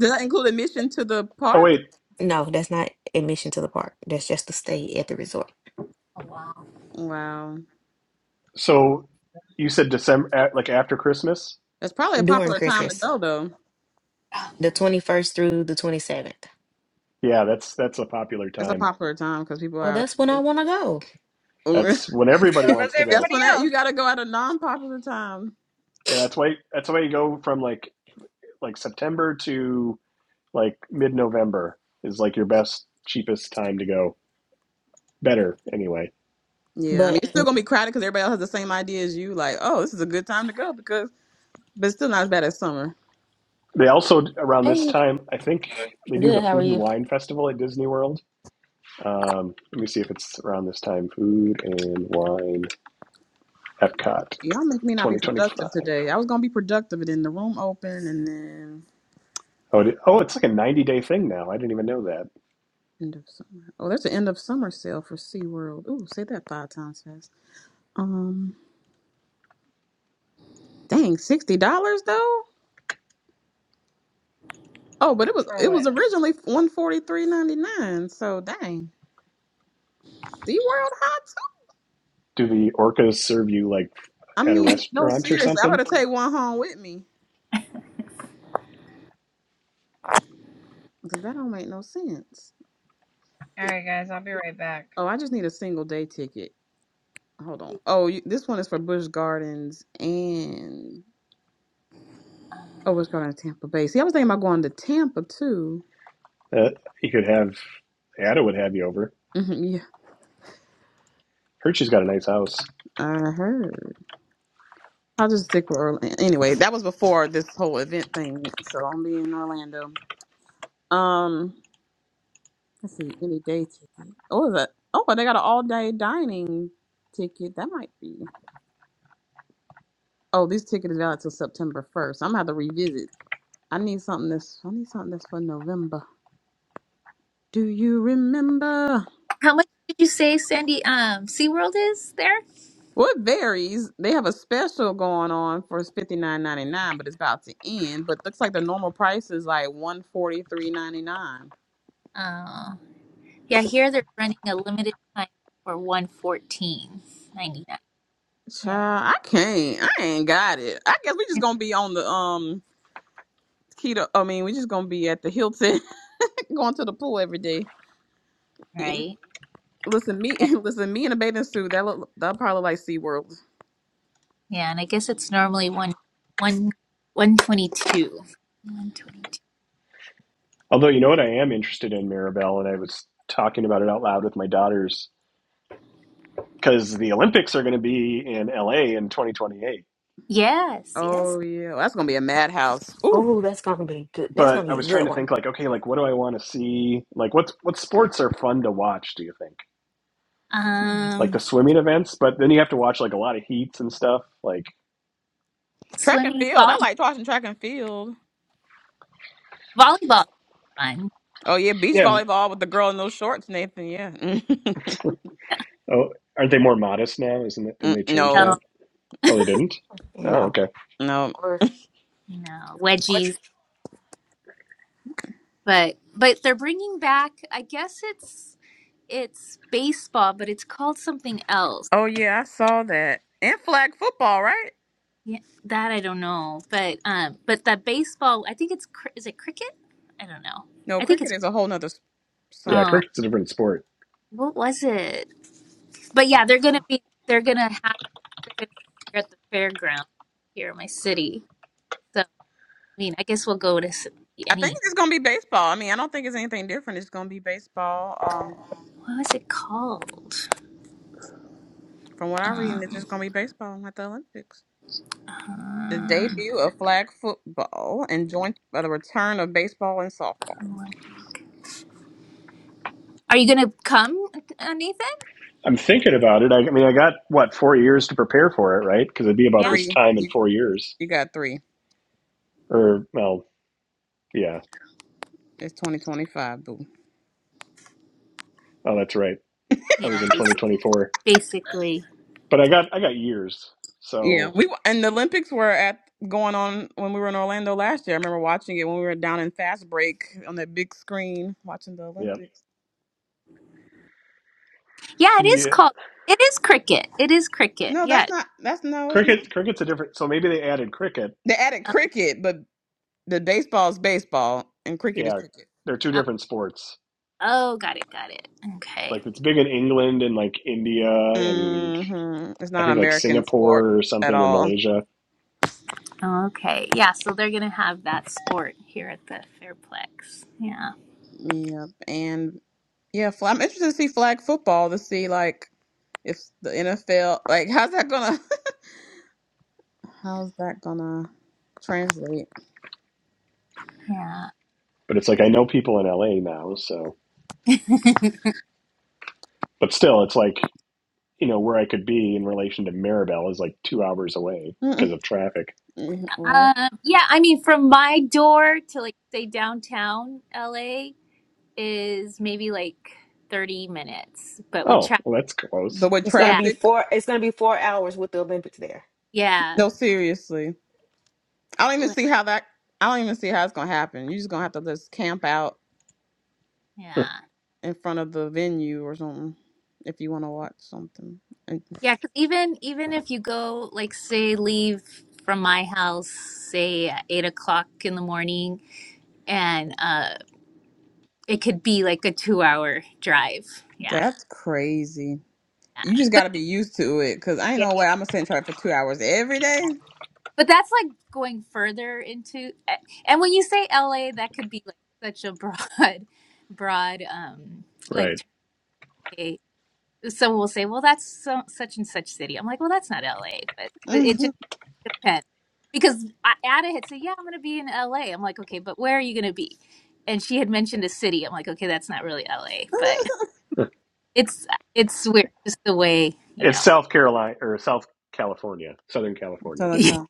S5: Does that include admission to the
S3: Oh
S5: park?
S3: wait,
S6: No, that's not admission to the park. That's just to stay at the resort
S7: wow.
S5: Wow,
S3: so you said December like after Christmas?
S5: that's probably a
S6: during
S5: popular time to
S6: Christmas,
S5: go though.
S6: the 21st through the 27th.
S3: Yeah, that's that's a popular
S5: That's a
S3: time.
S5: popular time because people are
S6: Well,
S5: out
S6: that's when I want to go.
S5: of.
S3: That's when everybody
S1: So does
S3: wants to
S5: that's
S3: go.
S1: everybody
S5: when that, you
S1: else.
S5: got to go at a non-popular time.
S3: And that's why that's why you go from like like September to like mid-November is like your best cheapest time to go. Better anyway.
S5: Yeah, I mean,
S6: But
S5: it's still gonna be crowded because everybody else has the same idea as you. Like, oh, this is a good time to go because, but it's still not as bad as summer.
S3: They also around this
S6: Hey,
S3: time, I think they do
S6: good.
S3: the
S6: How are
S3: Food and
S6: you?
S3: Wine Festival at Disney World. Um, let me see if it's around this time. Food and Wine Epcot
S5: Y'all make me not be
S3: 2025.
S5: productive today. I was gonna be productive, and then the room open, and then
S3: Oh, it, oh, it's like a 90 day thing now. I didn't even know that.
S5: end of summer. Oh, there's an end of summer sale for SeaWorld. Ooh, say that five times fast. Um, dang, sixty dollars though. Oh, but it was
S1: For
S5: it
S1: what?
S5: was originally one forty three ninety nine. So dang, SeaWorld hot. too?
S3: Do the orcas serve you like
S5: I
S3: at a
S5: mean, no,
S3: restaurant or
S5: seriously, I
S3: something?
S5: better take one home with me because that don't make no sense.
S1: All right, guys, I'll be right back.
S5: Oh, I just need a single day ticket. Hold on. Oh, you, this one is for Busch Gardens and oh, Busch Gardens, Tampa Bay. See, I was thinking about going to Tampa too.
S3: Uh, you could have Ada would have you over.
S5: hmm yeah,
S3: Heard she's got a nice house.
S5: I heard. I'll just stick with Orlando. Anyway, that was before this whole event thing, so I'm be in Orlando. Um, let's see, any day ticket. Oh, is that? Oh, they got an all day dining ticket. That might be. Oh, this ticket is valid till September first. I'm gonna have to revisit. I need something that's. I need something that's for November. Do you remember?
S7: how much did you say sandy um seaworld is there
S5: Well, it varies. They have a special going on for fifty nine ninety nine, but it's about to end. But looks like the normal price is like one forty three ninety nine.
S7: Oh, yeah. Here they're running a limited time for one fourteen ninety nine. Yeah,
S5: Child, I can't. I ain't got it. I guess we just gonna be on the um keto. I mean, we just gonna be at the Hilton, going to the pool every day. Yeah.
S7: right.
S5: Listen, me,
S7: Yeah,
S5: listen, me in a bathing suit. That look, that probably like SeaWorld.
S7: yeah, and I guess it's normally one one one twenty two. One twenty two.
S3: Although you know what, I am interested in Mirabelle, and I was talking about it out loud with my daughters because the Olympics are going to be in LA in 2028
S7: Yes, yes.
S5: Oh yeah, that's gonna be a madhouse. Ooh,
S6: oh, that's going to be good. That's
S3: but
S6: going to
S3: I
S6: be a
S3: was trying
S6: good
S3: to
S6: one.
S3: think like, okay, like what do I want to see? Like what's what sports are fun to watch, do you think?
S6: Yes.
S3: Like
S7: Um,
S3: the swimming events, but then you have to watch like a lot of heats and stuff. Like
S5: track and
S7: swimming,
S5: field. I
S7: vol-
S5: like watching track and field.
S7: volleyball, fun.
S5: Oh yeah, beach
S3: yeah. um,
S5: volleyball with the girl in those shorts, Nathan. Yeah.
S3: Oh aren't they more modest now? Isn't it didn't
S5: Mm,
S3: they change
S5: no,
S7: No,
S3: that? Oh they didn't? Oh,
S6: No.
S3: okay.
S5: no.
S6: Or
S7: no
S6: what?
S7: wedgies, but but they're bringing back. I guess it's it's baseball, but it's called something else.
S5: Oh yeah, I saw that. And flag football, right?
S7: Yeah, that I don't know, but um, but that baseball, I think it's cr- is it cricket? I don't know.
S5: No,
S7: I think it's
S5: cricket is a whole nother s-
S3: Yeah,
S5: something.
S7: oh,
S3: cricket's a different sport.
S7: what was it? But
S5: I
S7: yeah, they're gonna be they're gonna have they're gonna be at the fairground here in my city. So I mean, I guess we'll go to s-
S5: think
S7: any.
S5: it's just gonna be baseball. I mean, I don't think it's anything different. It's gonna be baseball. Um,
S7: What was it called?
S5: from what I'm reading, it's
S7: Um,
S5: just gonna be baseball at the Olympics. The
S7: um,
S5: debut of flag football and joined by the return of baseball and softball.
S7: Olympic. Are you gonna come, uh, Nathan?
S3: I'm thinking about it. I, I mean I got what, four years to prepare for it, right? Because it'd be about
S7: Yeah,
S3: this
S5: Three.
S3: time in
S5: You
S3: four years.
S5: you got three.
S3: Or well, yeah.
S5: It's 2025.
S3: Oh that's right. I was
S7: yeah,
S3: in twenty
S7: basic,
S3: twenty four.
S7: basically.
S3: But I got I got years.
S5: Yeah,
S3: So
S5: we and the Olympics were at going on when we were in Orlando last year. I remember watching it when we were down in Fast Break on that big screen watching the
S3: yeah.
S5: Olympics.
S7: Yeah, it is
S3: Yeah.
S7: called. It is cricket. It is cricket.
S5: No,
S7: Yeah.
S5: that's not. That's no, it's not.
S3: Cricket, cricket's a different. So maybe they added cricket.
S5: They added cricket, but the baseball is baseball and cricket is
S3: Yeah,
S5: cricket.
S3: they're two
S7: uh,
S3: different sports.
S7: Oh, got it, got it. Okay.
S3: Like it's big in England and like India and
S5: hmm It's
S3: I
S5: not
S3: think
S5: an
S3: like
S5: American sport
S3: Singapore or
S5: at
S3: something or
S5: all.
S3: Malaysia.
S7: Okay. Yeah, so they're going to have that sport here at the Fairplex. Yeah.
S5: Yeah, and yeah, fl- I'm interested to see flag football to see like if the NFL like how's that gonna how's that gonna translate?
S3: But it's like I know people in LA now, so
S7: Yeah.
S3: but still, it's like you know where I could be in relation to Mirabel is like two hours away
S5: Mm-mm.
S3: because of traffic.
S5: Mm, Right.
S7: Um, yeah, I mean, from my door to like say downtown LA is maybe like 30 minutes, but with
S3: Oh,
S7: traffic,
S3: well, that's close,
S5: But with
S6: It's gonna
S7: yeah,
S6: be
S5: traffic,
S6: four. It's gonna be four hours with the Olympics there.
S7: yeah,
S5: no, seriously, I don't even
S7: li-
S5: see how that. I don't even see how it's gonna happen. You're just gonna have to just camp out
S7: yeah,
S5: in front of the venue or something if you want to watch something. And
S7: yeah. Because even even if you go, like, say, leave from my house, say at eight o'clock in the morning, and uh it could be like a two hour drive. Yeah.
S5: that's crazy.
S7: Yeah.
S5: You just got
S7: But
S5: to be used to it because I ain't
S7: Yeah.
S5: no way I'm gonna sit and try for two hours every day.
S7: but that's like going further into a- and when you say LA that could be like such a broad broad um like
S3: right?
S7: term. Okay, someone will say, "Well, that's so, such and such city." I'm like, "Well, that's not LA." But but it
S5: Mhm.
S7: just depends. Because I- Ada had said, "Yeah, I'm going to be in LA." I'm like, "Okay, but where are you going to be?" And she had mentioned a city. I'm like, "Okay, that's not really LA." But it's it's weird just the way, you
S3: It's
S7: know.
S3: South Carolina or South California, Southern California.
S5: Southern Cal.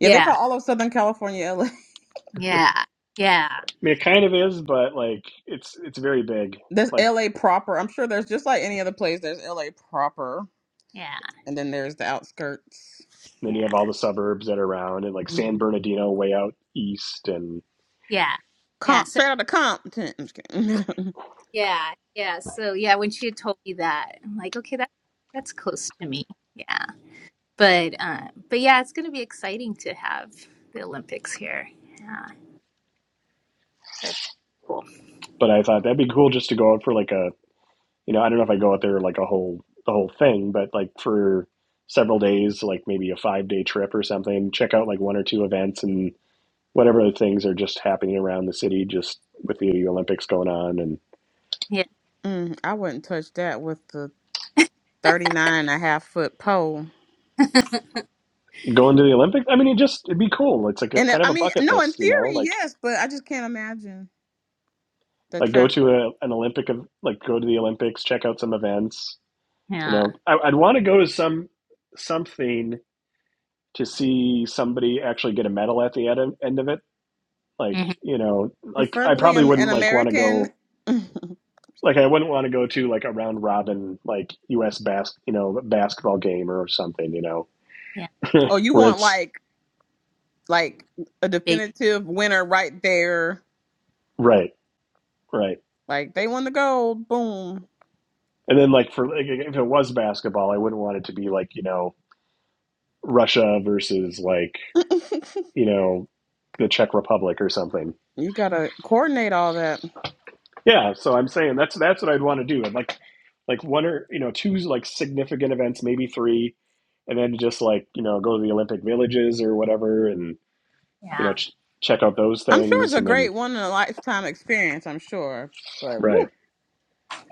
S5: Yeah, they
S7: yeah.
S5: call all of Southern California LA.
S7: Yeah, yeah,
S3: I mean, it kind of is, but like it's it's very big.
S5: There's
S3: Like
S5: LA proper. I'm sure there's just like any other place. There's LA proper,
S7: yeah,
S5: and then there's the outskirts.
S3: And then you
S7: yeah,
S3: have all the suburbs that are around and like San Bernardino way out east and
S7: yeah, yeah.
S5: Comp,
S7: So
S5: straight out of Compton. I'm just kidding.
S7: yeah, yeah. So yeah, when she had told me that, I'm like, okay, that that's close to me. Yeah, but um, but yeah, it's gonna be exciting to have the Olympics here. Yeah, that's cool.
S3: but I thought that'd be cool just to go out for like a you know, I don't know if I go out there like a whole the whole thing, but like for several days, like maybe a five day trip or something, check out like one or two events and whatever other things are just happening around the city just with the Olympics going on and
S7: Yeah,
S5: Mm, I wouldn't touch that with the 39 and a half foot pole.
S3: going to the Olympics. I mean it just it'd be cool. It's like a
S5: And I
S3: kind of
S5: I
S3: a
S5: mean,
S3: bucket
S5: no, in
S3: list, you know,
S5: theory,
S3: like
S5: yes, but I just can't imagine the
S3: like go to
S5: traffic.
S3: a, an Olympic of like go to the Olympics, check out some events, You
S7: yeah,
S3: know, I, I'd want to go to some something to see somebody actually get a medal at the end end of it. Like,
S7: hmm
S3: you know, like I
S5: Preferably,
S3: probably
S5: I'm
S3: wouldn't
S5: an
S3: like want to
S5: American.
S3: go.
S5: oh,
S3: Like, I wouldn't want to go to like a round robin, like U.S. bas you know, basketball game or something. You know,
S7: yeah.
S5: you
S3: where
S5: want
S3: it's
S5: like like a
S7: A big
S5: definitive winner right there.
S3: right, right.
S5: Like they won the gold. Boom.
S3: And then like for like, if it was basketball, I wouldn't want it to be like you know Russia versus like you know the Czech Republic or something
S5: you
S7: mm,
S5: gotta coordinate all that.
S3: Yeah, so I'm saying that's that's what I'd want to do. And like like one or you know two like significant events, maybe three, and then just like you know go to the Olympic villages or whatever, and you
S7: yeah.
S3: know ch check out those
S5: I'm sure it's
S3: things,
S5: a
S3: and then
S5: great one in a lifetime experience. I'm sure, but woo,
S3: right,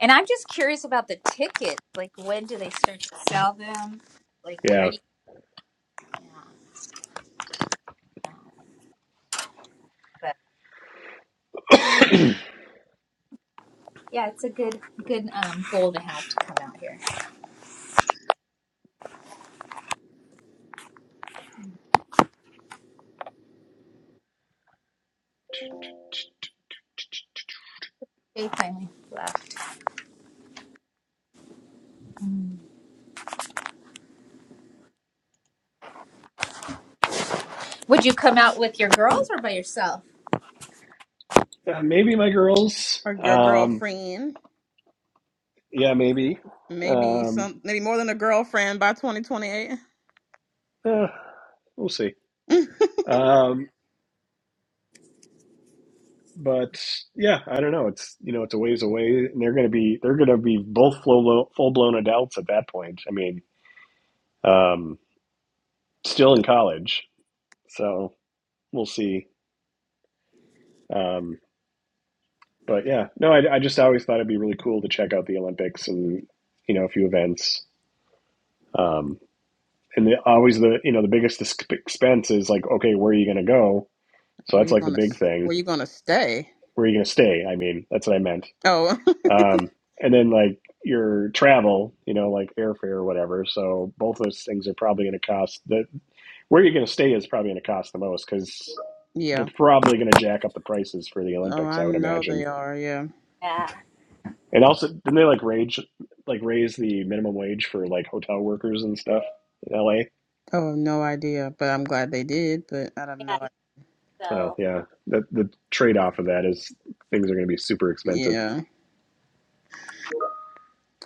S7: And I'm just curious about the tickets. Like, when do they start to sell them? Like, where
S3: yeah,
S7: do you? Yeah, yeah. But yeah, it's a good good um goal to have to come out here. They finally left. Mm. Would you come out with your girls or by yourself?
S3: uh, maybe my girls,
S5: or your
S3: um,
S5: girlfriend.
S3: yeah, maybe,
S5: Maybe
S3: um,
S5: some, maybe more than a girlfriend by 2028.
S3: uh, we'll see, um, but yeah, I don't know. It's you know it's a ways away, and they're gonna be they're gonna be both full full blown adults at that point. I mean, um, still in college. So we'll see. Um, but yeah, no, I, I just always thought it'd be really cool to check out the Olympics and you know a few events. Um, and the, always the you know the biggest expense is like, okay, where are you going to go? So
S5: Where
S3: that's
S5: you
S3: like the
S5: gonna,
S3: big thing.
S5: where you gonna stay?
S3: Where are you going to stay? I mean, that's what I meant.
S5: Oh,
S3: Um, and then like your travel, you know, like airfare or whatever. So both those things are probably going to cost. The where you're going to stay is probably going to cost the most because they're
S5: yeah.
S3: probably going to jack up the prices for the
S5: Oh,
S3: Olympics,
S5: I
S3: I would
S5: know
S3: imagine
S5: they are. Yeah.
S7: Yeah,
S3: And also, didn't they like rage, like raise the minimum wage for like hotel workers and stuff in LA?
S5: Oh, no idea. But I'm glad they did. But I have no
S7: yeah.
S3: Oh
S7: So,
S3: yeah, that the trade off of that is things are going to be super
S5: idea.
S3: expensive.
S5: Yeah.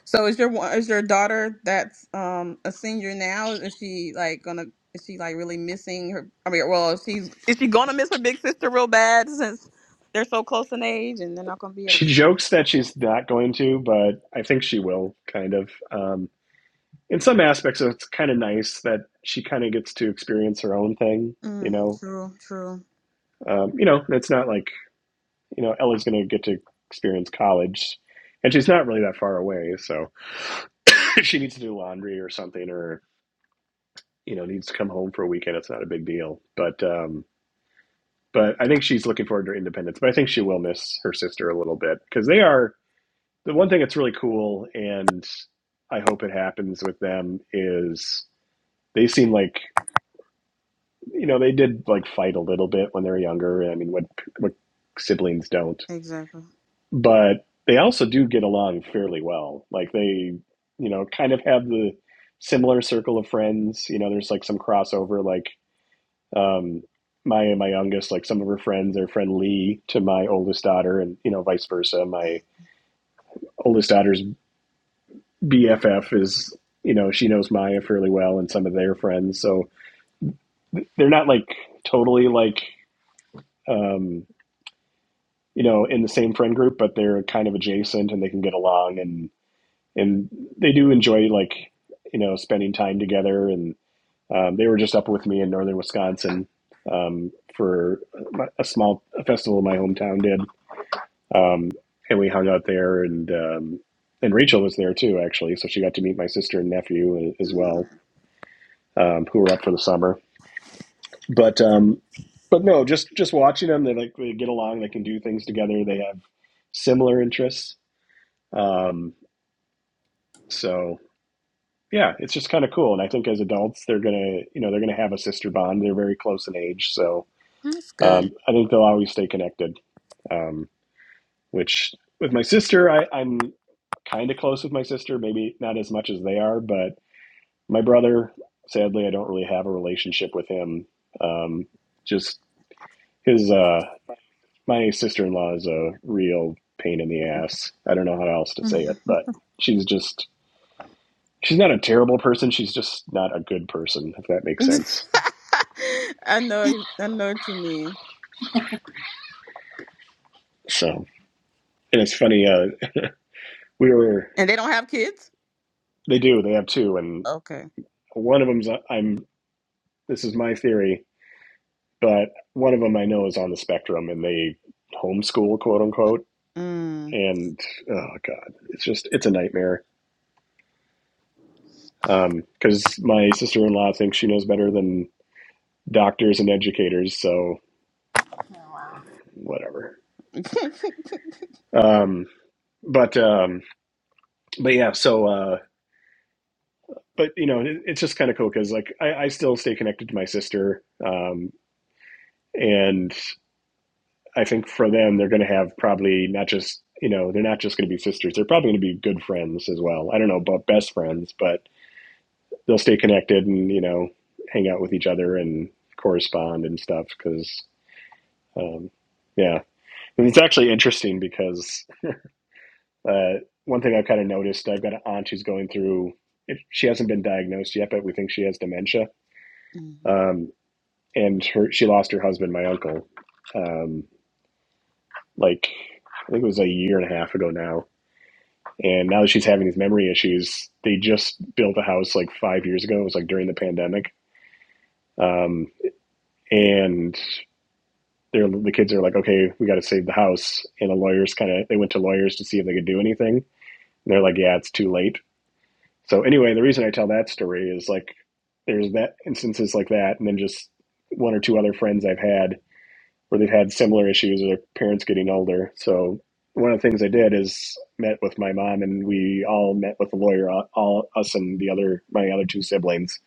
S5: So is your one- is your daughter that's um a senior now? Is she like gonna? Is she like really missing her? I mean, well, is she's is she gonna miss her big sister real bad since they're so close in age and they're not gonna be at
S3: She
S5: the same.
S3: jokes that she's not going to, but I think she will. Kind of. Um, in some aspects, it's kind of nice that she kind of gets to experience her own thing. You
S5: Mm,
S3: know,
S5: true. True.
S3: um, you know, it's not like you know Ella's going to get to experience college, and she's not really that far away, so if she needs to do laundry or something, or. you know needs to come home for a weekend, it's not a big deal. But um, but I think she's looking forward to her independence. But I think she will miss her sister a little bit because they are the one thing that's really cool, and I hope it happens with them is they seem like you know they did like fight a little bit when they were younger. I mean, what what siblings don't,
S5: Exactly.
S3: but they also do get along fairly well. Like they you know kind of have the similar circle of friends. You know, there's like some crossover like Um, my and my youngest, like some of her friends, their friend Lee to my oldest daughter, and you know vice versa. My oldest daughter's BFF is you know she knows Maya fairly well, and some of their friends. So they're not like totally like um, you know in the same friend group, but they're kind of adjacent and they can get along, and and they do enjoy like you know spending time together. And um, they were just up with me in northern Wisconsin um, for a small festival my hometown did um, and we hung out there and um, and Rachel was there too actually so she got to meet my sister and nephew as
S5: Mm,
S3: well um, who were up for the summer but um, but no just just watching them they like they get along they can do things together they have similar interests um, so yeah it's just kind of cool and I think as adults they're gonna you know they're gonna have a sister bond they're very close in age so
S5: that's good.
S3: um, I think they'll always stay connected Um, which with my sister, I, I'm kind of close with my sister, maybe not as much as they are, but my brother, sadly, I don't really have a relationship with him. Um, just his, uh, my sister in law is a real pain in the ass. I don't know how else to say
S5: Mhm.
S3: it, but she's just, she's not a terrible person. She's just not a good person, if that makes sense.
S5: I know, I know what you mean.
S3: So, and it's funny, uh, we were,
S5: And they don't have kids.
S3: they do, they have two, and
S5: Okay.
S3: one of them's, I'm, this is my theory but one of them I know is on the spectrum and they homeschool, quote unquote.
S5: Mm.
S3: And oh god, it's just it's a nightmare. Um, Because my sister in law thinks she knows better than doctors and educators, so
S7: Oh, wow.
S3: whatever. Um, but um, but yeah, so uh, but you know, it, it's just kind of cool because like I, I still stay connected to my sister, um, and I think for them they're going to have probably not just you know they're not just going to be sisters, they're probably going to be good friends as well. I don't know about best friends, but they'll stay connected and you know hang out with each other and correspond and stuff because um, yeah and it's actually interesting because uh, one thing i've kind of noticed i've got an aunt who's going through it, she hasn't been diagnosed yet but we think she has dementia
S5: Mhm.
S3: um, and her she lost her husband my uncle um, like i think it was a year and a half ago now and now that she's having these memory issues they just built a house like five years ago it was like during the pandemic um, and they're the kids are like, okay, we got to save the house, and the lawyers kind of they went to lawyers to see if they could do anything. And they're like, yeah, it's too late. So anyway, the reason I tell that story is like there's that instances like that, and then just one or two other friends I've had where they've had similar issues with their parents getting older. So one of the things I did is met with my mom, and we all met with a lawyer, all all- us and the other my other two siblings,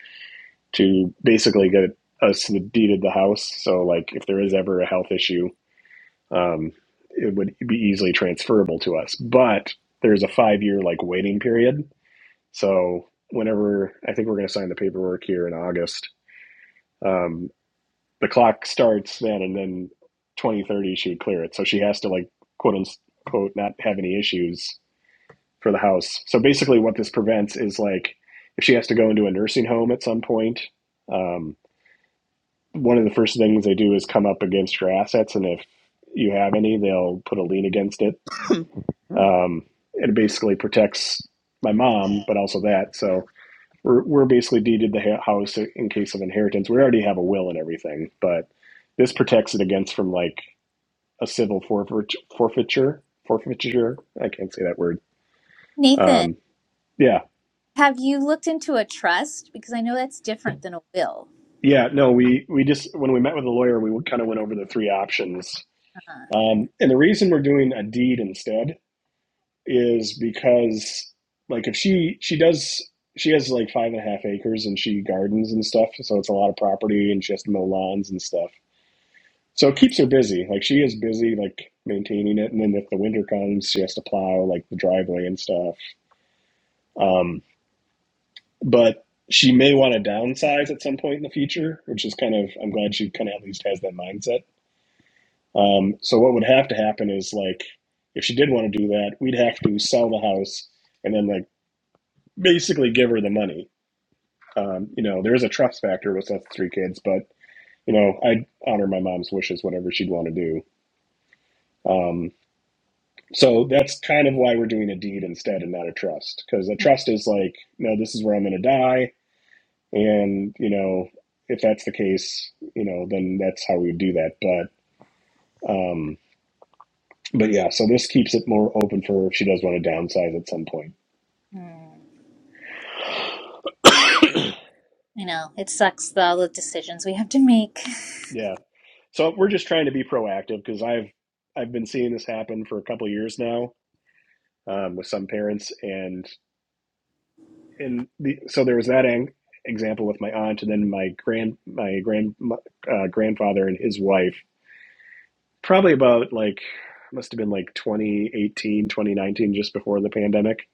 S3: to basically get us the deed of the house. So like if there is ever a health issue, um, it would be easily transferable to us. But there's a five year like waiting period. So whenever I think we're going to sign the paperwork here in August, um, the clock starts then, and then 2030 she would clear it. So she has to like quote unquote not have any issues for the house. So basically, what this prevents is like if she has to go into a nursing home at some point. Um, one of the first things they do is come up against your assets, and if you have any, they'll put a lien against it
S5: mm.
S3: Um, it basically protects my mom, but also that. So we're, we're basically deeded the house in case of inheritance. We already have a will and everything, but this protects it against from like a civil forfeit- forfeiture, forfeiture. I can't say that word.
S7: Nathan,
S3: Um, yeah.
S7: have you looked into a trust? Because I know that's different than a will.
S3: Yeah. No, we, we just, when we met with the lawyer, we kind of went over the three options.
S7: Uh-huh.
S3: Um, and the reason we're doing a deed instead is because like if she she does she has like five and a half acres and she gardens and stuff so it's a lot of property and she has to mow lawns and stuff so it keeps her busy like she is busy like maintaining it and then if the winter comes she has to plow like the driveway and stuff um, but she may want to downsize at some point in the future which is kind of i'm glad she kind of at least has that mindset um, so what would have to happen is like if she did want to do that we'd have to sell the house and then like basically give her the money. Um, you know, there is a trust factor with us three kids, but you know, I honor my mom's wishes, whatever she'd want to do. Um, so that's kind of why we're doing a deed instead and not a trust, because a trust is like, no, this is where I'm going to die, and you know, if that's the case, you know, then that's how we would do that. But, um, but yeah, so this keeps it more open for if she does want to downsize at some point.
S7: Hmm. I know it sucks. The, all the decisions we have to make.
S3: Yeah. So we're just trying to be proactive because I've I've been seeing this happen for a couple of years now, um, with some parents, and and the, so there was that ang- example with my aunt, and then my grand my grand uh, grandfather and his wife, probably about like must have been like 2018, 2019, just before the pandemic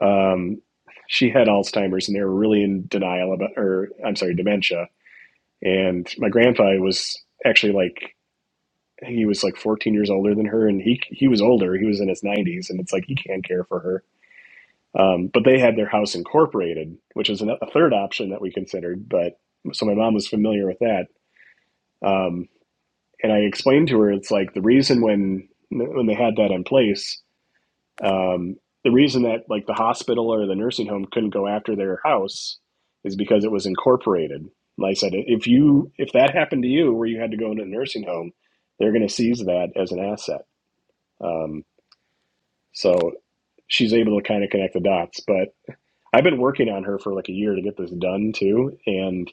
S3: um, she had alzheimer's and they were really in denial about or i'm sorry dementia and my grandfather was actually like he was like 14 years older than her and he he was older he was in his 90s and it's like he can't care for her Um, but they had their house incorporated, which is a third option that we considered. But so my mom was familiar with that, um, and I explained to her it's like the reason when when they had that in place, um, the reason that like the hospital or the nursing home couldn't go after their house is because it was incorporated. And I said if you if that happened to you where you had to go into a nursing home, they're going to seize that as an asset. Um, so she's able to kind of connect the dots, but I've been working on her for like a year to get this done too. And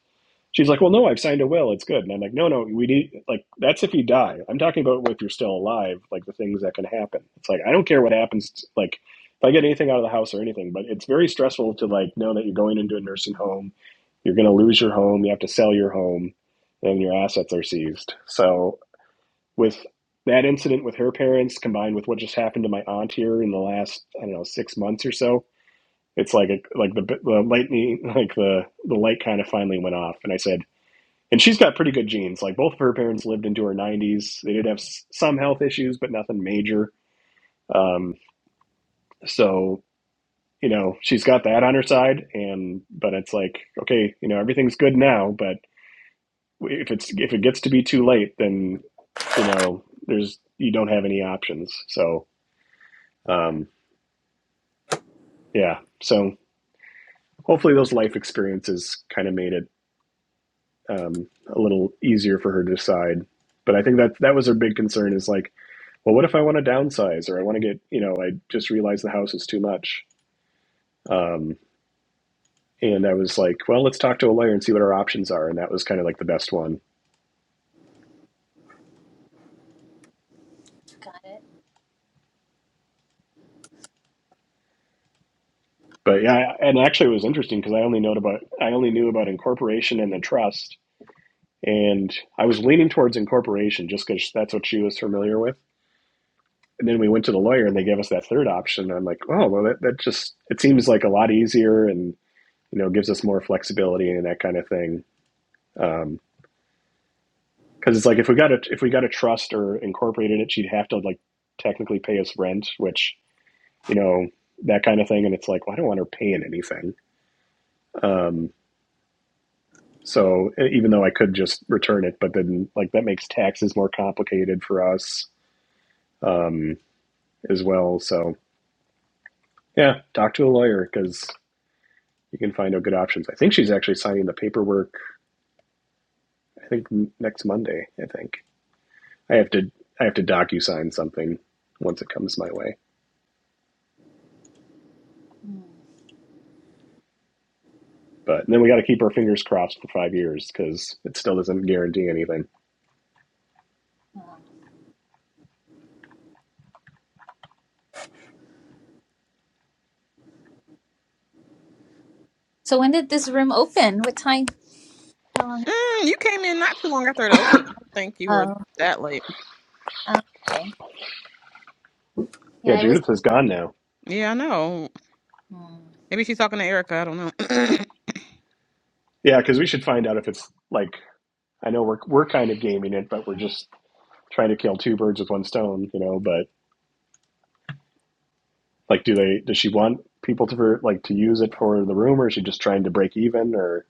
S3: she's like, well, no, I've signed a will. It's good. And I'm like, no, no, we need, like, that's if you die. I'm talking about if you're still alive, like the things that can happen. It's like, I don't care what happens. Like, if I get anything out of the house or anything, but it's very stressful to like know that you're going into a nursing home, you're going to lose your home, you have to sell your home, and your assets are seized. So, with that incident with her parents combined with what just happened to my aunt here in the last, I don't know, six months or so, it's like a, like the the lightning like the the light kind of finally went off, and I said, and she's got pretty good genes. Like both of her parents lived into her 90s. They did have some health issues, but nothing major. Um, so you know she's got that on her side, and but it's like okay, you know everything's good now, but if it's if it gets to be too late, then you know there's you don't have any options. So um, yeah, so hopefully those life experiences kind of made it um, a little easier for her to decide. But I think that that was her big concern is like, well, what if I want to downsize or I want to get, you know, I just realized the house is too much. Um, and I was like, well, let's talk to a lawyer and see what our options are. And that was kind of like the best one.
S7: Got it.
S3: But yeah, and actually it was interesting because I only know about I only knew about incorporation and the trust, and I was leaning towards incorporation just because that's what she was familiar with. And then we went to the lawyer and they gave us that third option. And I'm like, oh well, that, that just it seems like a lot easier and you know, gives us more flexibility and that kind of thing. Um, cause it's like, if we got a, if we got a trust or incorporated it, she'd have to like technically pay us rent, which, you know, that kind of thing. And it's like, well, I don't want her paying anything. Um, so e- even though I could just return it, but then like that makes taxes more complicated for us, um, as well. So yeah, talk to a lawyer cause you can find out good options. I think she's actually signing the paperwork. I think next Monday, I think. I have to I have to docu-sign something once it comes my way.
S7: Hmm.
S3: But then we got to keep our fingers crossed for five years because it still doesn't guarantee anything.
S7: So when did this room open? What time? How long?
S5: Mm, You came in not too long after it opened. I don't think you were
S7: Oh,
S5: that late.
S7: oh, okay. Yeah,
S3: Yeah,
S7: I was.
S3: Judith is gone now.
S5: Yeah, I know.
S7: Hmm.
S5: Maybe she's talking to Erica. I don't know.
S3: Yeah, because we should find out if it's like I know we're we're kind of gaming it, but we're just trying to kill two birds with one stone, you know. But like, do they does she want people to like to use it for the room, or is she just trying to break even? Or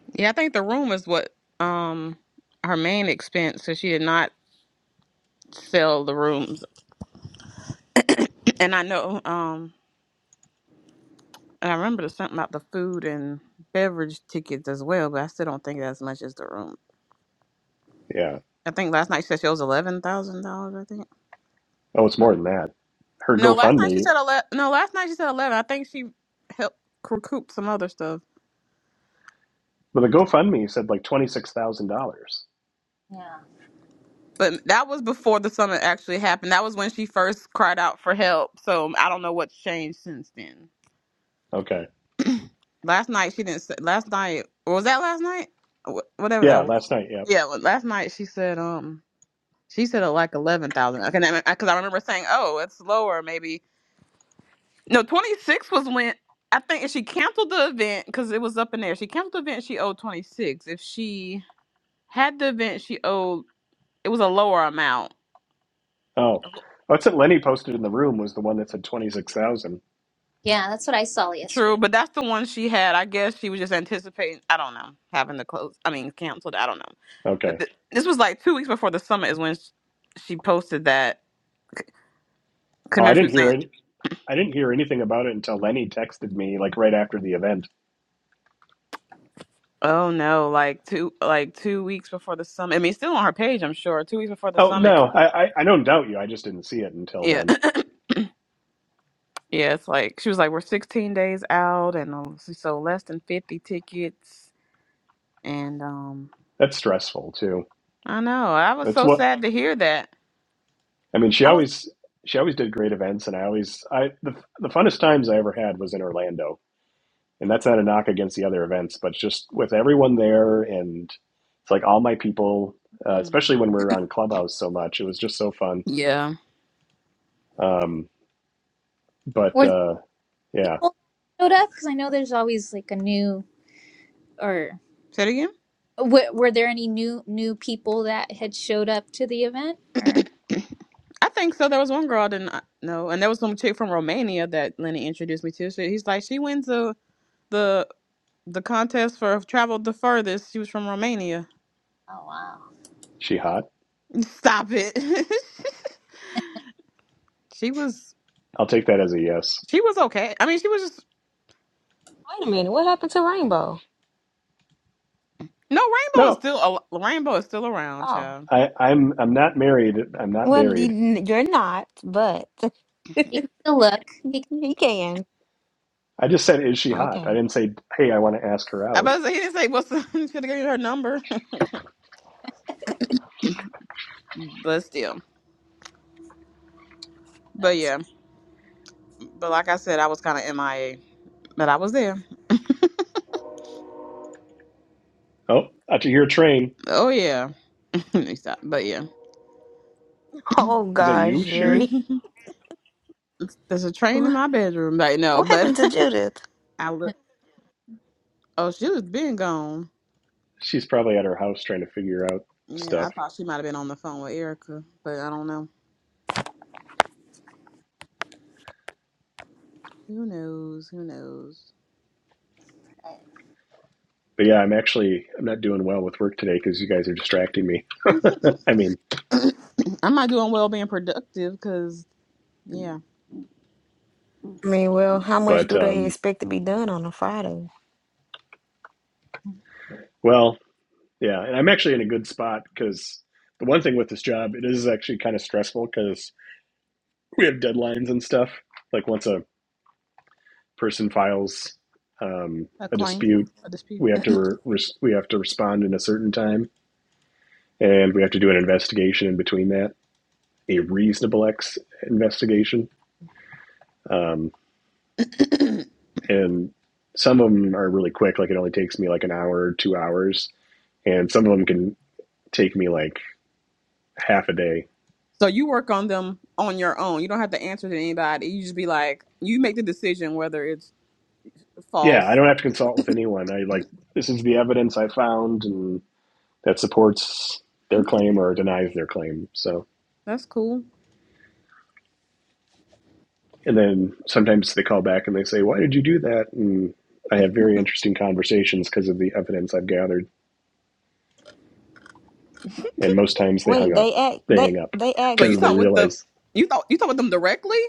S5: yeah, I think the room is what um her main expense, so she did not sell the rooms. And I know. um. And I remember there's something about the food and beverage tickets as well, but I still don't think that's as much as the room.
S3: yeah,
S5: I think last night she said she owes eleven thousand dollars. I think
S3: oh, it's
S7: uh,
S3: more than that. Her
S5: no, last night she
S3: GoFundMe,
S5: said eleven. No, last night she said eleven. I think she helped recoup some other stuff,
S3: well, the GoFundMe said like twenty six thousand dollars.
S7: Yeah,
S5: but that was before the summit actually happened. That was when she first cried out for help. So I don't know what's changed since then.
S3: Okay,
S5: Last night she didn't. Say, last night or was that last night? Wh- Whatever that
S3: yeah,
S5: was.
S3: last night, yeah.
S5: Yeah, well, last night she said um She said uh, like eleven thousand. Okay, because I 'cause I remember saying, "Oh, it's lower, maybe." No, twenty six was when I think if she canceled the event because it was up in there. She canceled the event. She owed twenty six. If she had the event, she owed it was a lower amount.
S3: Oh, what's that? Lenny posted in the room was the one that said twenty six thousand.
S7: yeah, that's what I saw
S5: True,
S7: yesterday.
S5: but that's the one she had. I guess she was just anticipating. I don't know having to close. I mean, canceled. I don't know. But
S3: Okay.
S5: th- this was like two weeks before the summit is when sh- she posted that. 'Cause
S3: Oh, I
S5: remember she
S3: didn't
S5: was saying
S3: hear any. I didn't hear anything about it until Lenny texted me like right after the event.
S5: Oh no, like two like two weeks before the summit. I mean, it's still on her page, I'm sure. Two weeks before the
S3: Oh
S5: summit.
S3: no, I, I I don't doubt you. I just didn't see it until
S5: Yeah.
S3: then.
S5: yeah, it's like she was like, We're sixteen days out and um, so so less than fifty tickets and um
S3: That's stressful too.
S5: I know. I was
S3: That's
S5: so
S3: what
S5: sad to hear that.
S3: I mean. She
S5: I was
S3: always she always did great events, and I always I the the funnest times I ever had was in Orlando, and that's not a knock against the other events, but just with everyone there, and it's like all my people, uh,
S5: Mm.
S3: especially when we were on Clubhouse so much, it was just so fun.
S5: Yeah.
S3: Um, But
S7: Were there
S3: uh, yeah,
S7: people that showed up? Because I know there's always like a new or
S5: Say it
S7: w- were there any new new people that had showed up to the event?
S5: again?
S7: Or
S5: I think so. There was one girl I didn't uh, know, and there was some chick from Romania that Lenny introduced me to. So he's like, she wins the the the contest for traveled the furthest. She was from Romania.
S7: oh wow,
S3: she hot.
S5: Stop it. she was
S3: I'll take that as a yes.
S5: she was okay. I mean, she was just
S6: Wait a minute, what happened to Rainbow?
S5: no rainbow is
S3: No,
S5: still a rainbow is still around,
S6: Oh,
S5: child.
S3: I, I'm I'm not married. I'm not
S6: well,
S3: buried.
S6: you- you're not, but
S7: he can still look. He can,
S6: he can.
S3: I just said, is she hot? I
S6: Okay.
S3: didn't say, hey, I want to ask her
S5: I
S3: out.
S5: about to say he didn't say what's the, he could have given you her number, but still, but
S7: that's
S5: yeah, but like I said, I was kind of MIA, but I was there.
S3: Oh, I hear a train.
S5: Oh yeah, He stopped. but yeah,
S6: Oh
S3: Is that you,
S6: gosh,
S3: Sherry?
S6: Jerry,
S5: there's a train in
S6: what
S5: my bedroom right now,
S6: what
S5: but
S6: happened to Judith?
S5: I look. Oh, she was been gone.
S3: She's probably at her house trying to figure out
S5: Yeah, I
S3: stuff.
S5: thought she might have been on the phone with Erica, but I don't know. Who knows? Who knows?
S7: right.
S3: But yeah, I'm actually I'm not doing well with work today because you guys are distracting me. I mean,
S5: I'm not doing well being productive because, yeah,
S6: I mean, well, how much
S3: but
S6: do they
S3: um,
S6: expect to be done on a Friday?
S3: well, yeah, and I'm actually in a good spot because the one thing with this job, it is actually kind of stressful because we have deadlines and stuff. Like once a person files um,
S5: a
S3: a
S5: claim,
S3: dispute,
S5: a dispute.
S3: we have to re- res- we have to respond in a certain time, and we have to do an investigation in between that, a reasonable ex investigation. Um, and some of them are really quick, like it only takes me like an hour, two hours, and some of them can take me like half a day.
S5: so you work on them on your own. You don't have to answer to anybody. You just be like, you make the decision whether it's
S3: Yeah,
S5: false.
S3: I don't have to consult with anyone. I like this is the evidence I found, and that supports their claim
S5: Okay,
S3: or denies their claim. So
S5: that's cool.
S3: And then sometimes they call back and they say, Why did you do that? And I have very interesting conversations because of the evidence I've gathered. And most times they hung
S6: Wait,
S3: up.
S6: they act.
S3: They
S6: They
S3: hang up
S6: they
S5: So
S6: ask.
S5: you
S3: because they
S5: talk with the,
S3: realize
S5: you thought you talk with them directly.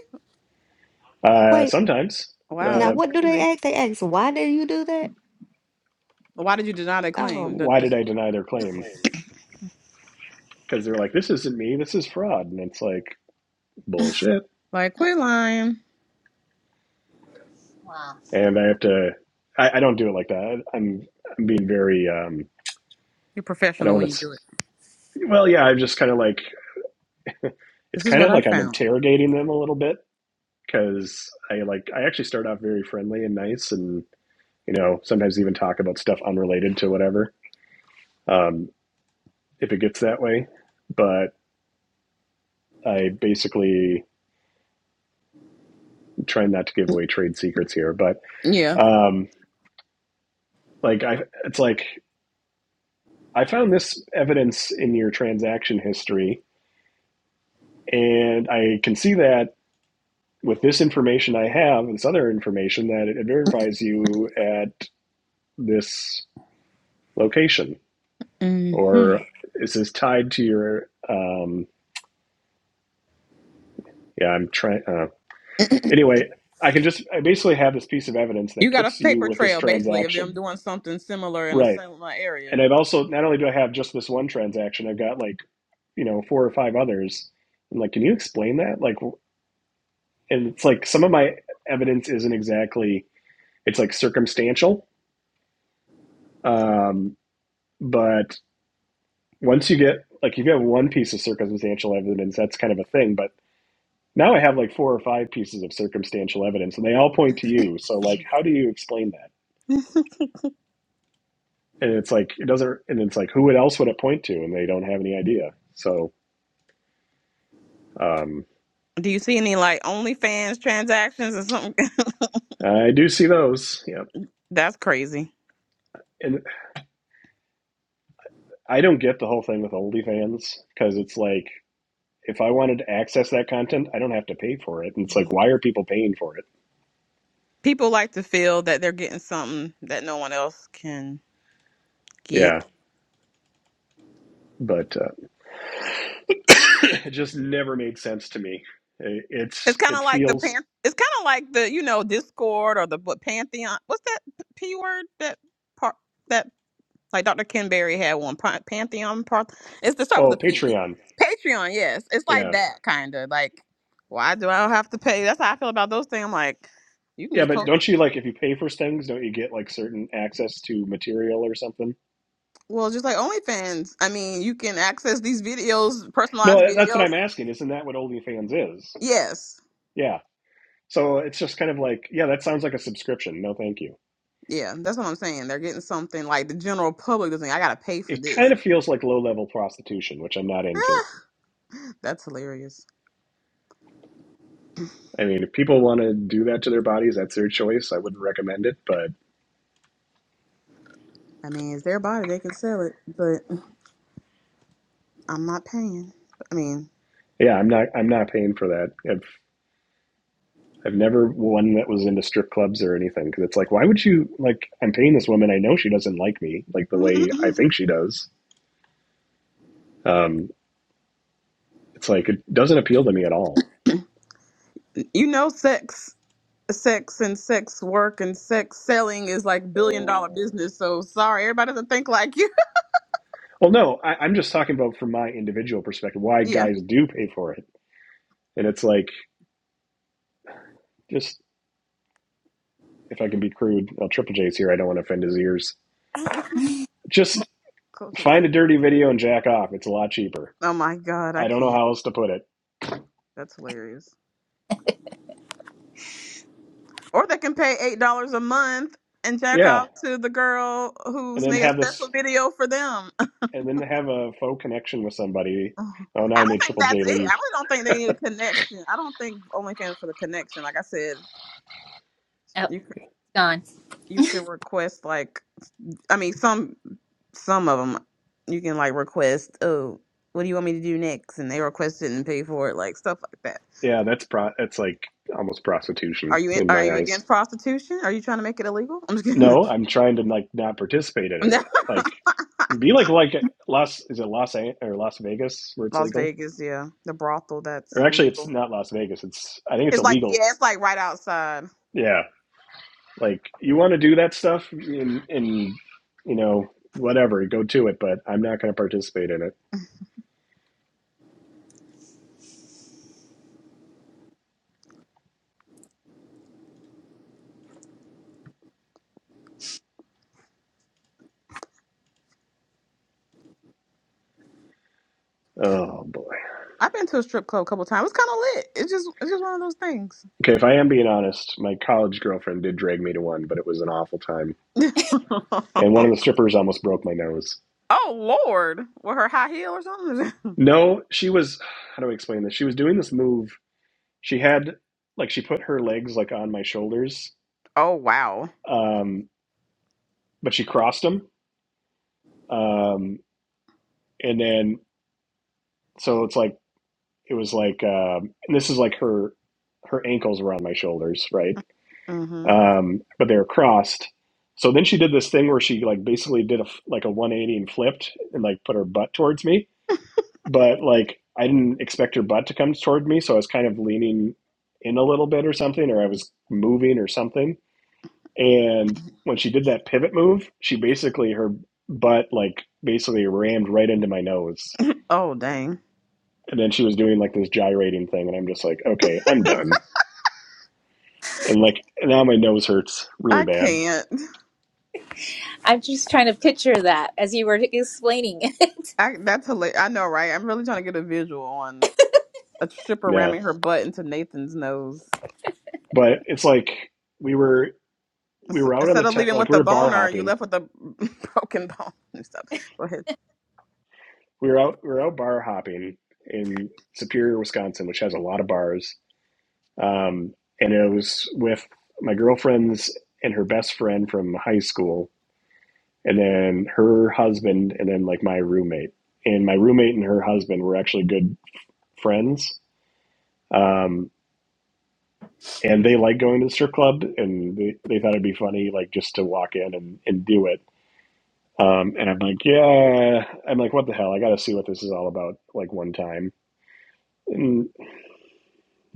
S3: uh,
S6: Wait,
S3: sometimes,
S5: Wow,
S6: now
S3: uh,
S5: that's
S6: what do they
S5: crazy.
S6: ask? They ask, why did you do that?
S5: Why did you deny the claim?
S6: Oh,
S5: The
S3: why did I
S5: dispute.
S3: deny their claim? Because they're like, This isn't me. This is fraud. And it's like, Bullshit.
S5: Like, quit lying.
S7: wow.
S3: And I have to, I, I don't do it like that. I'm, I'm being very, um,
S5: You're
S3: I
S5: professional
S3: don't
S5: when
S3: want
S5: you
S3: to,
S5: do it.
S3: well, yeah, I'm just kind of like, it's
S5: This is
S3: kind
S5: what
S3: of
S5: I
S3: like I'm
S5: found.
S3: interrogating them a little bit because I like I actually start off very friendly and nice, and you know sometimes even talk about stuff unrelated to whatever um, if it gets that way. But I basically try not to give away trade secrets here. But
S5: Yeah.
S3: um, like I, it's like I found this evidence in your transaction history, and I can see that with this information I have, and this other information that it verifies you at this location.
S5: hmm
S3: or is this tied to your um yeah i'm trying uh, anyway i can just i basically have this piece of evidence
S5: You
S3: that
S5: got a
S3: puts you
S5: paper
S3: with this
S5: trail basically of them
S3: transaction
S5: doing something similar in a
S3: right
S5: similar area.
S3: and i've also not only do i have just this one transaction i've got like you know four or five others i'm like can you explain that like and it's like some of my evidence isn't exactly it's like circumstantial um but once you get like if you have one piece of circumstantial evidence that's kind of a thing but Now I have like four or five pieces of circumstantial evidence, and they all point to you. So like, how do you explain that? And it's like it doesn't. And it's like, who else would it point to? And they don't have any idea. So um,
S5: Do you see any like OnlyFans transactions or something?
S3: I do see those. Yeah,
S5: That's crazy.
S3: And I don't get the whole thing with OnlyFans because it's like if I wanted to access that content, I don't have to pay for it. And it's like,
S5: Mhm.
S3: why are people paying for it?
S5: People like to feel that they're getting something that no one else can
S3: Yeah,
S5: get.
S3: but uh, it just never made sense to me.
S5: It's
S3: It's
S5: kind
S3: it
S5: of like the
S3: feels
S5: pan. It's kind of like the you know Discord or the what Pantheon. What's that p word? That part. Like Dr. Ken Berry had one, Pan- Pantheon. Par- it's to start with
S3: oh
S5: a P.
S3: Patreon.
S5: Patreon, yes. It's
S3: Yeah,
S5: like that, kind of. Like, why do I have to pay? That's how I feel about those things. I'm like, you can
S3: Yeah,
S5: just
S3: but
S5: post.
S3: don't you like if you pay for things, don't you get like certain access to material or something?
S5: Well, just like OnlyFans. I mean, you can access these videos, personalized
S3: No, that's what
S5: videos.
S3: I'm asking. Isn't that what OnlyFans is?
S5: Yes.
S3: Yeah. So it's just kind of like, yeah, that sounds like a subscription. No, thank you.
S5: Yeah, that's what I'm saying. They're getting something like the general public doesn't. I gotta pay for
S3: It kind
S5: this.
S3: of feels like low level prostitution, which I'm not into.
S5: Ah, that's hilarious.
S3: I mean, if people want to do that to their bodies, that's their choice. I wouldn't recommend it, but
S5: I mean, it's their body; they can sell it, but I'm not paying. I mean,
S3: yeah, I'm not I'm not paying for that. I've I've never one that was into strip clubs or anything because it's like, why would you like? I'm paying this woman. I know she doesn't like me like the way I think she does. Um, It's like it doesn't appeal to me at all.
S5: you know, sex. sex and sex work and sex selling is like billion dollar business. So sorry, everybody doesn't think like you.
S3: Well, no, I, I'm just talking about from my individual perspective why
S5: yeah.
S3: guys do pay for it, and it's like just if I can be crude, well, Triple J's here. I don't want to offend his ears.
S5: Mm-mm.
S3: Just
S5: Culture
S3: find a
S5: ear.
S3: dirty video and jack off. It's a lot cheaper.
S5: Oh my God, I
S3: I don't know
S5: can't.
S3: how else to put it.
S5: That's hilarious. Or they can pay eight dollars a month and check
S3: Yeah,
S5: out to the girl
S3: and
S5: who's
S3: then
S5: made a
S3: have this,
S5: special video for them.
S3: and then have a faux connection with somebody. Oh, now
S5: I
S3: I made
S5: don't think
S3: Triple J
S5: that's it.
S3: leave.
S5: I really don't think they need a connection. I don't think OnlyFans for the connection. Like I said,
S7: Oh, it's
S5: you c-
S7: gone.
S5: you can request like I mean, some some of them you can like request. Oh, what do you want me to do next? And they request it and pay for it, like stuff like that.
S3: Yeah, that's pro. That's like almost
S5: Are
S3: prostitution
S5: you in,
S3: in
S5: are
S3: my
S5: you
S3: eyes.
S5: against prostitution? Are you trying to make it illegal? I'm just kidding.
S3: No, I'm trying to like not participate in
S5: No.
S3: it. Like, be like like Las is it Las An- or Las Vegas where it's
S5: Las
S3: legal?
S5: Vegas, yeah, the brothel that's
S3: Or actually, it's
S5: legal.
S3: not Las Vegas. It's I think it's
S5: It's like
S3: illegal.
S5: yeah, it's like right outside.
S3: Yeah, like you want to do that stuff in in you know whatever, go to it. But I'm not going to participate in it. Oh boy.
S5: I've been to a strip club a couple times. It's kind of lit. It's just it's just one of those things.
S3: Okay, if I am being honest, my college girlfriend did drag me to one, but it was an awful time. And one of the strippers almost broke my nose.
S5: oh Lord, with her high heel or something.
S3: No, she was. How do I explain this? She was doing this move She had like she put her legs like on my shoulders,
S5: oh wow.
S3: um, but she crossed them, um, and then so it's like it was like um, and this is like her her ankles were on my shoulders, right?
S5: Mhm.
S3: Um, but they were crossed. So then she did this thing where she like basically did a like a 180 and flipped and like put her butt towards me, but like I didn't expect her butt to come toward me, so I was kind of leaning in a little bit or something, or I was moving or something And when she did that pivot move, she basically her butt like basically rammed right into my nose.
S5: Oh dang.
S3: And then she was doing like this gyrating thing, and I'm just like, okay, I'm done. And like now my nose hurts really
S5: I
S3: bad.
S5: can't.
S7: I'm just trying to picture that as you were explaining it.
S5: I, that's hilarious. I know, right? I'm really trying to get a visual on a stripper
S3: Yeah,
S5: ramming her butt into Nathan's nose.
S3: but it's like we were we
S5: Ins-
S3: were out on
S5: Instead
S3: the
S5: of
S3: te-
S5: leaving
S3: like
S5: with
S3: we
S5: the
S3: were bar
S5: boner, you
S3: hopping.
S5: left with a broken bone and stuff. Go ahead.
S3: We were out we were out bar hopping in Superior, Wisconsin, which has a lot of bars. Um, and it was with my girlfriend's and her best friend from high school and then her husband, and then like my roommate. And my roommate and her husband were actually good friends. Um, and they liked going to the strip club, and they, they thought it'd be funny, like just to walk in and, and do it. Um, and I'm like, yeah, I'm like, what the hell? I got to see what this is all about, like one time. And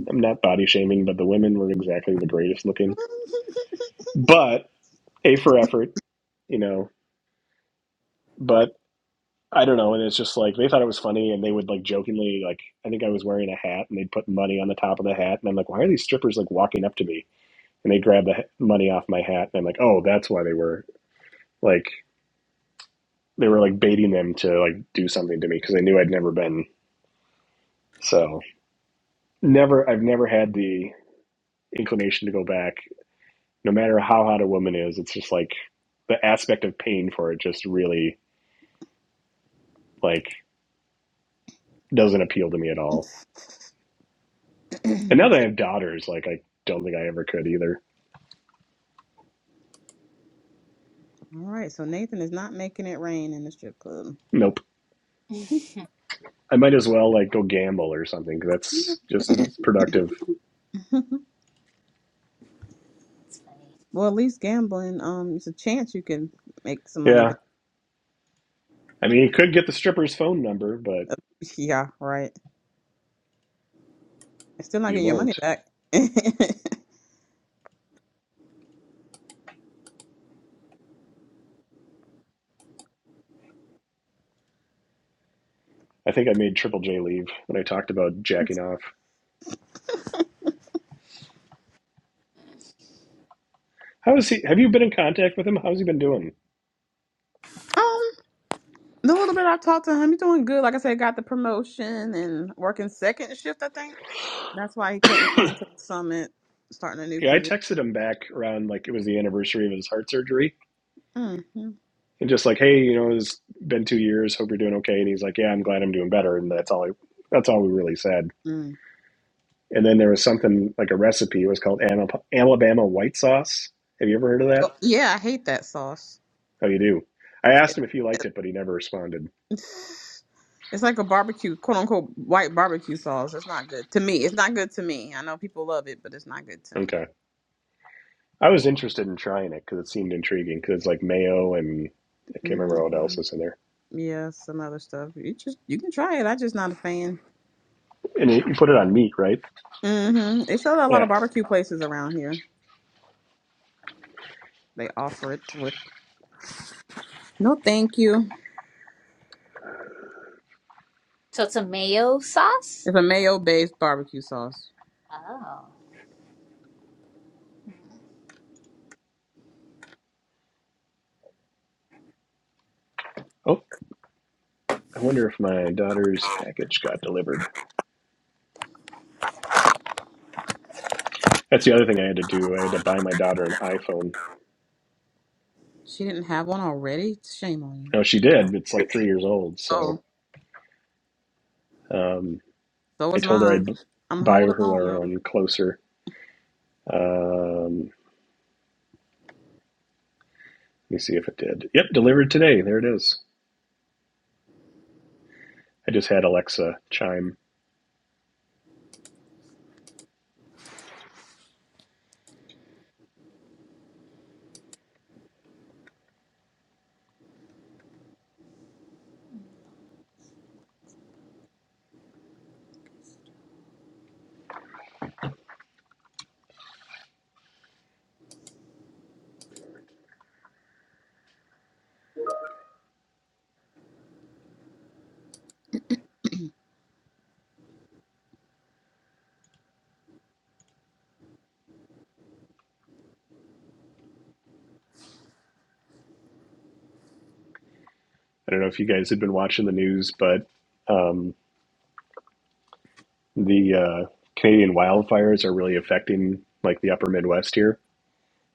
S3: I'm not body shaming, but the women were exactly the greatest looking. But A for effort, you know. But I don't know, and it's just like they thought it was funny, and they would like jokingly like I think I was wearing a hat, and they'd put money on the top of the hat, and I'm like, why are these strippers like walking up to me? And they grab the money off my hat, and I'm like, oh, that's why they were like they were like baiting them to like do something to me because they knew I'd never been so never I've never had the inclination to go back, no matter how hot a woman is. It's just like the aspect of paying for it just really like doesn't appeal to me at all. And now that I
S5: So-
S3: have daughters, like I don't think I ever could either.
S5: All right, so Nathan is not making it rain in the strip club.
S3: Nope.
S7: it's
S3: I might as well like go gamble or something. 'cause That's just productive.
S7: funny.
S5: well, at least gambling, um, it's a chance you can make some money
S3: Yeah.
S5: back.
S3: I mean, you could get the stripper's phone number, but
S5: Yeah, right. You're still not
S3: you
S5: getting your money
S3: won't.
S5: back.
S3: I think I made Triple J leave when I talked about jacking off. How is he? Have you been in contact with him? How's he been doing?
S5: Oh The little bit I talked to him, he's doing good. Like I said, got the promotion and working second shift, I think. That's why he couldn't
S3: yeah,
S5: come to the summit, starting a new
S3: I
S5: position.
S3: texted him back around like it was the anniversary of his heart surgery
S5: Mm-hmm.
S3: and just like, hey, you know, it's been two years. Hope you're doing okay. And he's like, yeah, I'm glad I'm doing better. And that's all. I, that's all we really said.
S5: Mm.
S3: And then there was something like a recipe. It was called Alabama white sauce. Have you ever heard of that?
S5: Oh, Yeah, I hate that sauce.
S3: How you do? I asked him if he liked it, but he never responded.
S5: It's it's like a barbecue, quote unquote, white barbecue sauce. It's not good to me. It's not good to me. I know people love it, but it's not good to me.
S3: Okay. I was interested in trying it because it seemed intriguing because it's like mayo and I can't remember what
S5: hmm
S3: else is in there.
S5: Yeah, some other stuff. You just you can try it. I just not a fan.
S3: And you put it on meat, right?
S5: hmm They sell it at a lot of
S3: Yeah.
S5: barbecue places around here. They offer it with no thank you.
S7: So it's a mayo sauce.
S5: It's a mayo based barbecue sauce.
S7: Oh,
S3: Oh, I wonder if my daughter's package got delivered. That's the other thing I had to do. I had to buy my daughter an iPhone.
S5: She didn't have one already? Shame on you.
S3: Oh, she did. It's like three years old. So
S5: Oh,
S3: um,
S5: so
S3: I
S5: was
S3: told her I'd
S5: mine. I'm
S3: buy
S5: holding
S3: her
S5: on though.
S3: one closer. Um, let me see if it did. Yep, delivered today. There it is. I just had Alexa chime I don't know if you guys had been watching the news, but um, the uh, Canadian wildfires are really affecting like the upper Midwest here.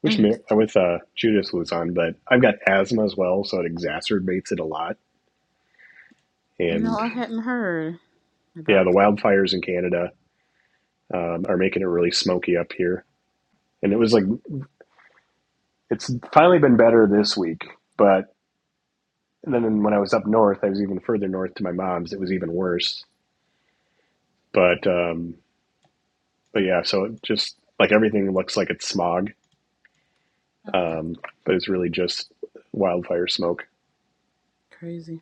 S3: Which ma-
S5: Mm.
S3: with uh, Judith was on, but I've got asthma as well, so it exacerbates it a lot.
S5: No,
S3: And
S5: I hadn't heard
S3: yeah,
S5: about
S3: the wildfires in Canada um, are making it really smoky up here. And it was like it's finally been better this week, but then when I was up north, I was even further north to my mom's. It was even worse. But um, but yeah, so it just like everything looks like it's smog
S7: oh wow.
S3: um, but it's really just wildfire smoke.
S5: that. Crazy.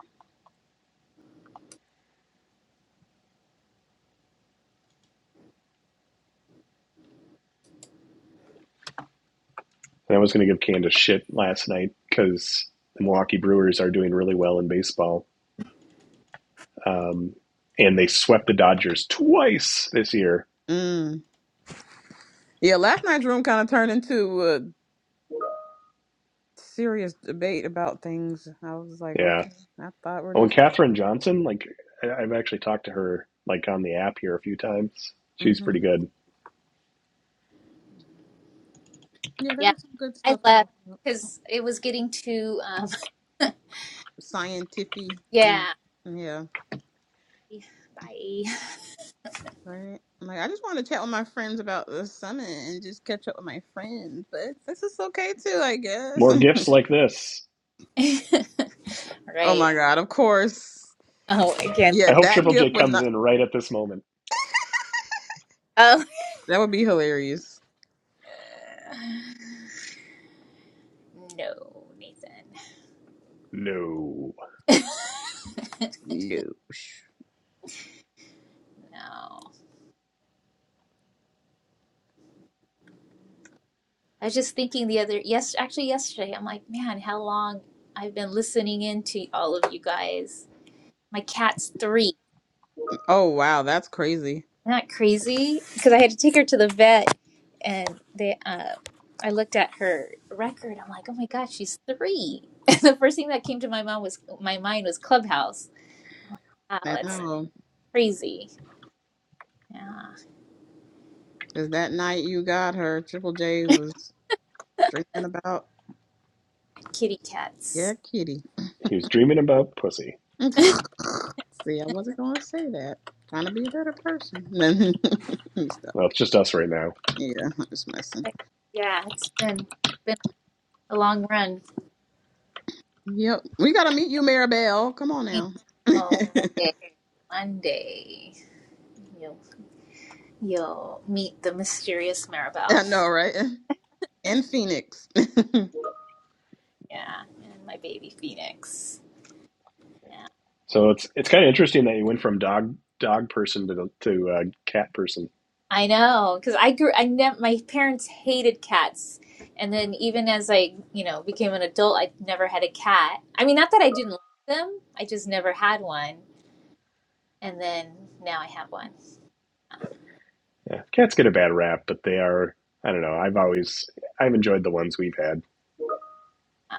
S3: And I was going to give Candace shit last night because the Milwaukee Brewers are doing really well in baseball, um, and they swept the Dodgers twice this year.
S5: Mm. Yeah, last night's room kind of turned into a serious debate about things. I was like,
S3: Yeah.
S5: okay, I thought we're
S3: Oh, and
S5: just
S3: Katherine Johnson, like I- have actually talked to her like on the app here a few times.
S5: going.
S3: She's
S5: hmm
S3: pretty good.
S5: Yeah, there
S7: Yeah,
S5: was some good
S7: I
S5: stuff talking
S7: left
S5: about
S7: because it was getting too, um,
S5: scientific and
S7: yeah.
S5: yeah.
S7: Bye.
S5: Right. I'm like, I just want to chat with my friends about the summit and just catch up with my friends, but this is okay too, I guess.
S3: More gifts like this.
S5: oh
S7: Right.
S5: my God, of course.
S7: Oh, again.
S5: Yeah,
S3: I hope
S5: that
S3: Triple J
S5: gift would
S3: comes
S5: not,
S3: in right at this moment.
S7: Oh.
S5: that would be hilarious.
S7: Uh, No, Nathan.
S3: No,
S5: No.
S7: No. I was just thinking the other, yes, actually yesterday, I'm like, man, how long I've been listening in to all of you guys. My cat's three.
S5: Oh wow, that's crazy.
S7: Isn't that crazy? Because I had to take her to the vet, and they, uh, I looked at her record. I'm like, oh my god, she's three. the first thing that came to my mom was my mind was Clubhouse. Wow,
S5: I
S7: that's
S5: know.
S7: crazy. Yeah,
S5: Because that night you got her, Triple J was drinking about,
S7: kitty
S5: yeah,
S7: cats.
S5: kitty.
S3: he was dreaming about pussy.
S5: See, I wasn't going to say that. Trying to be a better person. Let me
S3: Well, it's just us right now.
S5: Yeah, I'm just messing.
S7: But yeah, it's been been a long run.
S5: Yep. We gotta meet you, Maribel. Come on
S7: I
S5: now.
S7: know. Okay,
S5: I
S7: One day you'll you'll meet the mysterious Maribel.
S5: know, right? In Phoenix.
S7: Yeah, and my baby Phoenix. Yeah.
S3: So it's it's kind of interesting that you went from dog dog person to to uh, cat person.
S7: I know, because I grew. I never. My parents hated cats, and then even as I, you know, became an adult, I never had a cat. I mean, not that I didn't like them. I just never had one, and then now I have one.
S3: Yeah, cats get a bad rap, but they are I don't know. I've always I've enjoyed the ones we've had.
S7: Uh,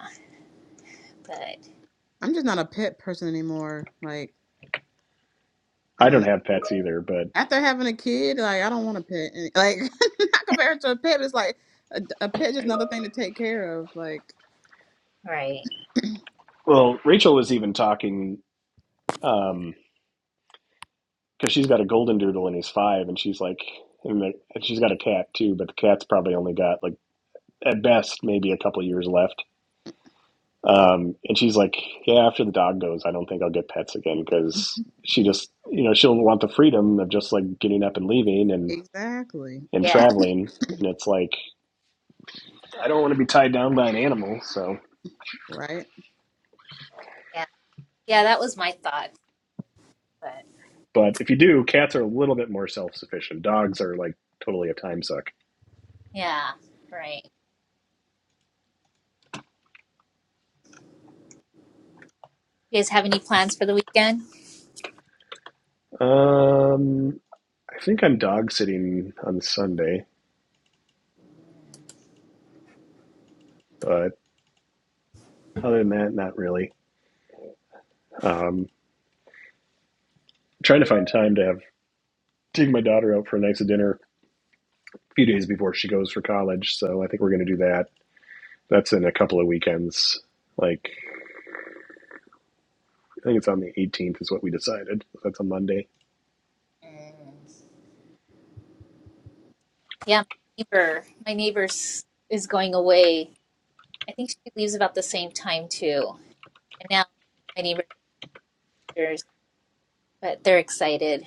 S7: but
S5: I'm just not a pet person anymore. Like, I
S3: I
S5: don't
S3: don't
S5: know.
S3: have pets either, but
S5: After having a kid, like I don't want a pet. And, Like, not compared to a pet, but it's like a, a pet just another thing to take care of. Like,
S7: right,
S3: well, Rachel was even talking um because she's got a golden doodle and he's five, and she's like, and, the, and she's got a cat too, but the cat's probably only got like at best maybe a couple years left. Um, and she's like, yeah, after the dog goes, I don't think I'll get pets again because she just, you know, she'll want the freedom of just like getting up and leaving and
S5: exactly,
S3: and
S7: yeah,
S3: traveling. And it's like, I don't want to be tied down by an animal. So,
S5: right?
S7: yeah, yeah. That was my thought. But
S3: but if you do, cats are a little bit more self sufficient. Dogs are like totally a time suck.
S7: yeah, right. You guys have any plans for the weekend?
S3: Um, I think I'm dog sitting on Sunday, but other than that, not really. Um, trying to find time to have take my daughter out for a nice dinner a few days before she goes for college. So I think we're going to do that That's in a couple of weekends. Like I think it's on the 18th is what we decided. That's a Monday.
S7: Mm. Yeah, my neighbor. My neighbor's is going away. I think she leaves about the same time too, and now my neighbor. but they're excited.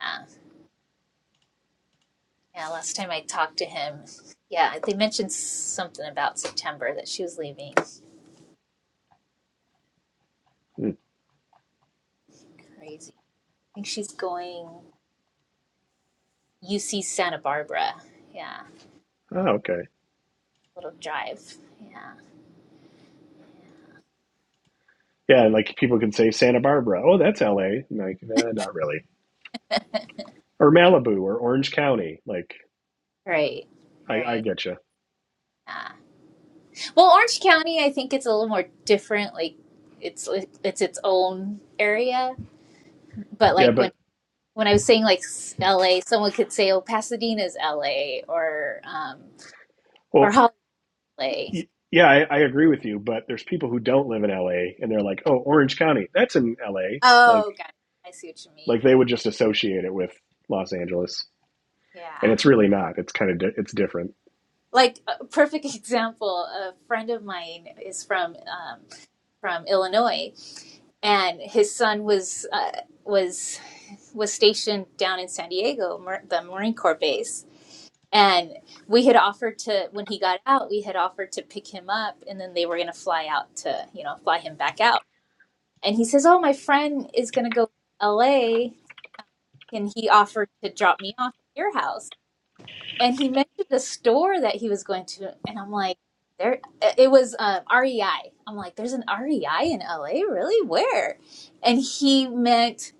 S7: Uh, yeah, last time I talked to him, yeah, they mentioned something about September that she was leaving.
S3: Hmm.
S7: Crazy. I think she's going UC Santa Barbara. Yeah, a
S3: Oh, okay.
S7: little drive. Yeah,
S3: Yeah, and like people can say Santa Barbara. Oh, that's L.A. And like, nah, not really. Or Malibu or Orange County. Like,
S7: right,
S3: I, I
S7: right.
S3: get you.
S7: Yeah. Well, Orange County, I think it's a little more different. Like, it's it's its own area. But
S3: Yeah,
S7: like when
S3: but
S7: when I was saying like LA, someone could say, "Oh, Pasadena's LA," or um, or
S3: well,
S7: Hollywood.
S3: y- yeah, I, I agree with you. But there's people who don't live in L.A. and they're like, oh, Orange County. That's in L.A. Like,
S7: Oh, got it. I see what you mean.
S3: like they would just associate it with Los Angeles,
S7: Yeah.
S3: and it's really not. It's kind of di- it's different.
S7: Like a perfect example, a friend of mine is from um, from Illinois, and his son was uh, was was stationed down in San Diego, Mar- the Marine Corps base. And we had offered to, when he got out, we had offered to pick him up, and then they were going to fly out to, you know, fly him back out. And he says, "Oh, my friend is going to go to L.A. and he offered to drop me off at your house." and he mentioned a store that he was going to and i'm like there it was um, rei i'm like there's an rei in la really where and he meant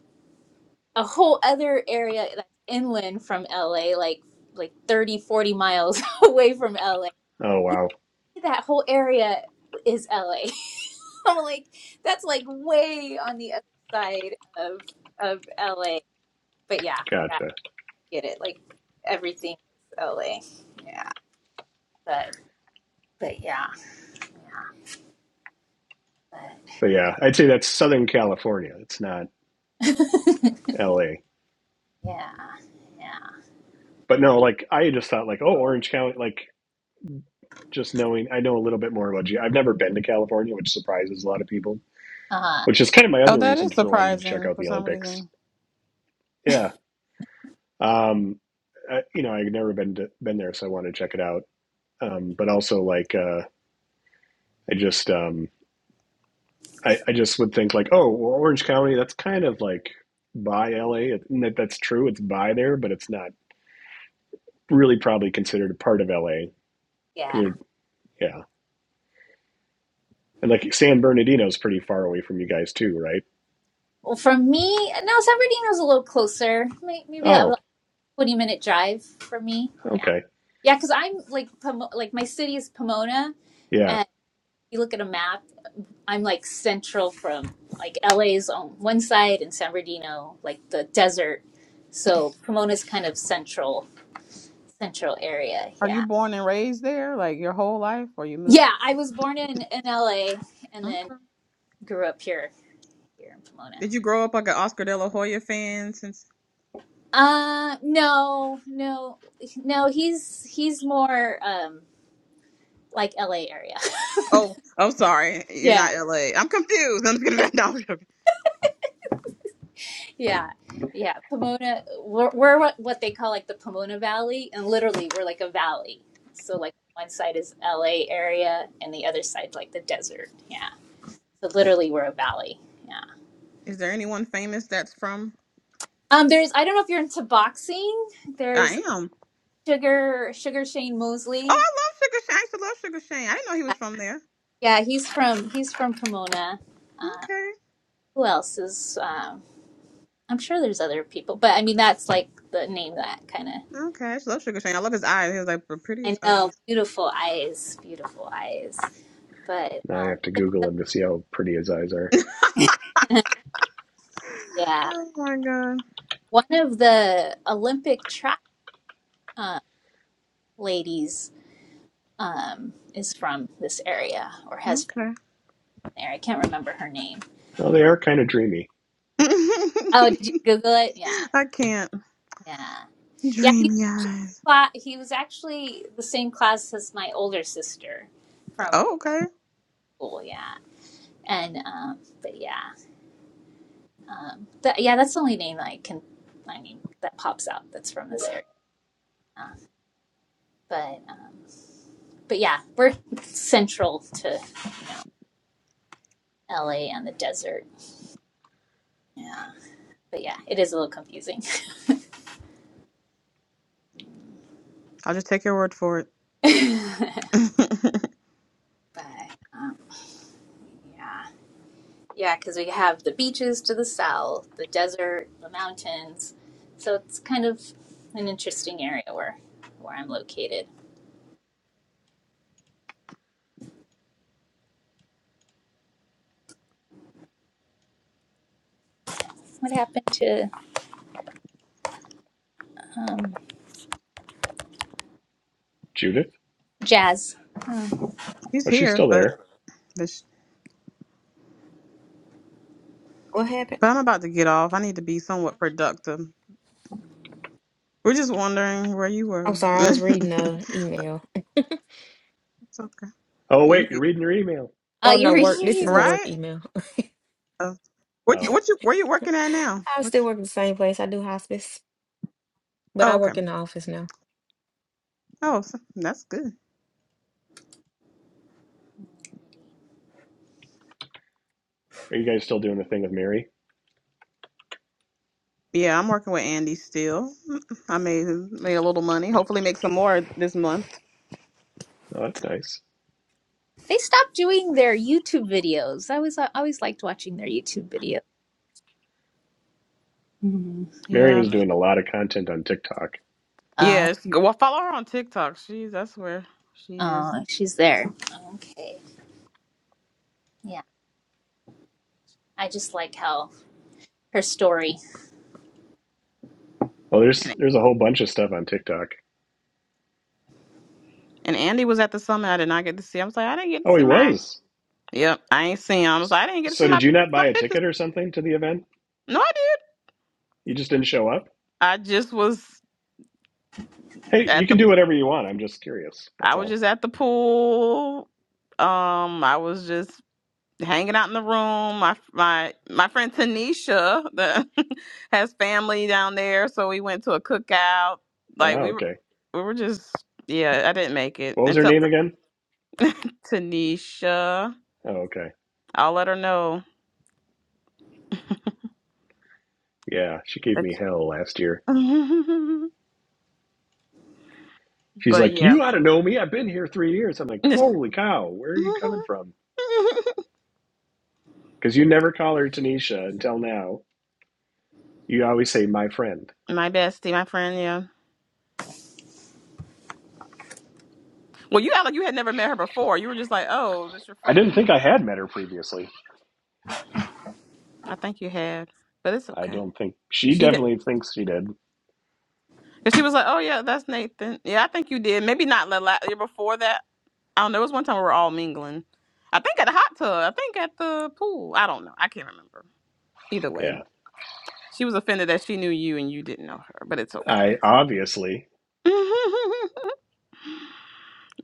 S7: a whole other area that's inland from la like like 30, 40 miles away from la
S3: Oh
S7: He
S3: wow,
S7: said that whole area is la i'm like that's like way on the other side of of la but yeah, yeah i
S3: gotcha.
S7: get it like everything is la yeah but but yeah But
S3: But
S7: yeah,
S3: yeah, I'd say that's Southern California. It's not
S7: yeah,
S3: LA.
S7: yeah,
S3: But no, like I just thought like, oh, Orange County, like just knowing I know a little bit more about you. I've never been to California, which surprises a lot of people,
S7: uh,
S3: which is kind of my
S5: Oh,
S3: other
S5: that is
S3: reason for wanting to check
S5: surprising
S3: out
S5: for
S3: the
S5: some
S3: Olympics.
S5: reason.
S3: Yeah. Um I, you know, I've never been to, been there, so I want to check it out. Um, but also like uh I just um I, I just would think like, oh, well, Orange County, that's kind of like by LA. And that, that's true, it's by there, but it's not really probably considered a part of LA
S7: yeah.
S3: because Yeah. And like San Bernardino's pretty far away from you guys too, right?
S7: Well, for me, no, San Bernardino's a little closer. May- Maybe a
S3: Oh,
S7: like, twenty minute drive for me. Yeah,
S3: okay.
S7: yeah, because I'm like Pomo- like my city is Pomona,
S3: Yeah.
S7: and if you look at a map, I'm like central from like LA's on one side and San Bernardino, like the desert. So Pomona's kind of central central area.
S5: Are you
S7: Yeah,
S5: born and raised there, like your whole life, or you moved?
S7: yeah. I was born in in LA and then
S5: Okay.
S7: grew up here here in Pomona.
S5: Did you grow up like an Oscar De La Hoya fan? Since
S7: Uh, no, no, no. He's he's more um like L.A. area.
S5: oh, I'm sorry, you're
S7: yeah,
S5: not L.A. I'm confused. I'm just gonna no, I'm joking.
S7: yeah, yeah. Pomona. We're, we're what what they call like the Pomona Valley, and literally we're like a valley. So like one side is L.A. area, and the other side's like the desert. Yeah. So literally we're a valley. Yeah.
S5: Is there anyone famous that's from?
S7: Um. There's I don't know if you're into boxing. There's
S5: I am.
S7: Sugar Sugar Shane
S5: Oh,
S7: Mosley.
S5: I love Sugar Shane. I used to love Sugar Shane. I didn't know he
S7: Yeah,
S5: was from there.
S7: yeah, he's from he's from Pomona. Uh,
S5: Okay,
S7: who else is? um. I'm sure there's other people, but I mean that's like the name that kind of.
S5: okay. I used to love Sugar Shane. I love his eyes. He was like the prettiest
S7: I know
S5: eyes.
S7: beautiful eyes, beautiful eyes, but
S3: Now I
S7: um,
S3: have to Google him to see how pretty his eyes are.
S7: yeah,
S5: Oh my god.
S7: one of the Olympic track uh, ladies um, is from this area or has family
S5: Okay.
S7: there. I can't remember her name.
S3: Oh, they are kind of dreamy.
S7: Oh, did you Google it? Yeah,
S5: I can't.
S7: yeah, yeah. He
S5: Dreamy
S7: was actually
S5: eyes.
S7: cla- he was actually the same class as my older sister from
S5: Oh, okay.
S7: school. Yeah, and um, but yeah. Um, that yeah, that's the only name I can. I mean, that pops out. That's from this area. Uh, but um, but yeah, we're central to LA and the desert. Yeah, but yeah, it is a little confusing.
S5: I'll just take your word for it.
S7: but um, yeah, yeah, because we have the beaches to the south, the desert, the mountains. So it's kind of an interesting area where where I'm located. What happened to um,
S3: Judith?
S7: Jazz? Oh.
S5: He's
S3: Oh, she's
S5: here,
S3: still
S5: but
S3: there.
S5: This-
S6: what happened?
S5: But I'm about to get off. I need to be somewhat productive. We're just wondering where you
S6: I'm
S5: were.
S6: sorry, I was
S5: it's
S6: reading a email.
S5: okay.
S3: Oh,
S5: You
S3: wait,
S5: good.
S3: you're reading your email.
S7: Uh,
S6: Oh
S7: you're
S6: no, work.
S7: reading your
S6: This is the
S7: emails.
S6: work
S5: right?
S6: email.
S5: Uh, what
S3: Oh,
S5: what you where you working at now?
S6: I
S5: What
S6: still work
S5: you-
S6: at the same place. I do hospice, but
S5: oh
S6: I
S5: okay.
S6: work in the office now.
S5: Oh, so that's good.
S3: are you guys still doing the thing with Mary?
S5: Yeah, I'm working with Andy still. I made made a little money. Hopefully, make some more this month.
S3: Oh, that's nice.
S7: They stopped doing their YouTube videos. I was I always liked watching their YouTube videos. Mhm.
S3: Mary
S5: Yeah.
S3: was doing a lot of content on TikTok.
S7: Uh,
S5: Yes. Yeah, well, follow her on TikTok. She's that's where she is.
S7: uh, she's there. Okay. Yeah. I just like how her story.
S3: Oh, there's
S5: And,
S3: there's a whole bunch of stuff on TikTok.
S5: and Andy was at the summit. I did not get to see. I was like, I didn't get to
S3: Oh, he
S5: see my.
S3: was.
S5: Yep, I ain't seen him. I was like, I didn't get to see
S3: So
S5: my
S3: did you not
S5: my
S3: buy a
S5: pictures.
S3: ticket or something to the event?
S5: No, I did.
S3: You just didn't show up?
S5: I just was
S3: Hey, you
S5: at
S3: can
S5: the
S3: do whatever you want. I'm just curious.
S5: I
S3: That's
S5: was
S3: all.
S5: just at the pool. Um, I was just hanging out in the room. My my my friend Tanisha the, has family down there, so we went to a cookout. Like
S3: Oh,
S5: we were
S3: okay.
S5: we were just yeah, I didn't make it.
S3: What was
S5: And
S3: her
S5: tell
S3: name again?
S5: Tanisha.
S3: Oh, okay.
S5: I'll let her know
S3: Yeah, she gave
S5: that
S3: me hell last year. She's
S5: but
S3: like,
S5: yeah.
S3: You ought to know me. I've been here three years. I'm like, Holy cow, where are you coming from? Because you never call her Tanisha until now. You always say, My friend.
S5: my bestie, my friend, yeah. Well, you act like you had never met her before. You were just like, "Oh, this your
S3: I didn't
S5: friend?"
S3: think I had met her previously.
S5: I think you had, but it's
S3: I
S5: okay.
S3: don't think she
S5: She did.
S3: definitely thinks she did.
S5: And she was like, "Oh yeah, that's Nathan." Yeah, I think you did. Maybe not the la- year before that. I don't know. It was one time we were all mingling. I think at the hot tub. I think at the pool. I don't know. I can't remember. Either way,
S3: Yeah.
S5: she was offended that she knew you and you didn't know her, but it's okay.
S3: I obviously.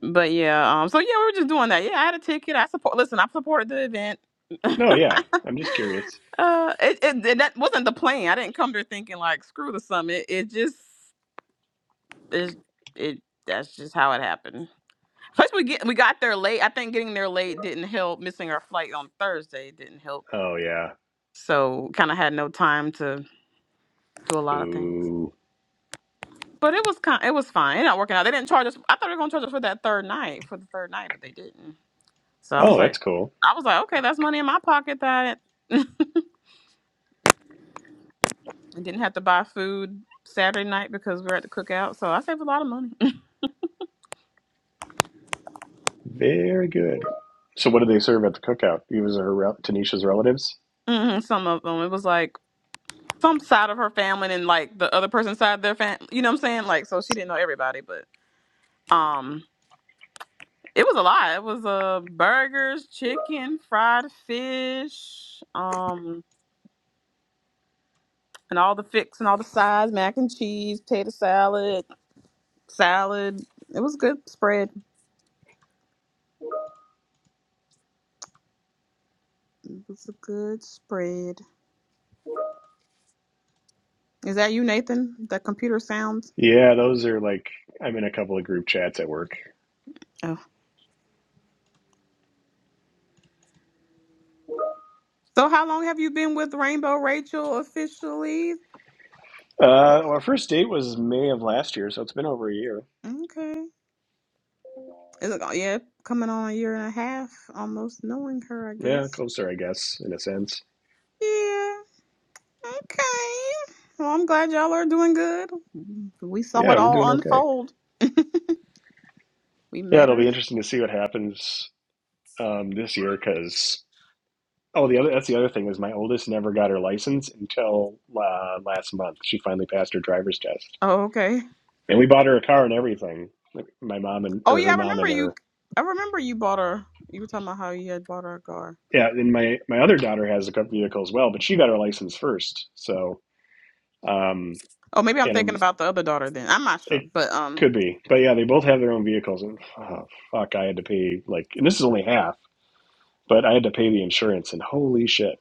S5: But yeah, um, so yeah, we were just doing that. Yeah, I had a ticket. I support. Listen, I supported the event. uh,
S3: No, yeah. I'm just curious.
S5: it, it and that wasn't the plan. I didn't come there thinking like screw the summit. It just is it. That's just how it happened. Plus, we get we got there late. I think getting there late didn't help. Missing our flight on Thursday didn't help.
S3: Oh, yeah.
S5: So kind of had no time to do a lot of things.
S3: Boo.
S5: But it was kind. It was fine. It not working out. They didn't charge us. I thought they were gonna charge us for that third night for the third night, but they didn't. So I was
S3: Oh,
S5: like,
S3: that's cool.
S5: I was like, okay, that's money in my pocket that I didn't have to buy food Saturday night because we were at the cookout. So I saved a lot of money.
S3: Very good. So, what did they serve at the cookout? It was her Tanisha's relatives?
S5: hmm some of them, it was like some side of her family and like the other person's side of their family. You know what I'm saying? Like, so she didn't know everybody, but um, it was a lot. It was uh burgers, chicken, fried fish, um, and all the fix and all the sides, mac and cheese, potato salad, salad. It was a good spread. It was a good spread. Is that you, Nathan? The computer sounds.
S3: Yeah, those are like I'm in a couple of group chats at work.
S5: Oh. So how long have you been with Rainbow Rachel officially?
S3: Uh, well, our first date was May of last year, so it's been over a year.
S5: Okay. Is it, yeah, coming on a year and a half, almost knowing her, I
S3: Yeah,
S5: guess.
S3: closer, I guess, in a sense.
S5: Yeah. Okay. Well, I'm glad y'all are doing good. We saw
S3: Yeah,
S5: it
S3: we're
S5: all
S3: doing okay.
S5: unfold. We
S3: Yeah,
S5: met
S3: it'll
S5: her.
S3: be interesting to see what happens um, this year because oh, the other that's the other thing is my oldest never got her license until uh, last month. She finally passed her driver's test,
S5: Oh, okay.
S3: and we bought her a car and everything. Like my mom and
S5: Oh
S3: or
S5: yeah,
S3: her
S5: I
S3: mom
S5: remember
S3: and
S5: you.
S3: her.
S5: I remember you bought her. You were talking about how you had bought her a car.
S3: Yeah, and my my other daughter has a vehicle as well, but she got her license first. So um,
S5: Oh, maybe I'm
S3: and
S5: thinking about the other daughter then. I'm not sure,
S3: It
S5: but um,
S3: could be, but yeah, they both have their own vehicles, and oh, fuck, I had to pay like, and this is only half, but I had to pay the insurance, and holy shit,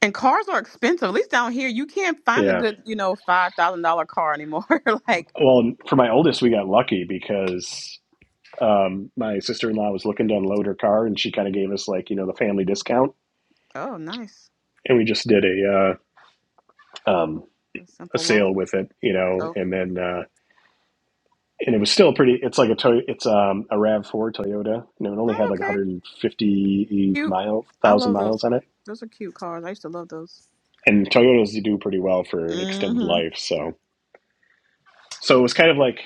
S5: And cars are expensive. At least down here, you can't find a
S3: yeah.
S5: good, you know, five thousand dollar car anymore. like,
S3: Well, for my oldest, we got lucky because um, my sister in law was looking to unload her car, and she kind of gave us like you know the family discount,
S5: oh, nice,
S3: and we just did a uh, um,
S5: a
S3: a
S5: simple
S3: sale
S5: loan.
S3: with it, you know,
S5: Okay,
S3: and then. Uh, and it was still pretty. It's like a Toy it's um, a Rav Four Toyota, and it only had
S5: oh,
S3: like
S5: okay,
S3: 150
S5: cute.
S3: mile
S5: I
S3: thousand
S5: love those.
S3: miles on it
S5: Those are cute cars. I used to love those.
S3: and Toyotas do pretty well for extended
S5: Mm-hmm.
S3: life. So so it was kind of like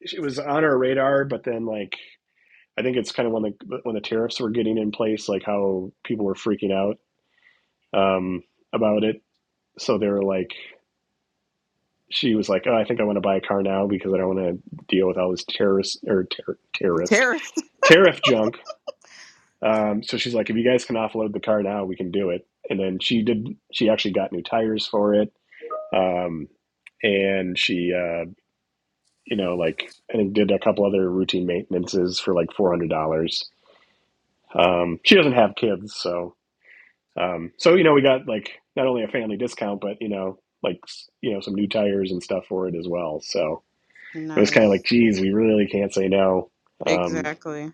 S3: it was on our radar, but then like I think it's kind of when the when the tariffs were getting in place, like how people were freaking out um, about it. So they were like, she was like, oh, I think I want to buy a car now because I don't want to deal with all this terrorist or ter- terrorist
S5: Terrorist.
S3: tariff junk. Um, so she's like, if you guys can offload the car now, we can do it. And then she did. She actually got new tires for it. Um, and she uh, you know, like I think did a couple other routine maintenances for like four hundred dollars. Um, she doesn't have kids, so um, so you know we got like not only a family discount, but you know like you know some new tires and stuff for it as well. So it was kind of
S5: Nice.
S3: like, geez, we really can't say no. Um,
S5: Exactly.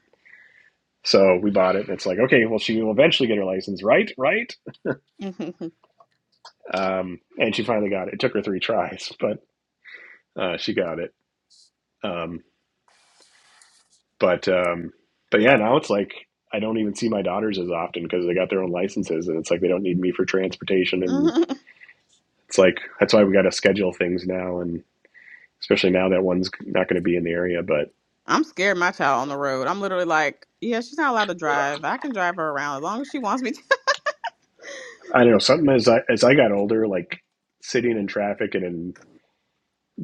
S3: so we bought it, and it's like, okay, well she will eventually get her license, right? Right? Um, and she finally got it. It took her three tries, but uh, she got it. Um, But um, but yeah, now it's like I don't even see my daughters as often because they got their own licenses, and it's like they don't need me for transportation, and
S5: I'm
S3: it's like that's why we got to schedule things now, and especially now that one's not going to be in the area. But
S5: scared of my child on the road. I'm literally like, yeah, she's not allowed to drive. I can drive her around as long as she wants me
S3: I don't know something as I as I got older, like sitting in traffic and in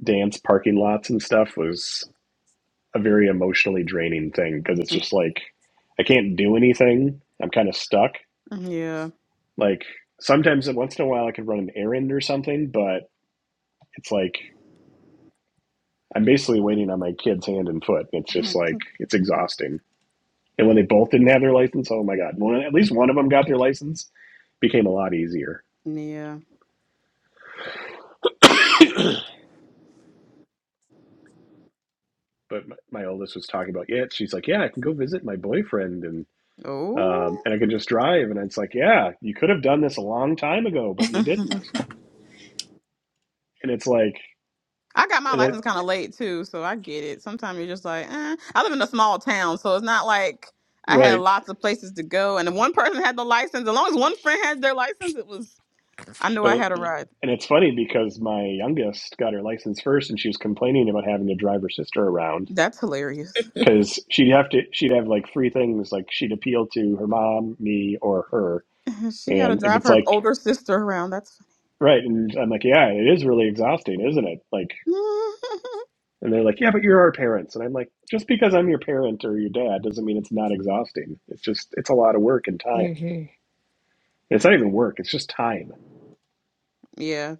S3: dance parking lots and stuff was a very emotionally draining thing because it's
S5: to.
S3: just like I can't do anything. I'm kind of stuck.
S5: yeah.
S3: Like sometimes once in a while I could run an errand or something, but it's like I'm basically waiting on my kid's hand and foot. It's just like it's exhausting. And when they both didn't have their license, oh my god! When at least one of them got their license, became a lot easier.
S5: Yeah.
S3: But my, my oldest was talking about yeah. She's like, yeah, I can go visit my boyfriend and
S5: Oh.
S3: um, and I can just drive. And it's like, yeah, you could have done this a long time ago, but you didn't. And it's like,
S5: I got my
S3: and it,
S5: license kind of late too, so I get it. Sometimes you're just like, eh. I live in a small town, so it's not like I had
S3: right,
S5: lots of places to go. And if one person had the license, as long as one friend had their license, it was, I knew I
S3: but
S5: had a ride.
S3: and it's funny because my youngest got her license first, and she was complaining about having to drive her sister around
S5: That's hilarious.
S3: because she'd have to she'd have like three things like she'd appeal to her mom me or her
S5: she got to
S3: and if
S5: drive
S3: it's
S5: her
S3: like
S5: older sister around. That's
S3: right and i'm like yeah it is really exhausting isn't it like
S5: funny.
S3: and they're like yeah but you're our parents and i'm like just because i'm your parent or your dad doesn't mean it's not exhausting it's just it's a lot of work and time
S6: hmm
S3: it's not even work it's just time
S5: yeah.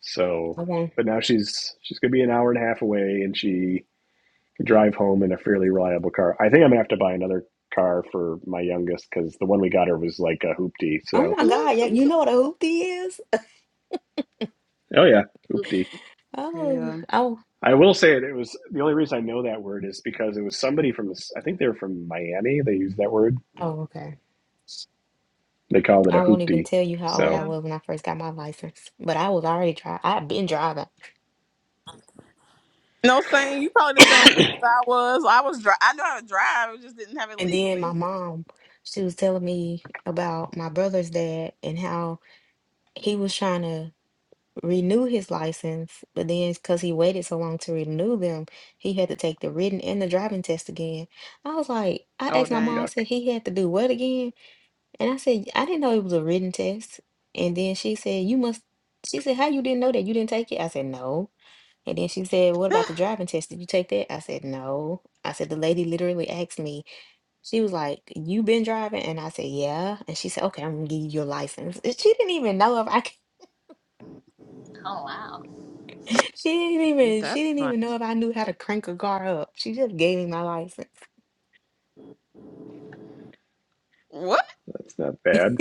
S3: so
S6: Okay.
S3: but now she's she's gonna be an hour and a half away and she can drive home in a fairly reliable car i think i'm gonna have to buy another car for my youngest because the one we got her was like a hoopty
S6: Oh
S3: so
S6: my God. Yeah, you know what a hoopty is?
S3: Oh yeah, oopty.
S6: Oh,
S5: yeah.
S6: oh,
S3: I will say it, it was the only reason I know that word is because it was somebody from this- I think they were from Miami. They used that word.
S6: oh, okay.
S3: They called it
S6: I
S3: a
S6: won't even
S3: hoopty.
S6: tell you how old I
S3: So
S5: Yeah.
S6: was when I first got my license, but I was already driving. I had been driving.
S5: No, saying you probably the same age as I was. I was dri- I knew how to drive, I just didn't have it
S6: And then my
S5: legally.
S6: mom, she was telling me about my brother's dad and how he was trying to renew his license, but then because he waited so long to renew them, he had to take the written and the driving test again. I was like, I
S5: Oh,
S6: asked my mom, I
S5: dang.
S3: yuck,
S6: said he had to do what again? And I said, I didn't know it was a written test. And then she said, You must, she said, How you didn't know that you didn't take it? I said, No. And then she said, What about the driving test? Did you take that? I said, No. I said, The lady literally asked me, She was like, You been driving? And I said, Yeah. And she said, Okay, I'm gonna give you your license. And She didn't even know if I
S7: Oh wow.
S6: She didn't even she
S5: That's
S6: didn't
S5: fun.
S6: even know if I knew how to crank a car up. She just gave me my license.
S5: What?
S3: that's not bad.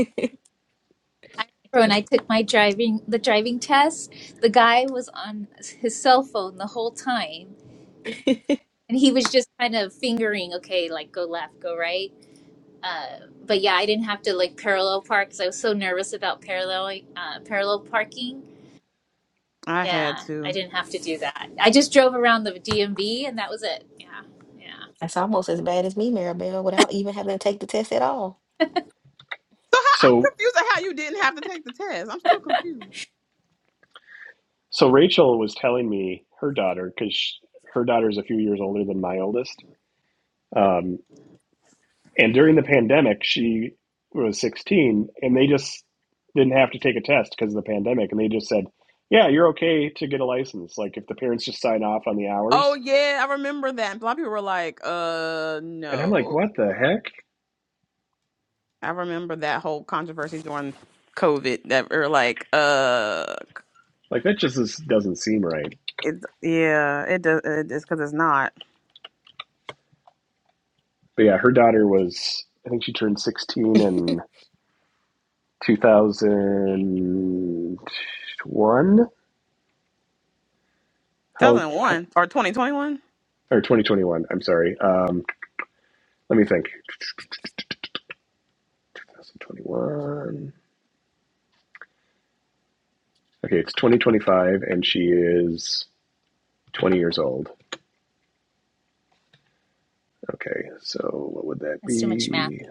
S7: When I took my driving the driving test, the guy was on his cell phone the whole time and he was just kind of fingering, okay, like go left, go right. Uh, but yeah, I didn't have to like parallel park because I was so nervous about parallel uh, parallel parking.
S5: I had
S7: Yeah, I
S5: to.
S7: didn't have to do that. I just drove around the DMV and that was it. Yeah, yeah,
S6: That's almost as bad as me, Maribel, without even having to take the test at all.
S5: So how, I'm
S3: So
S5: confused at how you didn't have to take the test. I'm still confused.
S3: so Rachel was telling me her daughter because her daughter is a few years older than my oldest. Um, and during the pandemic, she was 16, and they just didn't have to take a test because of the pandemic, and they just said, "Yeah, you're okay to get a license. Like if the parents just sign off on the
S5: Oh
S3: hours."
S5: yeah, I remember that. And a lot of people were like, "Uh,
S3: And I'm like,
S5: no."
S3: what the heck?
S5: I remember that whole controversy during COVID that were like, "Uh,
S3: Like that just is, doesn't seem right.
S5: it, yeah, it does. It, it's because it's not
S3: But yeah, her daughter was I think she turned 16 in 2001. How how
S5: 2001 or 2021."
S3: or 2021? I'm sorry. Um, let me think. 2021. Okay, it's 2025, and she is 20 years old. Okay, so what would that
S7: that's too much math.
S3: be?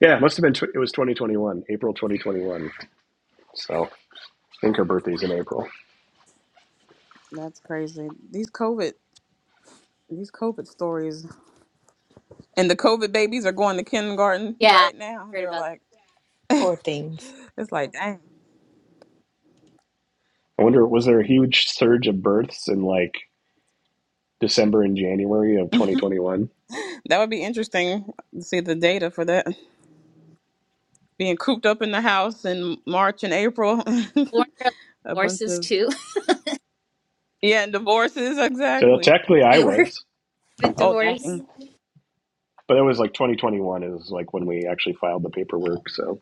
S3: Yeah, it must have been. Tw- it was 2021, April 2021. So I think her birthday's in April.
S5: That's crazy. These COVID These COVID stories and the COVID babies are going to kindergarten
S7: Yeah, I
S5: right now.
S7: heard
S5: They're
S7: about
S5: like, it's
S6: Poor things.
S5: like, dang.
S3: I wonder, was there a huge surge of births in like December and January of 2021.
S5: That would be interesting to see the data for that. Being cooped up in the house in March and April.
S7: that. Weren't there a lot of
S5: A bunch
S7: divorces
S5: of,
S7: too?
S5: yeah, and divorces,
S3: So
S5: exactly.
S3: technically, I
S7: you were
S3: was,
S7: the
S5: Oh,
S7: divorce.
S5: dang.
S3: but it was like 2021 is like when we actually filed the
S7: Oh,
S3: paperwork. So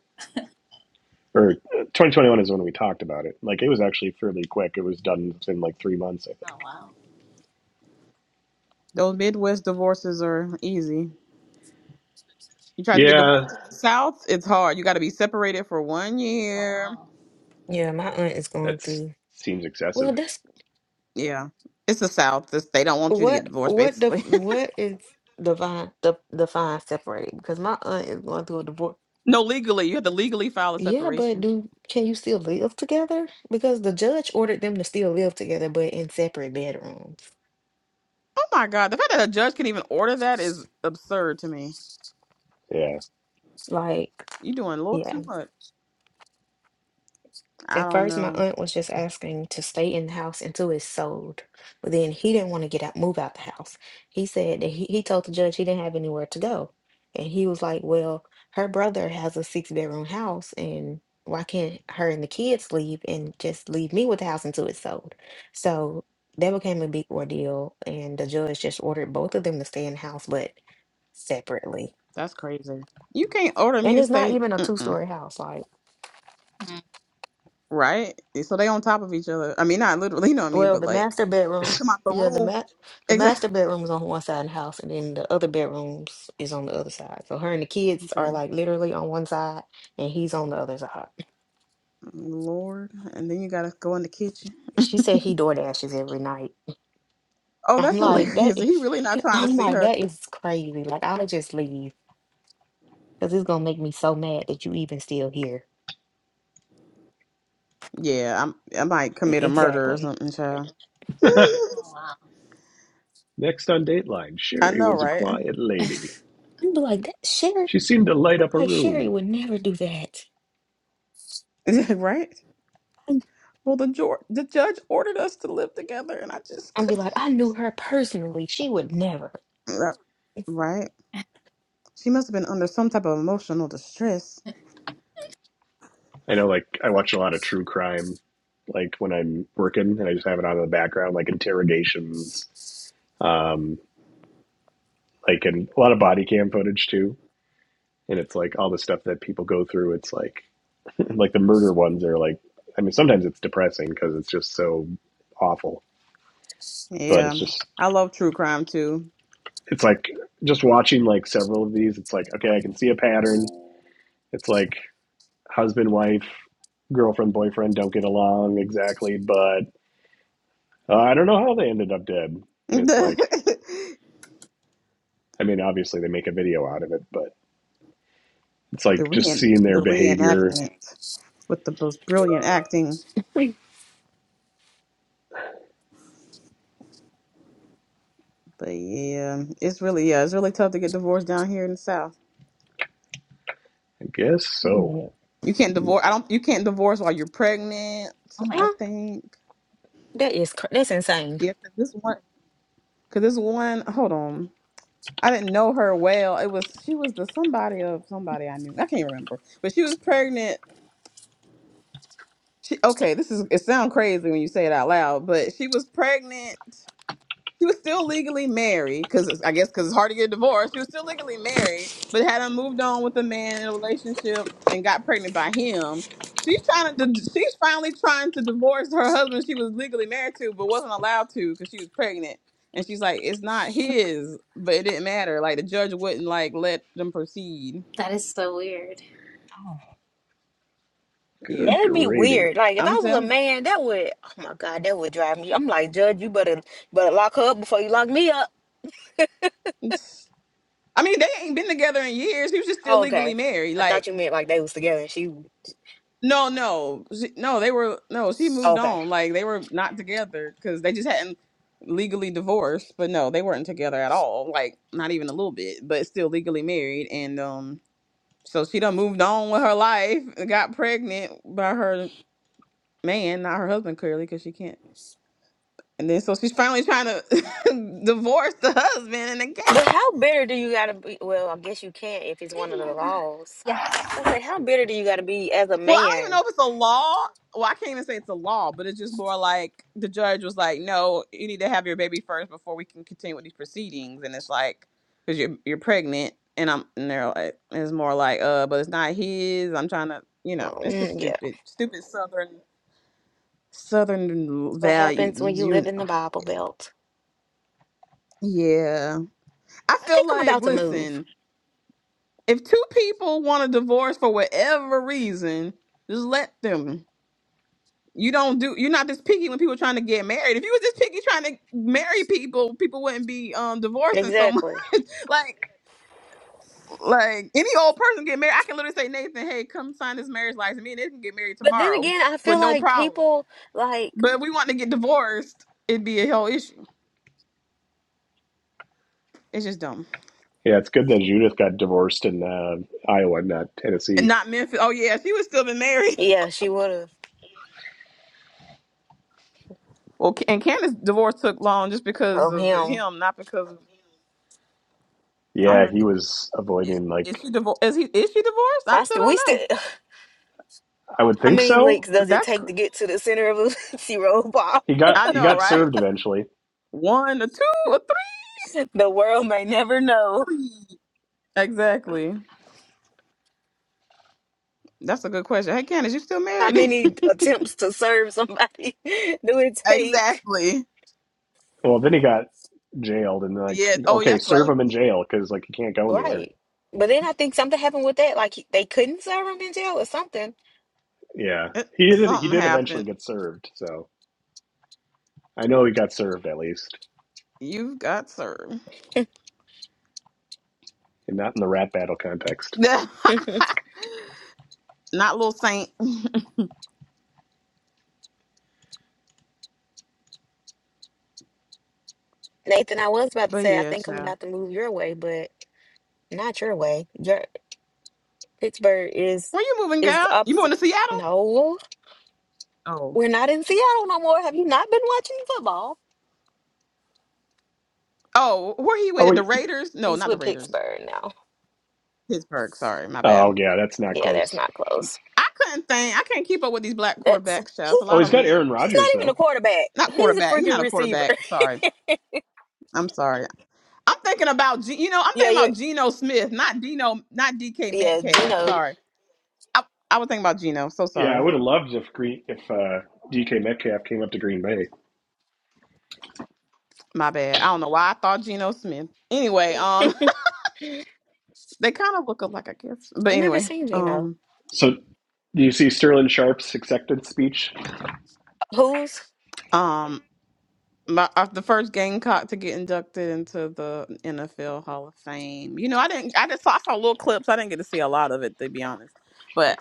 S3: or uh, 2021 is when we talked about it. Like it was actually fairly quick. It was done within like three months, I
S7: oh
S3: think.
S7: wow!
S5: Those Midwest divorces are easy. You try to get
S3: Yeah,
S5: divorced in the South, it's hard. You got to be separated for one
S7: Oh
S5: year.
S7: wow!
S6: Yeah, my aunt is going
S3: that
S6: through.
S3: seems
S6: Well,
S3: excessive.
S6: that's
S5: Yeah. It's the South. It's- They don't want you to get
S6: what
S5: divorced,
S6: what the
S5: basically.
S6: what is divine the divine separating because my aunt is going through a divorce.
S5: No, legally, you have to legally file a
S6: Yeah, but
S5: separation.
S6: do can you still live together? Because the judge ordered them to still live together, but in separate bedrooms.
S5: Oh my God, the fact that a judge can even order that is absurd to me.
S3: Yeah.
S6: Like,
S5: you doing a little
S6: yeah.
S5: too much. I
S6: At
S5: don't
S6: first, my
S5: know.
S6: aunt was just asking to stay in the house until it's sold. But then he didn't want to get out, move out the house. He said that he, he told the judge he didn't have anywhere to go. And he was like, Well, her brother has a six bedroom house, and why can't her and the kids leave and just leave me with the house until it's sold? So that became a big ordeal. And the judge just ordered both of them to stay in the house, but separately.
S5: That's crazy. You can't order me
S6: And
S5: to
S6: it's not
S5: stay,
S6: even a two
S5: Mm-mm.
S6: story house. Like,
S7: Mm.
S5: right? So they on top of each other. I mean, not literally, you know what I mean,
S6: Well,
S5: but
S6: the
S5: like
S6: master bedroom,
S5: you come out the
S6: yeah, the
S5: room.
S6: ma- the
S5: Exactly.
S6: master bedroom is on one side of the house, and then the other bedrooms is on the other side. So her and the kids are
S5: Okay.
S6: like literally on one side, and he's on the other side.
S5: Lord, and then you gotta go in the kitchen.
S6: She said he door dashes every night.
S5: Oh,
S6: I'm
S5: that's
S6: like that.
S5: hilarious. He
S6: Is,
S5: really not trying to
S6: I'm
S5: see
S6: like
S5: her.
S6: that is crazy. Like I'll just leave because it's gonna make me so mad that you even still here.
S5: Yeah, I'm. I might
S6: Mm,
S5: commit a murder or
S6: Exactly.
S5: something, child.
S7: Oh wow!
S3: Next on Dateline,
S5: I
S3: Sherry
S5: know,
S3: was a
S5: right?
S3: quiet lady.
S6: I'm be like that Sherry.
S3: She seemed to light
S6: I'm
S3: up a
S6: like Sherry
S3: room.
S6: would never do that.
S5: right?
S6: I'm-
S5: Well, the, jur- the judge ordered us to live together, and I just
S6: I'd be
S5: couldn't.
S6: like I knew her personally. She would never.
S5: Right. Right. She must have been under some type of emotional distress.
S3: I know, like I watch a lot of true crime, like when I'm working, and I just have it on in the background, like interrogations, um, like and a lot of body cam footage too. And it's like all the stuff that people go through. It's like like the murder ones are like. I mean, sometimes it's depressing because it's just so awful. But
S5: Yeah.
S3: it's just
S5: I love true crime too.
S3: it's like just watching like several of these. It's like okay, I can see a pattern. It's like husband, wife, girlfriend, boyfriend don't get along exactly, but uh, I don't know how they ended up dead. It's like
S5: the
S3: I mean, obviously they make a video out of it, but it's like just
S5: reen
S3: seeing
S5: the
S3: their behavior.
S5: reenactment with the most brilliant acting. But yeah, it's really yeah, it's really tough to get divorced down here in the South.
S3: I guess
S6: Wait a
S3: so.
S6: minute.
S5: You can't divorce. I don't. You can't divorce while you're pregnant.
S7: Oh
S5: I
S6: huh?
S7: my!
S5: think.
S6: That is cr- that's insane.
S5: Yeah, 'cause this one. Cause this one. Hold on. I didn't know her well. It was she was the somebody of somebody I knew. I can't remember, but she was pregnant. She okay. This is it. Sounds crazy when you say it out loud, but she was pregnant she was still legally married because I guess because it's hard to get divorced. She was still legally married, but had I moved on with a man in a relationship and got pregnant by him. She's trying to. She's finally trying to divorce her husband she was legally married to, but wasn't allowed to because she was pregnant. And she's like, "It's not his," but it didn't matter. Like the judge wouldn't like let them proceed.
S7: That is so weird.
S6: Oh.
S5: Yeah,
S3: Good
S6: That'd be
S3: gravy.
S6: weird. Like if
S5: I'm
S6: I was a
S5: telling.
S6: man, that would oh my God, that would drive me. I'm like, Judge, you better better lock her up before you lock me up.
S5: I mean, they ain't been together in years. He was just still
S6: Oh,
S5: legally
S6: okay.
S5: married.
S6: I thought
S5: Like
S6: you meant like they was together and she
S5: No, no, Z- no. They were no. She moved
S6: okay.
S5: on. Like they were not together because they just hadn't legally divorced. But no, they weren't together at all. Like not even a little bit. But still legally married. And um, so she done moved on with her life. and Got pregnant by her man, not her husband clearly, because she can't. And then so she's finally trying to divorce the husband, and they can't.
S6: But how bitter do you gotta be well, I guess you can't if it's
S7: Hey.
S6: one of the laws.
S7: Yeah.
S6: I say, how bitter do you gotta be as a
S5: Well, I don't even
S6: man?
S5: know if it's a law. Well, I can't even say it's a law, but it's just more like the judge was like, "No, you need to have your baby first before we can continue with these proceedings." And it's like, because you're you're pregnant, and I'm and they're like, it's more like, uh, but it's not his. I'm trying to, you know,
S6: Um,
S5: it's just
S6: yeah.
S5: stupid, stupid southern
S6: That's
S5: southern
S6: what happens when
S5: values,
S6: you
S5: you
S6: live in
S5: know.
S6: the Bible belt.
S5: Yeah, I
S6: I think
S5: feel
S6: I'm
S5: like,
S6: about to move.
S5: listen, if two people want to divorce for whatever reason, just let them. You don't do. You're not this picky when people are trying to get married. If you was this picky trying to marry people, people wouldn't be um divorcing so much.
S6: Exactly.
S5: Like, like any old person get married, I can literally say Nathan, hey, come sign this marriage license. Me and Nathan can get married
S6: But then
S5: tomorrow,
S6: again, I
S5: but
S6: feel
S5: no
S6: like
S5: problem.
S6: people like
S5: But if we want to get divorced, it'd be a whole issue. It's just dumb.
S3: Yeah, it's good that Judith got divorced in uh, Iowa, not
S5: And
S3: Tennessee.
S5: not Memphis. Oh yeah, she would still been married.
S6: yeah, she would have.
S5: Well, Ca- and Candace's divorce took long just because
S6: of
S5: of
S6: him.
S5: him, not because of. I don't
S3: Yeah,
S5: even
S3: he
S5: know.
S3: was
S5: Is,
S3: avoiding like
S5: is she divorced? Is he? Is she divorced? I
S6: I
S5: still
S6: still, we
S5: don't
S6: still.
S5: know.
S3: I would
S6: How
S3: think
S6: many
S3: so.
S6: links does it
S5: That's.
S6: take
S5: cr-
S6: to get to the center of a zero ball?
S3: He got
S5: I
S3: he
S5: know,
S3: got
S5: right?
S3: served eventually.
S5: One, a two, a three,
S6: The world may never know.
S5: three. Exactly. That's a good question. Hey, Candace, you still
S6: How
S5: married?
S6: many attempts to serve somebody do it take?
S5: exactly.
S3: Well, then he got jailed and like
S5: Yeah. Oh,
S3: okay,
S5: yes,
S3: serve
S5: right.
S3: him in jail because like he can't go anywhere.
S6: Right. But then I think something happened with that. Like he- they couldn't serve him in jail or something.
S3: Yeah,
S5: Eh,
S3: he did he
S5: Something
S3: did eventually
S5: happened.
S3: get served. So I know he got served at least,
S5: You have got served.
S3: and not in the rap battle context.
S5: Not
S6: Nathan,
S5: little saint.
S6: I was about to
S5: But
S6: say, I
S5: yeah,
S6: think I'm
S5: child.
S6: about to move your way, but not your way. Your Pittsburgh is
S5: Where you moving,
S6: is
S5: guy?
S6: the
S5: You moving
S6: opposite.
S5: to Seattle?
S6: No,
S5: Oh.
S6: we're not in Seattle no more. Have you not been watching football?
S5: Oh, where he
S3: Oh,
S5: with the
S3: he,
S5: Raiders? No,
S6: He's
S5: not the
S6: with
S5: Raiders.
S6: Pittsburgh now.
S5: Pittsburgh. Sorry, my bad.
S3: oh yeah, that's not
S6: Yeah, that's
S3: close.
S6: not close.
S5: I couldn't think. I can't keep up with these black
S6: That's
S5: quarterbacks, child. It's
S6: he,
S5: a
S3: Oh,
S5: lot
S3: he's
S5: of them
S3: got
S5: now.
S3: Aaron
S6: he's
S3: Rodgers
S6: not even a
S3: though.
S6: quarterback.
S5: Not
S6: He's a
S5: quarterback. He's
S6: freaking
S5: not a
S6: receiver.
S5: quarterback. Sorry. I'm sorry. I'm thinking about G, you know, I'm
S6: yeah,
S5: thinking
S6: you're
S5: about Geno Smith, not Dino, not DK
S6: yeah,
S5: Metcalf.
S6: Gino.
S5: Sorry. I, I was thinking about Geno. So
S3: Yeah, I
S5: sorry.
S3: would have loved if Green if uh, DK Metcalf came up to Green Bay.
S5: My bad. I don't know why I thought Geno Smith. Anyway, um they kind of look alike, I guess. But
S6: I've never
S5: anyway,
S6: seen Gino.
S5: um
S3: So, do you see Sterling Sharp's acceptance speech?
S6: Who's?
S5: um my, uh, the first Gamecock to get inducted into the NFL Hall of Fame. You know, I didn't I just saw I saw little clips. I didn't get to see a lot of it to be honest. But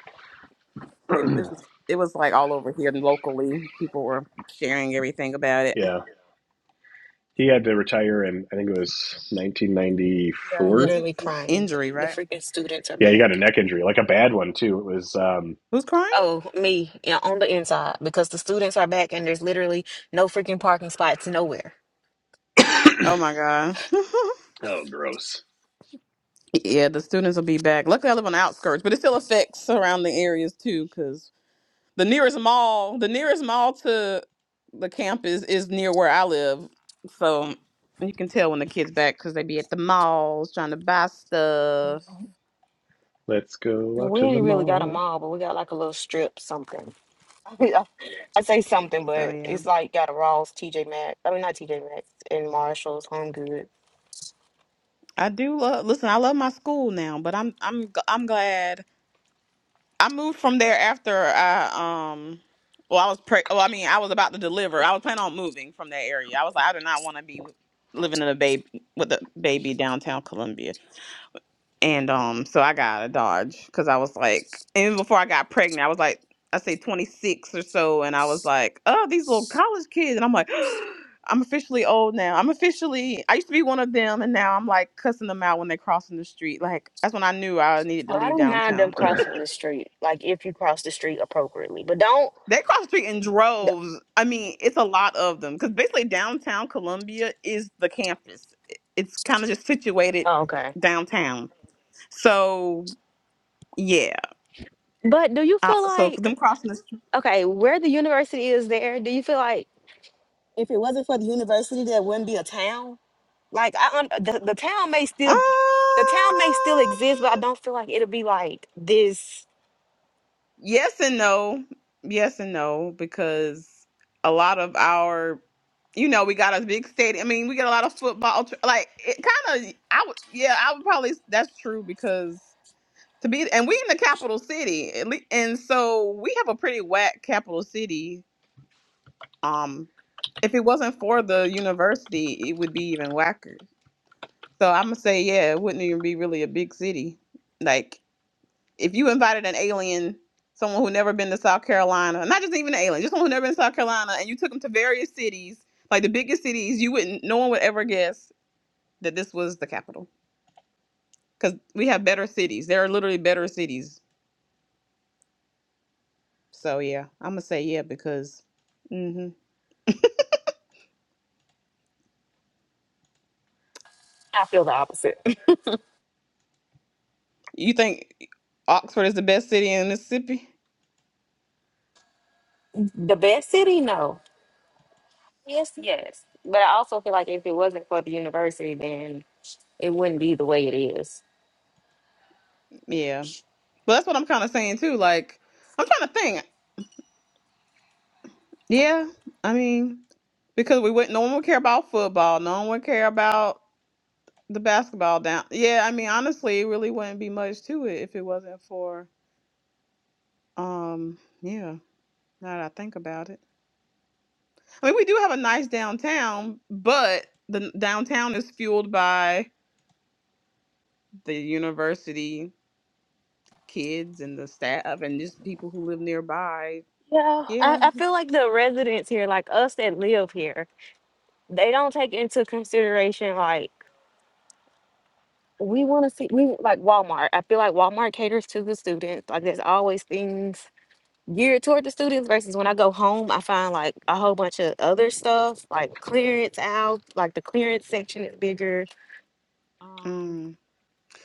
S5: it, it was it was like all over here and locally people were sharing everything about it.
S3: yeah, he had to retire in I think it was
S6: I'm
S5: Yeah, cuz
S3: 1994.
S5: he was
S6: literally
S5: an
S6: crying.
S5: injury,
S6: The
S5: right?
S6: freaking students are
S3: Yeah, he
S6: back.
S3: got a neck injury, like a bad one too. It was um
S5: Who's crying?
S6: Oh, me, yeah, on the inside because the students are back and there's literally no freaking parking spots nowhere.
S5: Oh my god.
S3: oh gross.
S5: yeah, the students will be back. Luckily, I live on the outskirts, but it still affects surrounding areas too, because the nearest mall, the nearest mall to the campus is near where I live, so you can tell when the kids back because they be at the malls trying to buy stuff.
S3: Let's go
S6: No,
S3: out
S6: we
S3: to the
S6: ain't really got a
S3: mall.
S6: mall, but we got like a little strip something. I say something,
S5: So
S6: but
S5: yeah,
S6: it's like got a Ross, TJ Maxx. I mean, not TJ Maxx and Marshalls, Home Goods.
S5: I do love. Listen, I love my school now, but I'm I'm g- I'm glad. I moved from there after I um well I was pre well I mean I was about to deliver. I was planning on moving from that area. I was like I do not want to be living in a baby with a baby downtown Columbia. And um so I got a Dodge cuz I was like even before I got pregnant I was like I say 26 or so and I was like, "Oh, these little college kids." And I'm like I'm officially old now. I'm officially I used to be one of them and now I'm like cussing them out when they're crossing the street. Like that's when I knew I needed
S6: Oh,
S5: to
S6: I
S5: leave
S6: don't mind them
S5: downtown.
S3: oh,
S6: crossing the street, like if you cross the street appropriately, but don't.
S5: They cross the street in
S6: d-
S5: droves. I mean, it's a lot of them because basically downtown Columbia is the campus. It- It's kind of just situated
S6: Oh, okay.
S5: downtown. So yeah,
S6: But do you
S5: uh,
S6: feel
S5: so
S6: like
S5: them crossing the street.
S6: okay, where the university is there? Do you feel like If it wasn't for the university, there wouldn't be a town. Like I, un the, the town may
S5: Um,
S6: still, the town may still exist, but I don't feel like it'll be like this.
S5: yes and no, yes and no, because a lot of our, you know, we got a big stadium. I mean, we get a lot of football. tr- Like it kind of, I would, yeah, I would probably. That's true because to be and we in the capital city at lea- and so we have a pretty whack capital city um if it wasn't for the university it would be even whacker so i'm gonna say yeah it wouldn't even be really a big city like if you invited an alien someone who never been to south carolina not just even an alien just someone who never been to south carolina and you took them to various cities like the biggest cities you wouldn't no one would ever guess that this was the capital because we have better cities there are literally better cities So yeah, I'm gonna say yeah because hmm
S6: I feel the opposite.
S5: you think eh, Oxford is the best city in Mississippi?
S6: The best city, no. Yes, yes. But I also feel like if it wasn't for the university, then it wouldn't be the way it is.
S5: Yeah, but that's what I'm kind of saying too. Like I'm trying to think. Yeah, I mean because we wouldn't. No one would care about football. No one would care about the basketball down. Yeah, I mean honestly, it really wouldn't be much to it if it wasn't for um yeah. Now that I think about it, I mean we do have a nice downtown, but the n- downtown is fueled by the university kids and the staff and just people who live nearby.
S6: Yeah, I,
S5: Yeah.
S6: I feel like the residents here, like us that live here, they don't take into consideration like we want to see we like Walmart. I feel like Walmart caters to the students. Like there's always things geared toward the students versus when I go home, I find like a whole bunch of other stuff like clearance out, like the clearance section is bigger. Um,
S5: Mm.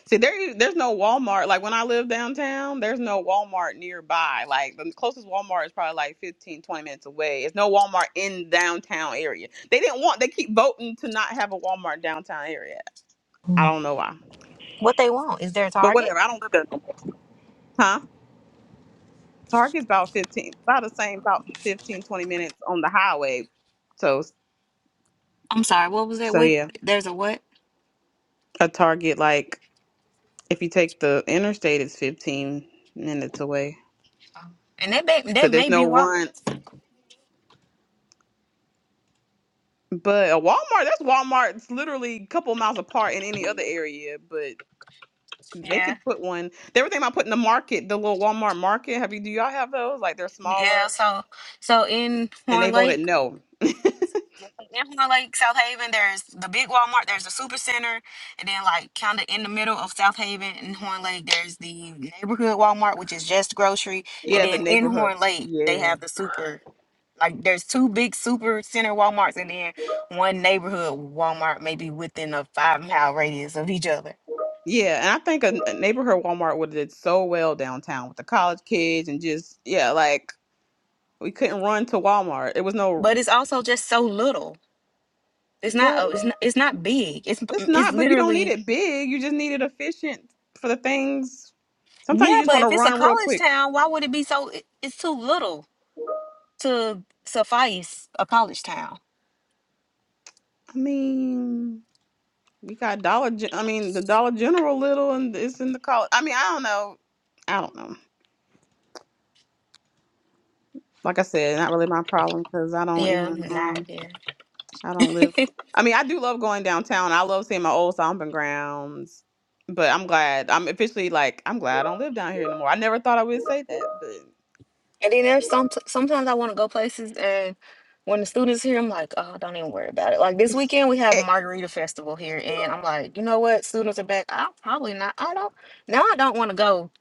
S5: See, there, e, there's no Walmart. Like when I live downtown, there's no Walmart nearby. Like the closest Walmart is probably like 15 20 minutes away. It's no Walmart in downtown area. They didn't want. They keep voting to not have a Walmart downtown area. I
S6: Mm.
S5: don't know why,
S6: what they want is their
S5: but
S6: target.
S5: whatever. I don't live there no more. Huh? Target's about 15, about the same, about 15 20 minutes on the highway. So,
S6: I'm sorry. What was that?
S5: so
S6: What?
S5: yeah,
S6: There's a what?
S5: a Target like If you take the interstate, it's 15 minutes away.
S6: And that may,
S5: So
S6: that
S5: there's
S6: may
S5: no
S6: be why.
S5: run. But a Walmart, that's Walmart. It's literally a couple miles apart in any other area. But they
S6: Yeah.
S5: could put one. They were thinking about putting the market, the little Walmart market. Have you? Do y'all have those? Like they're
S6: Yeah.
S5: smaller,
S6: So so in
S5: and they
S6: Horn
S5: voted
S6: Lake,
S5: no.
S6: yeah, in Horn Lake, South Haven, there's the big Walmart, there's the super center, and then like kinda in the middle of South Haven and Horn Lake, there's the neighborhood Walmart, which is just grocery. And
S5: Yeah, the
S6: then in
S5: neighborhood.
S6: Horn Lake, they
S5: Yeah,
S6: have the super like there's two big super center Walmarts and then one neighborhood Walmart maybe within a five mile radius of each other.
S5: yeah. And I think a, a neighborhood Walmart would have did so well downtown with the college kids and just yeah, like we couldn't run to Walmart. It was no
S6: But it's also just so little. It's not.
S5: but.
S6: Oh, it's not. It's not big. It's
S5: It's
S6: it's
S5: not, but you don't need
S6: literally.
S5: it big. You just need it efficient for the things. Sometimes you
S6: Yeah,
S5: just
S6: but
S5: want to
S6: if it's a
S5: run real
S6: college
S5: quick.
S6: town, why would it be so? it- It's too little to suffice a college town.
S5: I mean, we got Dollar. Gen- I mean, the Dollar General little, and it's in the college. I mean, I don't know. I don't know. Like I said, not really my problem because I don't
S6: Yeah,
S5: even. Um,
S6: not yeah.
S5: I don't live. I mean, I do love going downtown. I love seeing my old stomping grounds. But I'm glad. I'm officially like, I'm glad I don't live down here anymore. I never thought I would say that, but.
S6: And then there's some. Sometimes I want to go places, and when the students here, I'm like, oh, don't even worry about it. Like this weekend, we have
S5: It,
S6: Margarita Festival here, and I'm like, you know what? Students are back. I'll probably not. I don't. Now I don't want to go.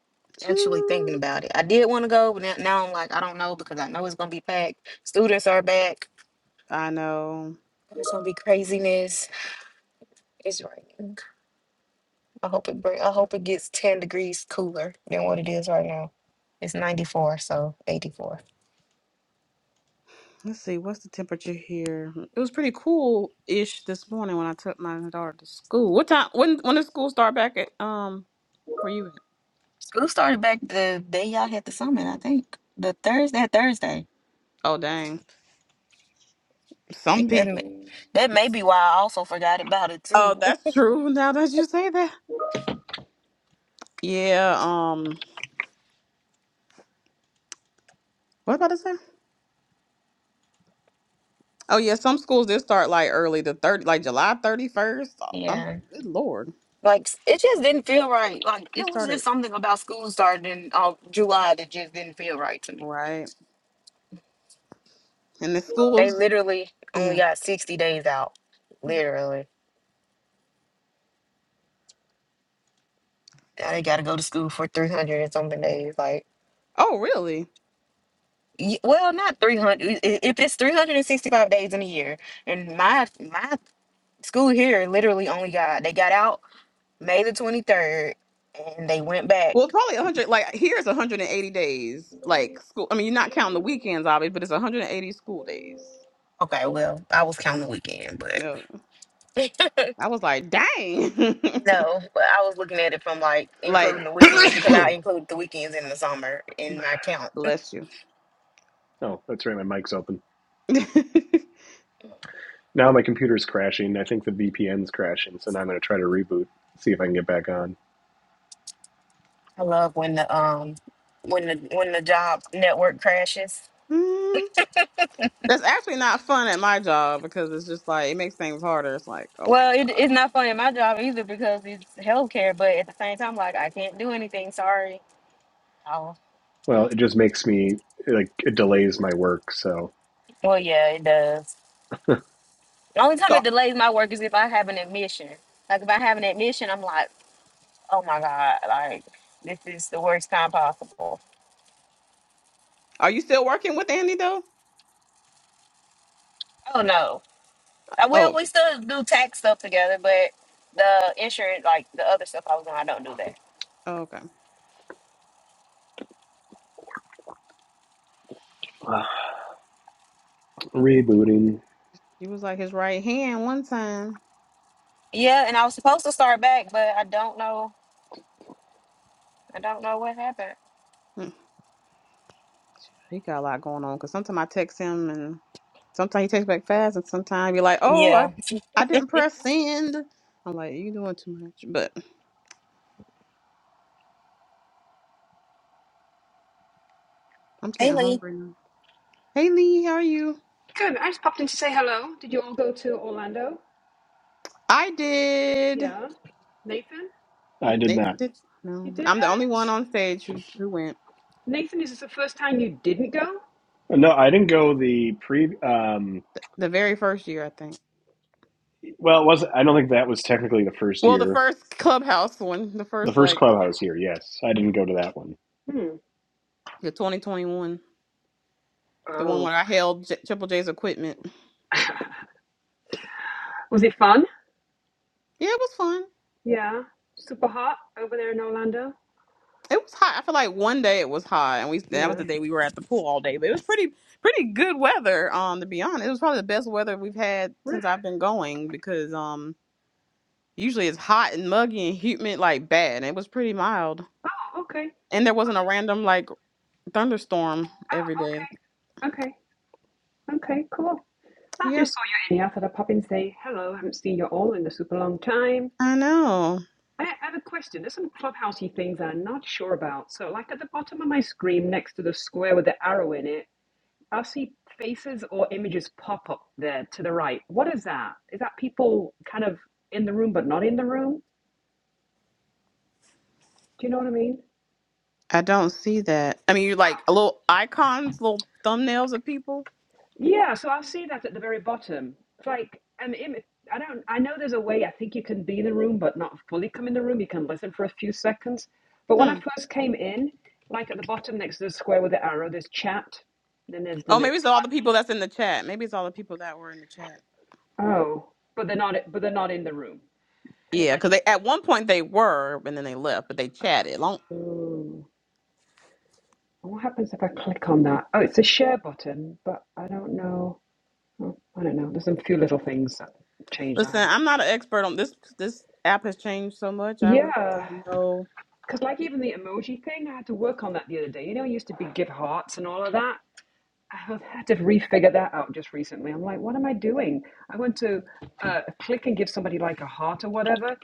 S6: Actually thinking
S5: Mm,
S6: about it, I did want to go, but now now I'm like, I don't know because I know it's gonna be packed. Students are back
S5: I know.
S6: It's gonna be craziness. It's raining. I hope it bring. I hope it gets ten degrees cooler than what it is right now. It's ninety four, so eighty four.
S5: Let's see, what's the temperature here? It was pretty cool ish this morning when I took my daughter to school. What time? When when did school start back at? Um, where you? At?
S6: School started back the day y'all had the summit. I think the Thursday. that Thursday.
S5: Oh dang,
S6: I
S5: some
S6: think that
S5: people.
S6: may, that may be why I also forgot about it
S5: Oh,
S6: too.
S5: that's true. Now that you say that, yeah. Um, what about to say? Oh yeah, some schools did start like early, the thirty, like July thirty first. I'm
S6: yeah,
S5: like, good lord,
S6: like s- it just didn't feel right. Like
S5: we
S6: it was just
S5: started
S6: something about school starting in uh, July that just didn't feel right to me.
S5: right, and the
S6: They
S5: schools,
S6: literally only
S5: yeah.
S6: got sixty days out. Literally. Now they gotta go to school for 300 and something days. Like,
S5: Oh really?
S6: y- well, not 300. If it's 365 days in a year, and my my school here literally only got they got out May the 23rd, and they went
S5: Well,
S6: back.
S5: probably 100. Like here is 180 days. Like school. I mean, you're not counting the weekends, obviously, but it's 180 school days.
S6: Okay, well, I was counting the weekend, but
S5: Yeah. I was like, dang.
S6: no, but I was looking at it from like
S5: like,
S6: including the weekends because I include the weekends in the summer in my count.
S5: bless you.
S3: that's right. My mic's open. Now my computer's crashing. I think the VPN's crashing, so now I'm going to try to reboot, see if I can get back on.
S6: I love when the um when the when the job network crashes.
S5: Mm. That's actually not fun at my job because it's just like it makes things harder. It's like, oh my
S6: Well,
S5: god.
S6: it, it's not fun in my job either because it's healthcare, but at the same time, like I can't do anything. Sorry. Oh,
S3: Well, it just makes me like it delays my work. So
S6: well, yeah, it does. The only time
S5: So,
S6: it delays my work is if I have an admission. Like if I have an admission, I'm like, oh my god, like this is the worst time possible.
S5: are you still working with Andy though?
S6: Oh no. Uh, Well,
S5: Oh,
S6: we still do tax stuff together, but the insurance, like the other stuff I was on, I don't do that.
S5: oh okay.
S3: rebooting.
S5: He was like his right hand one time.
S6: Yeah, and I was supposed to start back, but I don't know. I don't know what happened.
S5: Hmm. He got a lot going on because sometimes I text him and Sometimes you text back fast, and sometimes you're like, "Oh, I,
S6: Yeah.
S5: I didn't press send." I'm like, "You doing too much," but I'm
S6: Hey,
S5: getting
S6: Lee.
S5: hungry now. Hey Lee, how are you?
S9: Good. I just popped in to say hello. Did you all go to Orlando?
S5: I did.
S9: Yeah. Nathan,
S3: I did
S5: Nathan
S3: not.
S5: did.
S9: you
S5: No,
S9: did
S5: I'm the only
S9: it.
S5: one on stage who who went
S9: Nathan, is this the first time you didn't go?
S3: No, I didn't go the pre. Um,
S5: the, the very first year, I think.
S3: well, it was I don't think that was technically the first
S5: Well, the
S3: year,
S5: first clubhouse one, the
S3: the
S5: first
S3: first
S5: like
S3: clubhouse year. Yes, I didn't go to that one.
S9: Hmm.
S5: the 2021, the one
S9: Oh.
S5: where I held J- Triple J's equipment.
S9: Was it fun?
S5: Yeah, it was fun.
S9: Yeah. Super hot over there in Orlando?
S5: It was hot. I feel like one day it was hot, and we that was
S9: Yeah.
S5: the day we were at the pool all day. But it was pretty pretty good weather. Um, to be honest, it was probably the best weather we've had
S9: Really?
S5: since I've been going because um usually it's hot and muggy and humid like bad. And it was pretty mild,
S9: Oh, okay.
S5: and there wasn't a random like thunderstorm every day.
S9: Oh, okay. Okay. Okay, cool. I
S5: Yeah,
S9: just saw you in here. I thought I'd pop in and say hello. I haven't seen you all in a super long time.
S5: I know.
S9: I I have a question. There's some clubhousey things I'm not sure about. So, like at the bottom of my screen next to the square with the arrow in it, I see faces or images pop up there to the right. What is that? Is that people kind of in the room but not in the room? Do you know what I mean?
S5: I don't see that. I mean, you like little icons, little thumbnails of people.
S9: Yeah, so I'll see that at the very bottom. It's like an image. I don't. I know there's a way. I think you can be in the room but not fully come in the room. You can listen for a few seconds. But when I
S5: Hmm.
S9: first came in, like at the bottom next to the square with the arrow, there's chat. Then there's the
S5: Oh, maybe it's
S9: next
S5: all the people that's in the chat. Maybe it's all the people that were in the chat.
S9: one. Oh, but they're not. But they're not in the room. And if
S5: Yeah,
S9: I,
S5: because they at one point they were, and then they left, but they chatted. Long.
S9: oh. What happens if I click on that? Oh, it's a share button, but I don't know. Oh, I don't know. There's some few little things that changed. I
S5: Listen,
S9: haven't.
S5: I'm not an expert on this. This app has changed so much. I really
S9: Yeah,
S5: don't know.
S9: because like even the emoji thing, I had to work on that the other day. You know, it used to be give hearts and all of that. I had to refigure that out just recently. I'm like, what am I doing? I went to uh, click and give somebody like a heart or whatever,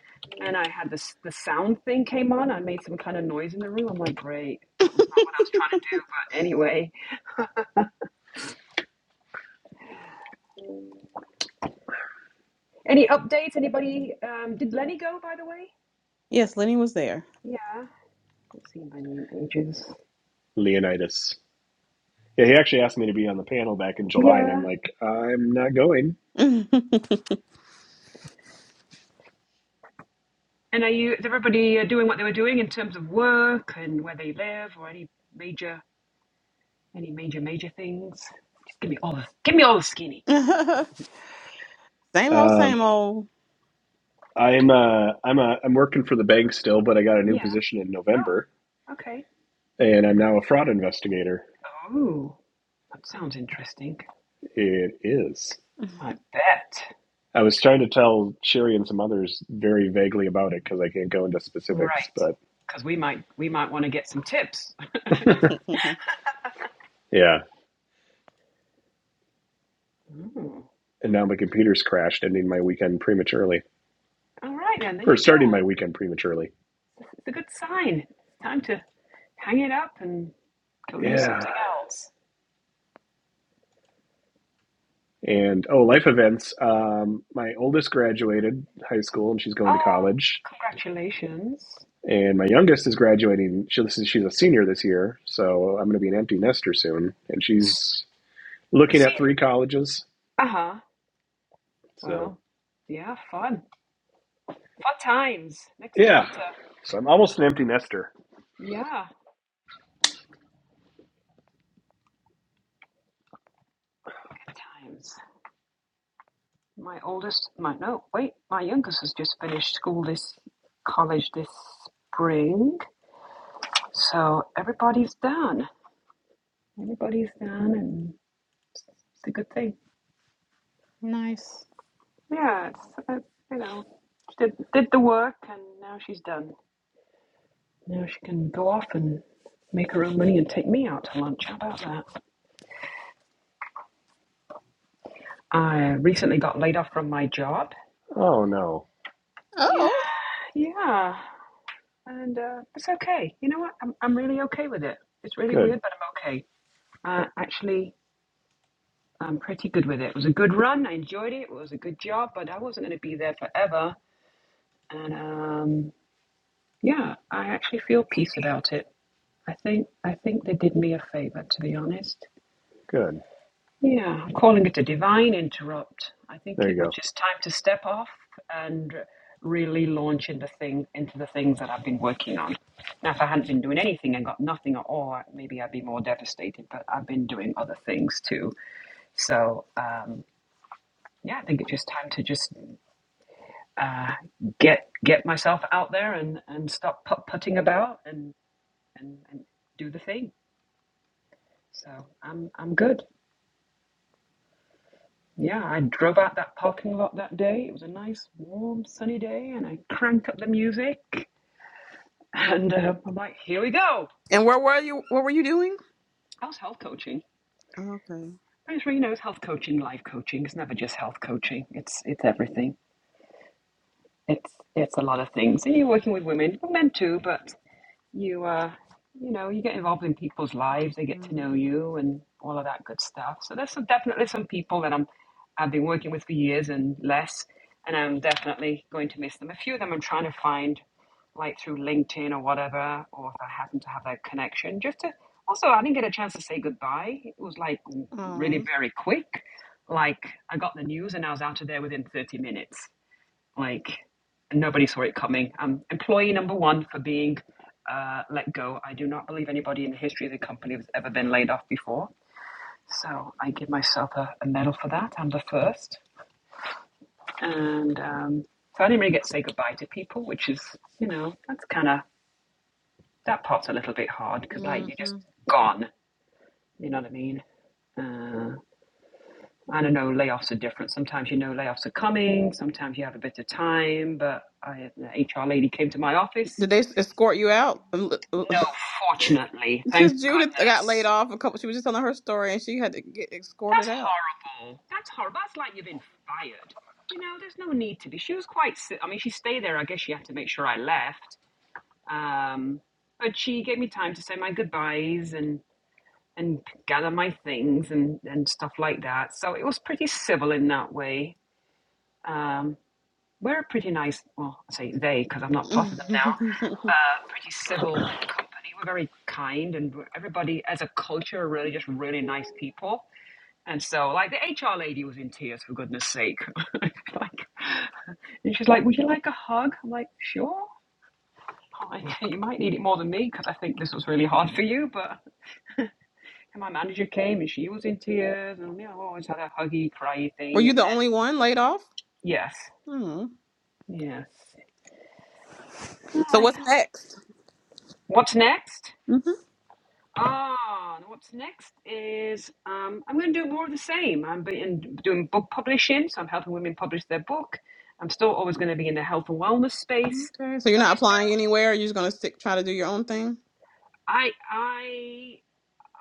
S9: and I had this the sound thing came on. I made some kind of noise in the room. I'm like, great, that was not what I was trying to do. But anyway, Any updates? Anybody? Um, did Lenny go, by the way?
S5: Yes, Lenny was there.
S9: Yeah, I haven't seen Lenny in ages.
S3: Leonidas. Yeah, he actually asked me to be on the panel back in July, and I'm
S9: Yeah.
S3: like, I'm not going.
S9: And are you? Is everybody uh, doing what they were doing in terms of work and where they live, or any major, any major, major things? Just give me all the, give me all the skinny.
S5: same old, same
S3: Um,
S5: old.
S3: I'm uh, I'm a, I'm working for the bank still, but I got a new
S9: Yeah.
S3: position in
S9: Oh,
S3: November,
S9: okay.
S3: and I'm now a fraud investigator.
S9: Oh, that sounds interesting.
S3: It is.
S9: I bet.
S3: I was trying to tell Sherry and some others very vaguely about it because I can't go into
S9: Right.
S3: specifics, but
S9: Because we might, we might want to get some tips.
S3: yeah,
S9: Mm.
S3: and now my computer's crashed, ending my weekend prematurely
S9: All right then. There you
S3: or
S9: go.
S3: starting my weekend prematurely.
S9: It's a good sign. It's time to hang it up and go do
S3: Yeah.
S9: something else.
S3: And oh, life events. Um, my oldest graduated high school and she's
S9: Ah,
S3: going to
S9: oh,
S3: college,
S9: congratulations.
S3: and my youngest is graduating. She, she's a senior this year, so I'm going to be an empty nester soon, and she's looking
S9: See,
S3: at three colleges.
S9: uh huh.
S3: So
S9: Well, yeah, fun. Fun times. Next
S3: yeah,
S9: chapter.
S3: so I'm almost an empty nester.
S9: Yeah, good times. My oldest, my, no, wait, my youngest has just finished school this, college this spring. So everybody's done. Everybody's done, and it's a good thing.
S5: nice.
S9: Yes, it's, it's, you know, she did did the work, and now she's done. Now she can go off and make her own money and take me out to lunch. How about that? I recently got laid off from my job.
S3: Oh no,
S5: Oh.
S9: Yeah, yeah, and uh, it's okay. You know what? I'm I'm really okay with it. It's really
S3: good,
S9: weird, but I'm okay. Uh, actually, I'm pretty good with it. It was a good run. I enjoyed it. It was a good job, but I wasn't going to be there forever. And um, yeah, I actually feel peace about it. I think I think they did me a favor, to be honest.
S3: good.
S9: Yeah, I'm calling it a divine interrupt. I think
S3: There
S9: it was
S3: you
S9: just time to step off and really launch into thing into the things that I've been working on. Now, if I hadn't been doing anything and got nothing at all, maybe I'd be more devastated. But I've been doing other things too. So um, yeah, I think it's just time to just uh, get get myself out there and and stop putt putting about and and and do the thing. So I'm I'm good. Yeah, I drove out that parking lot that day. It was a nice, warm, sunny day, and I cranked up the music. And uh, I'm like, here we go.
S5: And where were you? What were you doing?
S9: How's health coaching?
S5: Okay.
S9: Thanks, you knows health coaching, life coaching. It's never just health coaching. It's it's everything. It's it's a lot of things. And you're working with women, well, men too, but you uh you know you get involved in people's lives they get to know
S5: Mm-hmm.
S9: you and all of that good stuff so there's some, definitely some people that i'm i've been working with for years and less and i'm definitely going to miss them a few of them i'm trying to find like through linkedin or whatever or if i happen to have that connection just to also i didn't get a chance to say goodbye it was like really
S5: Oh.
S9: very quick like i got the news and i was out of there within 30 minutes like nobody saw it coming. i employee number one for being uh, let go. I do not believe anybody in the history of the company has ever been laid off before. So I give myself a, a medal for that. I'm the first. And um, so I didn't really get to say goodbye to people, which is, you know, that's kind of, that part's a little bit hard because, like, you're
S5: hmm
S9: just gone. You know what I mean? Uh, I don't know, layoffs are different. Sometimes you know layoffs are coming, sometimes you have a bit of time. But I, the HR lady came to my office
S5: Did they escort you out?
S9: No, fortunately. Thank
S5: Because Judith got laid
S9: goodness.
S5: off a couple. She was just telling her story, and she had to get escorted
S9: That's
S5: out.
S9: horrible. That's horrible. That's like you've been fired. You know, there's no need to be. She was quite si I mean, she stayed there. I guess she had to make sure I left. Um, but she gave me time to say my goodbyes and and gather my things and and stuff like that. So it was pretty civil in that way. Um, we're a pretty nice, well, I say they because I'm not
S5: were
S9: part of them now, uh, pretty civil company. We're very kind and we're- everybody as a culture are really just really nice people. And so like the HR lady was in tears for goodness sake. like, and she's like, would you like a hug? I'm like, sure. Oh, okay, you might need it more than me because I think this was really hard for you. But and my manager came and she was in tears and you know, always had a huggy, cryy thing.
S5: you
S9: And then,
S5: the only one laid off?
S9: yes,
S5: Hmm.
S9: yes. I'm
S5: So
S9: like,
S5: what's next?
S9: what's next?
S5: hmm
S9: Ah, and what's next is um, I'm going to do more of the same. I'm being, doing book publishing, so I'm helping women publish their book. I'm still always going to be in the health and wellness space.
S5: Okay. So you're
S9: So I
S5: not
S9: just
S5: applying
S9: do.
S5: anywhere. Or You're just gonna stick, try to do your own thing.
S9: I I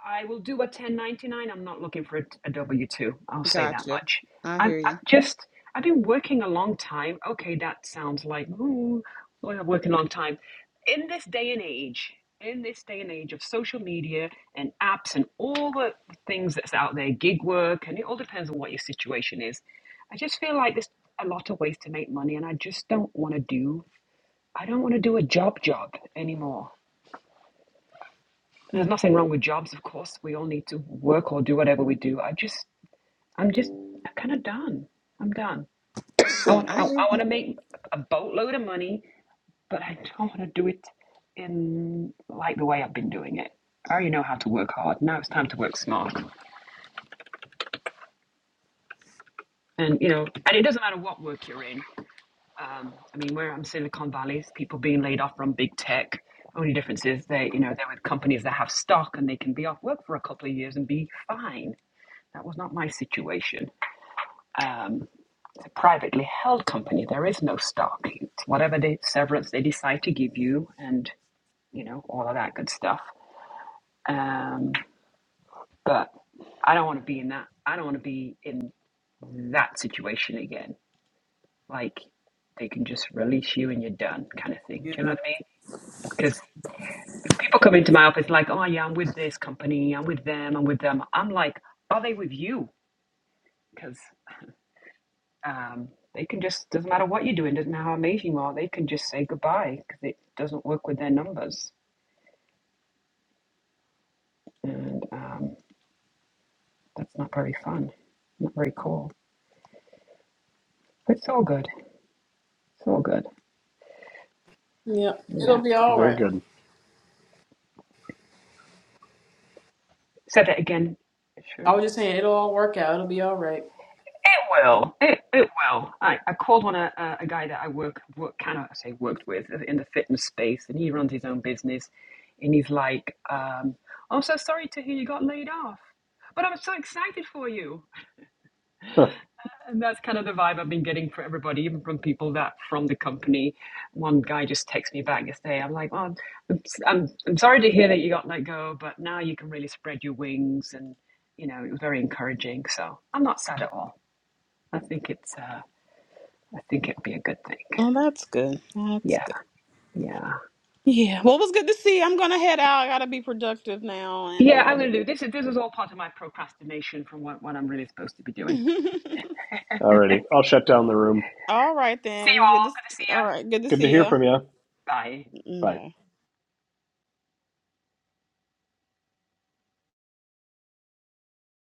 S9: I will do a 1099. I'm not looking for a, a W 2. I'll say that
S5: Gotcha.
S9: much.
S5: I
S9: I'm,
S5: hear
S9: I'm
S5: you.
S9: just, I've been working a long time. Okay, that sounds like, ooh, well, I'm working a long time. In this day and age, in this day and age of social media and apps and all the things that's out there, gig work, and it all depends on what your situation is. I just feel like there's a lot of ways to make money, and I just don't want to do, I don't want to do a job job anymore. There's nothing wrong with jobs, of course. We all need to work or do whatever we do. I just, I'm just,
S3: go.
S9: I'm kind of done. I'm done. I want, I,
S5: I
S9: I
S5: hear
S9: want
S5: you.
S9: to make a boatload of money, but I don't want to do it in like the way I've been doing it. I already know how to work hard. Now it's time to work smart. And you know, and it doesn't matter what work you're in. Um, I mean, where I'm Silicon Valley, is people being laid off from big tech. Only difference is they, you know, they're with companies that have stock and they can be off work for a couple of years and be fine. That was not my situation. um, it's a privately held company. There is no stock. It's whatever the severance they decide to give you, and you know all of that good stuff. Um, but I don't want to be in that. I don't want to be in that situation again. Like they can just release you and you're done, kind of thing. Do you know
S5: Yeah.
S9: what I mean? Because people come into my office like, oh yeah, I'm with this company, I'm with them, I'm with them. I'm like, are they with you? Because Um, they can just doesn't matter what you're doing, doesn't matter how amazing you are, they can just say goodbye because it doesn't work with their numbers, and um, that's not very fun, not very cool. But it's all good. It's all good.
S5: Yeah, it'll
S9: Yeah.
S5: be all
S3: Very
S5: right.
S3: good.
S9: said that again, Sheree.
S5: I'll all work it.
S9: It will. It, it will. I, I called on a, a a guy that I work work kind of I say worked with in the fitness space, and he runs his own business, and he's like, um, "I'm so sorry to hear you got laid off, but I'm so excited for you." And that's kind of the vibe I've been getting from everybody, even from people that from the company. One guy just texted me back yesterday. I'm like, well, I'm, I'm, I'm sorry to hear that you got let go, but now you can really spread your wings. And, you know, it was very encouraging. So I'm not sad at all. I think it's, uh, I think it'd be a good thing.
S5: Oh, that's good.
S9: Yeah,
S5: That's good.
S9: yeah.
S5: Yeah. Well, it was good to see. you. I'm gonna head out. I gotta be productive now. And
S9: Yeah, I'm
S5: um.
S9: going to do this. This is all part of my procrastination from what, what I'm really supposed to be doing.
S3: Alrighty, I'll shut down the room.
S5: all right
S9: See you
S5: then. Good to.
S9: all. Good to see
S5: All
S9: you.
S5: right. Good to
S3: Good to
S5: see
S3: hear
S5: you.
S3: from you.
S9: Bye.
S3: Bye.
S5: Bye.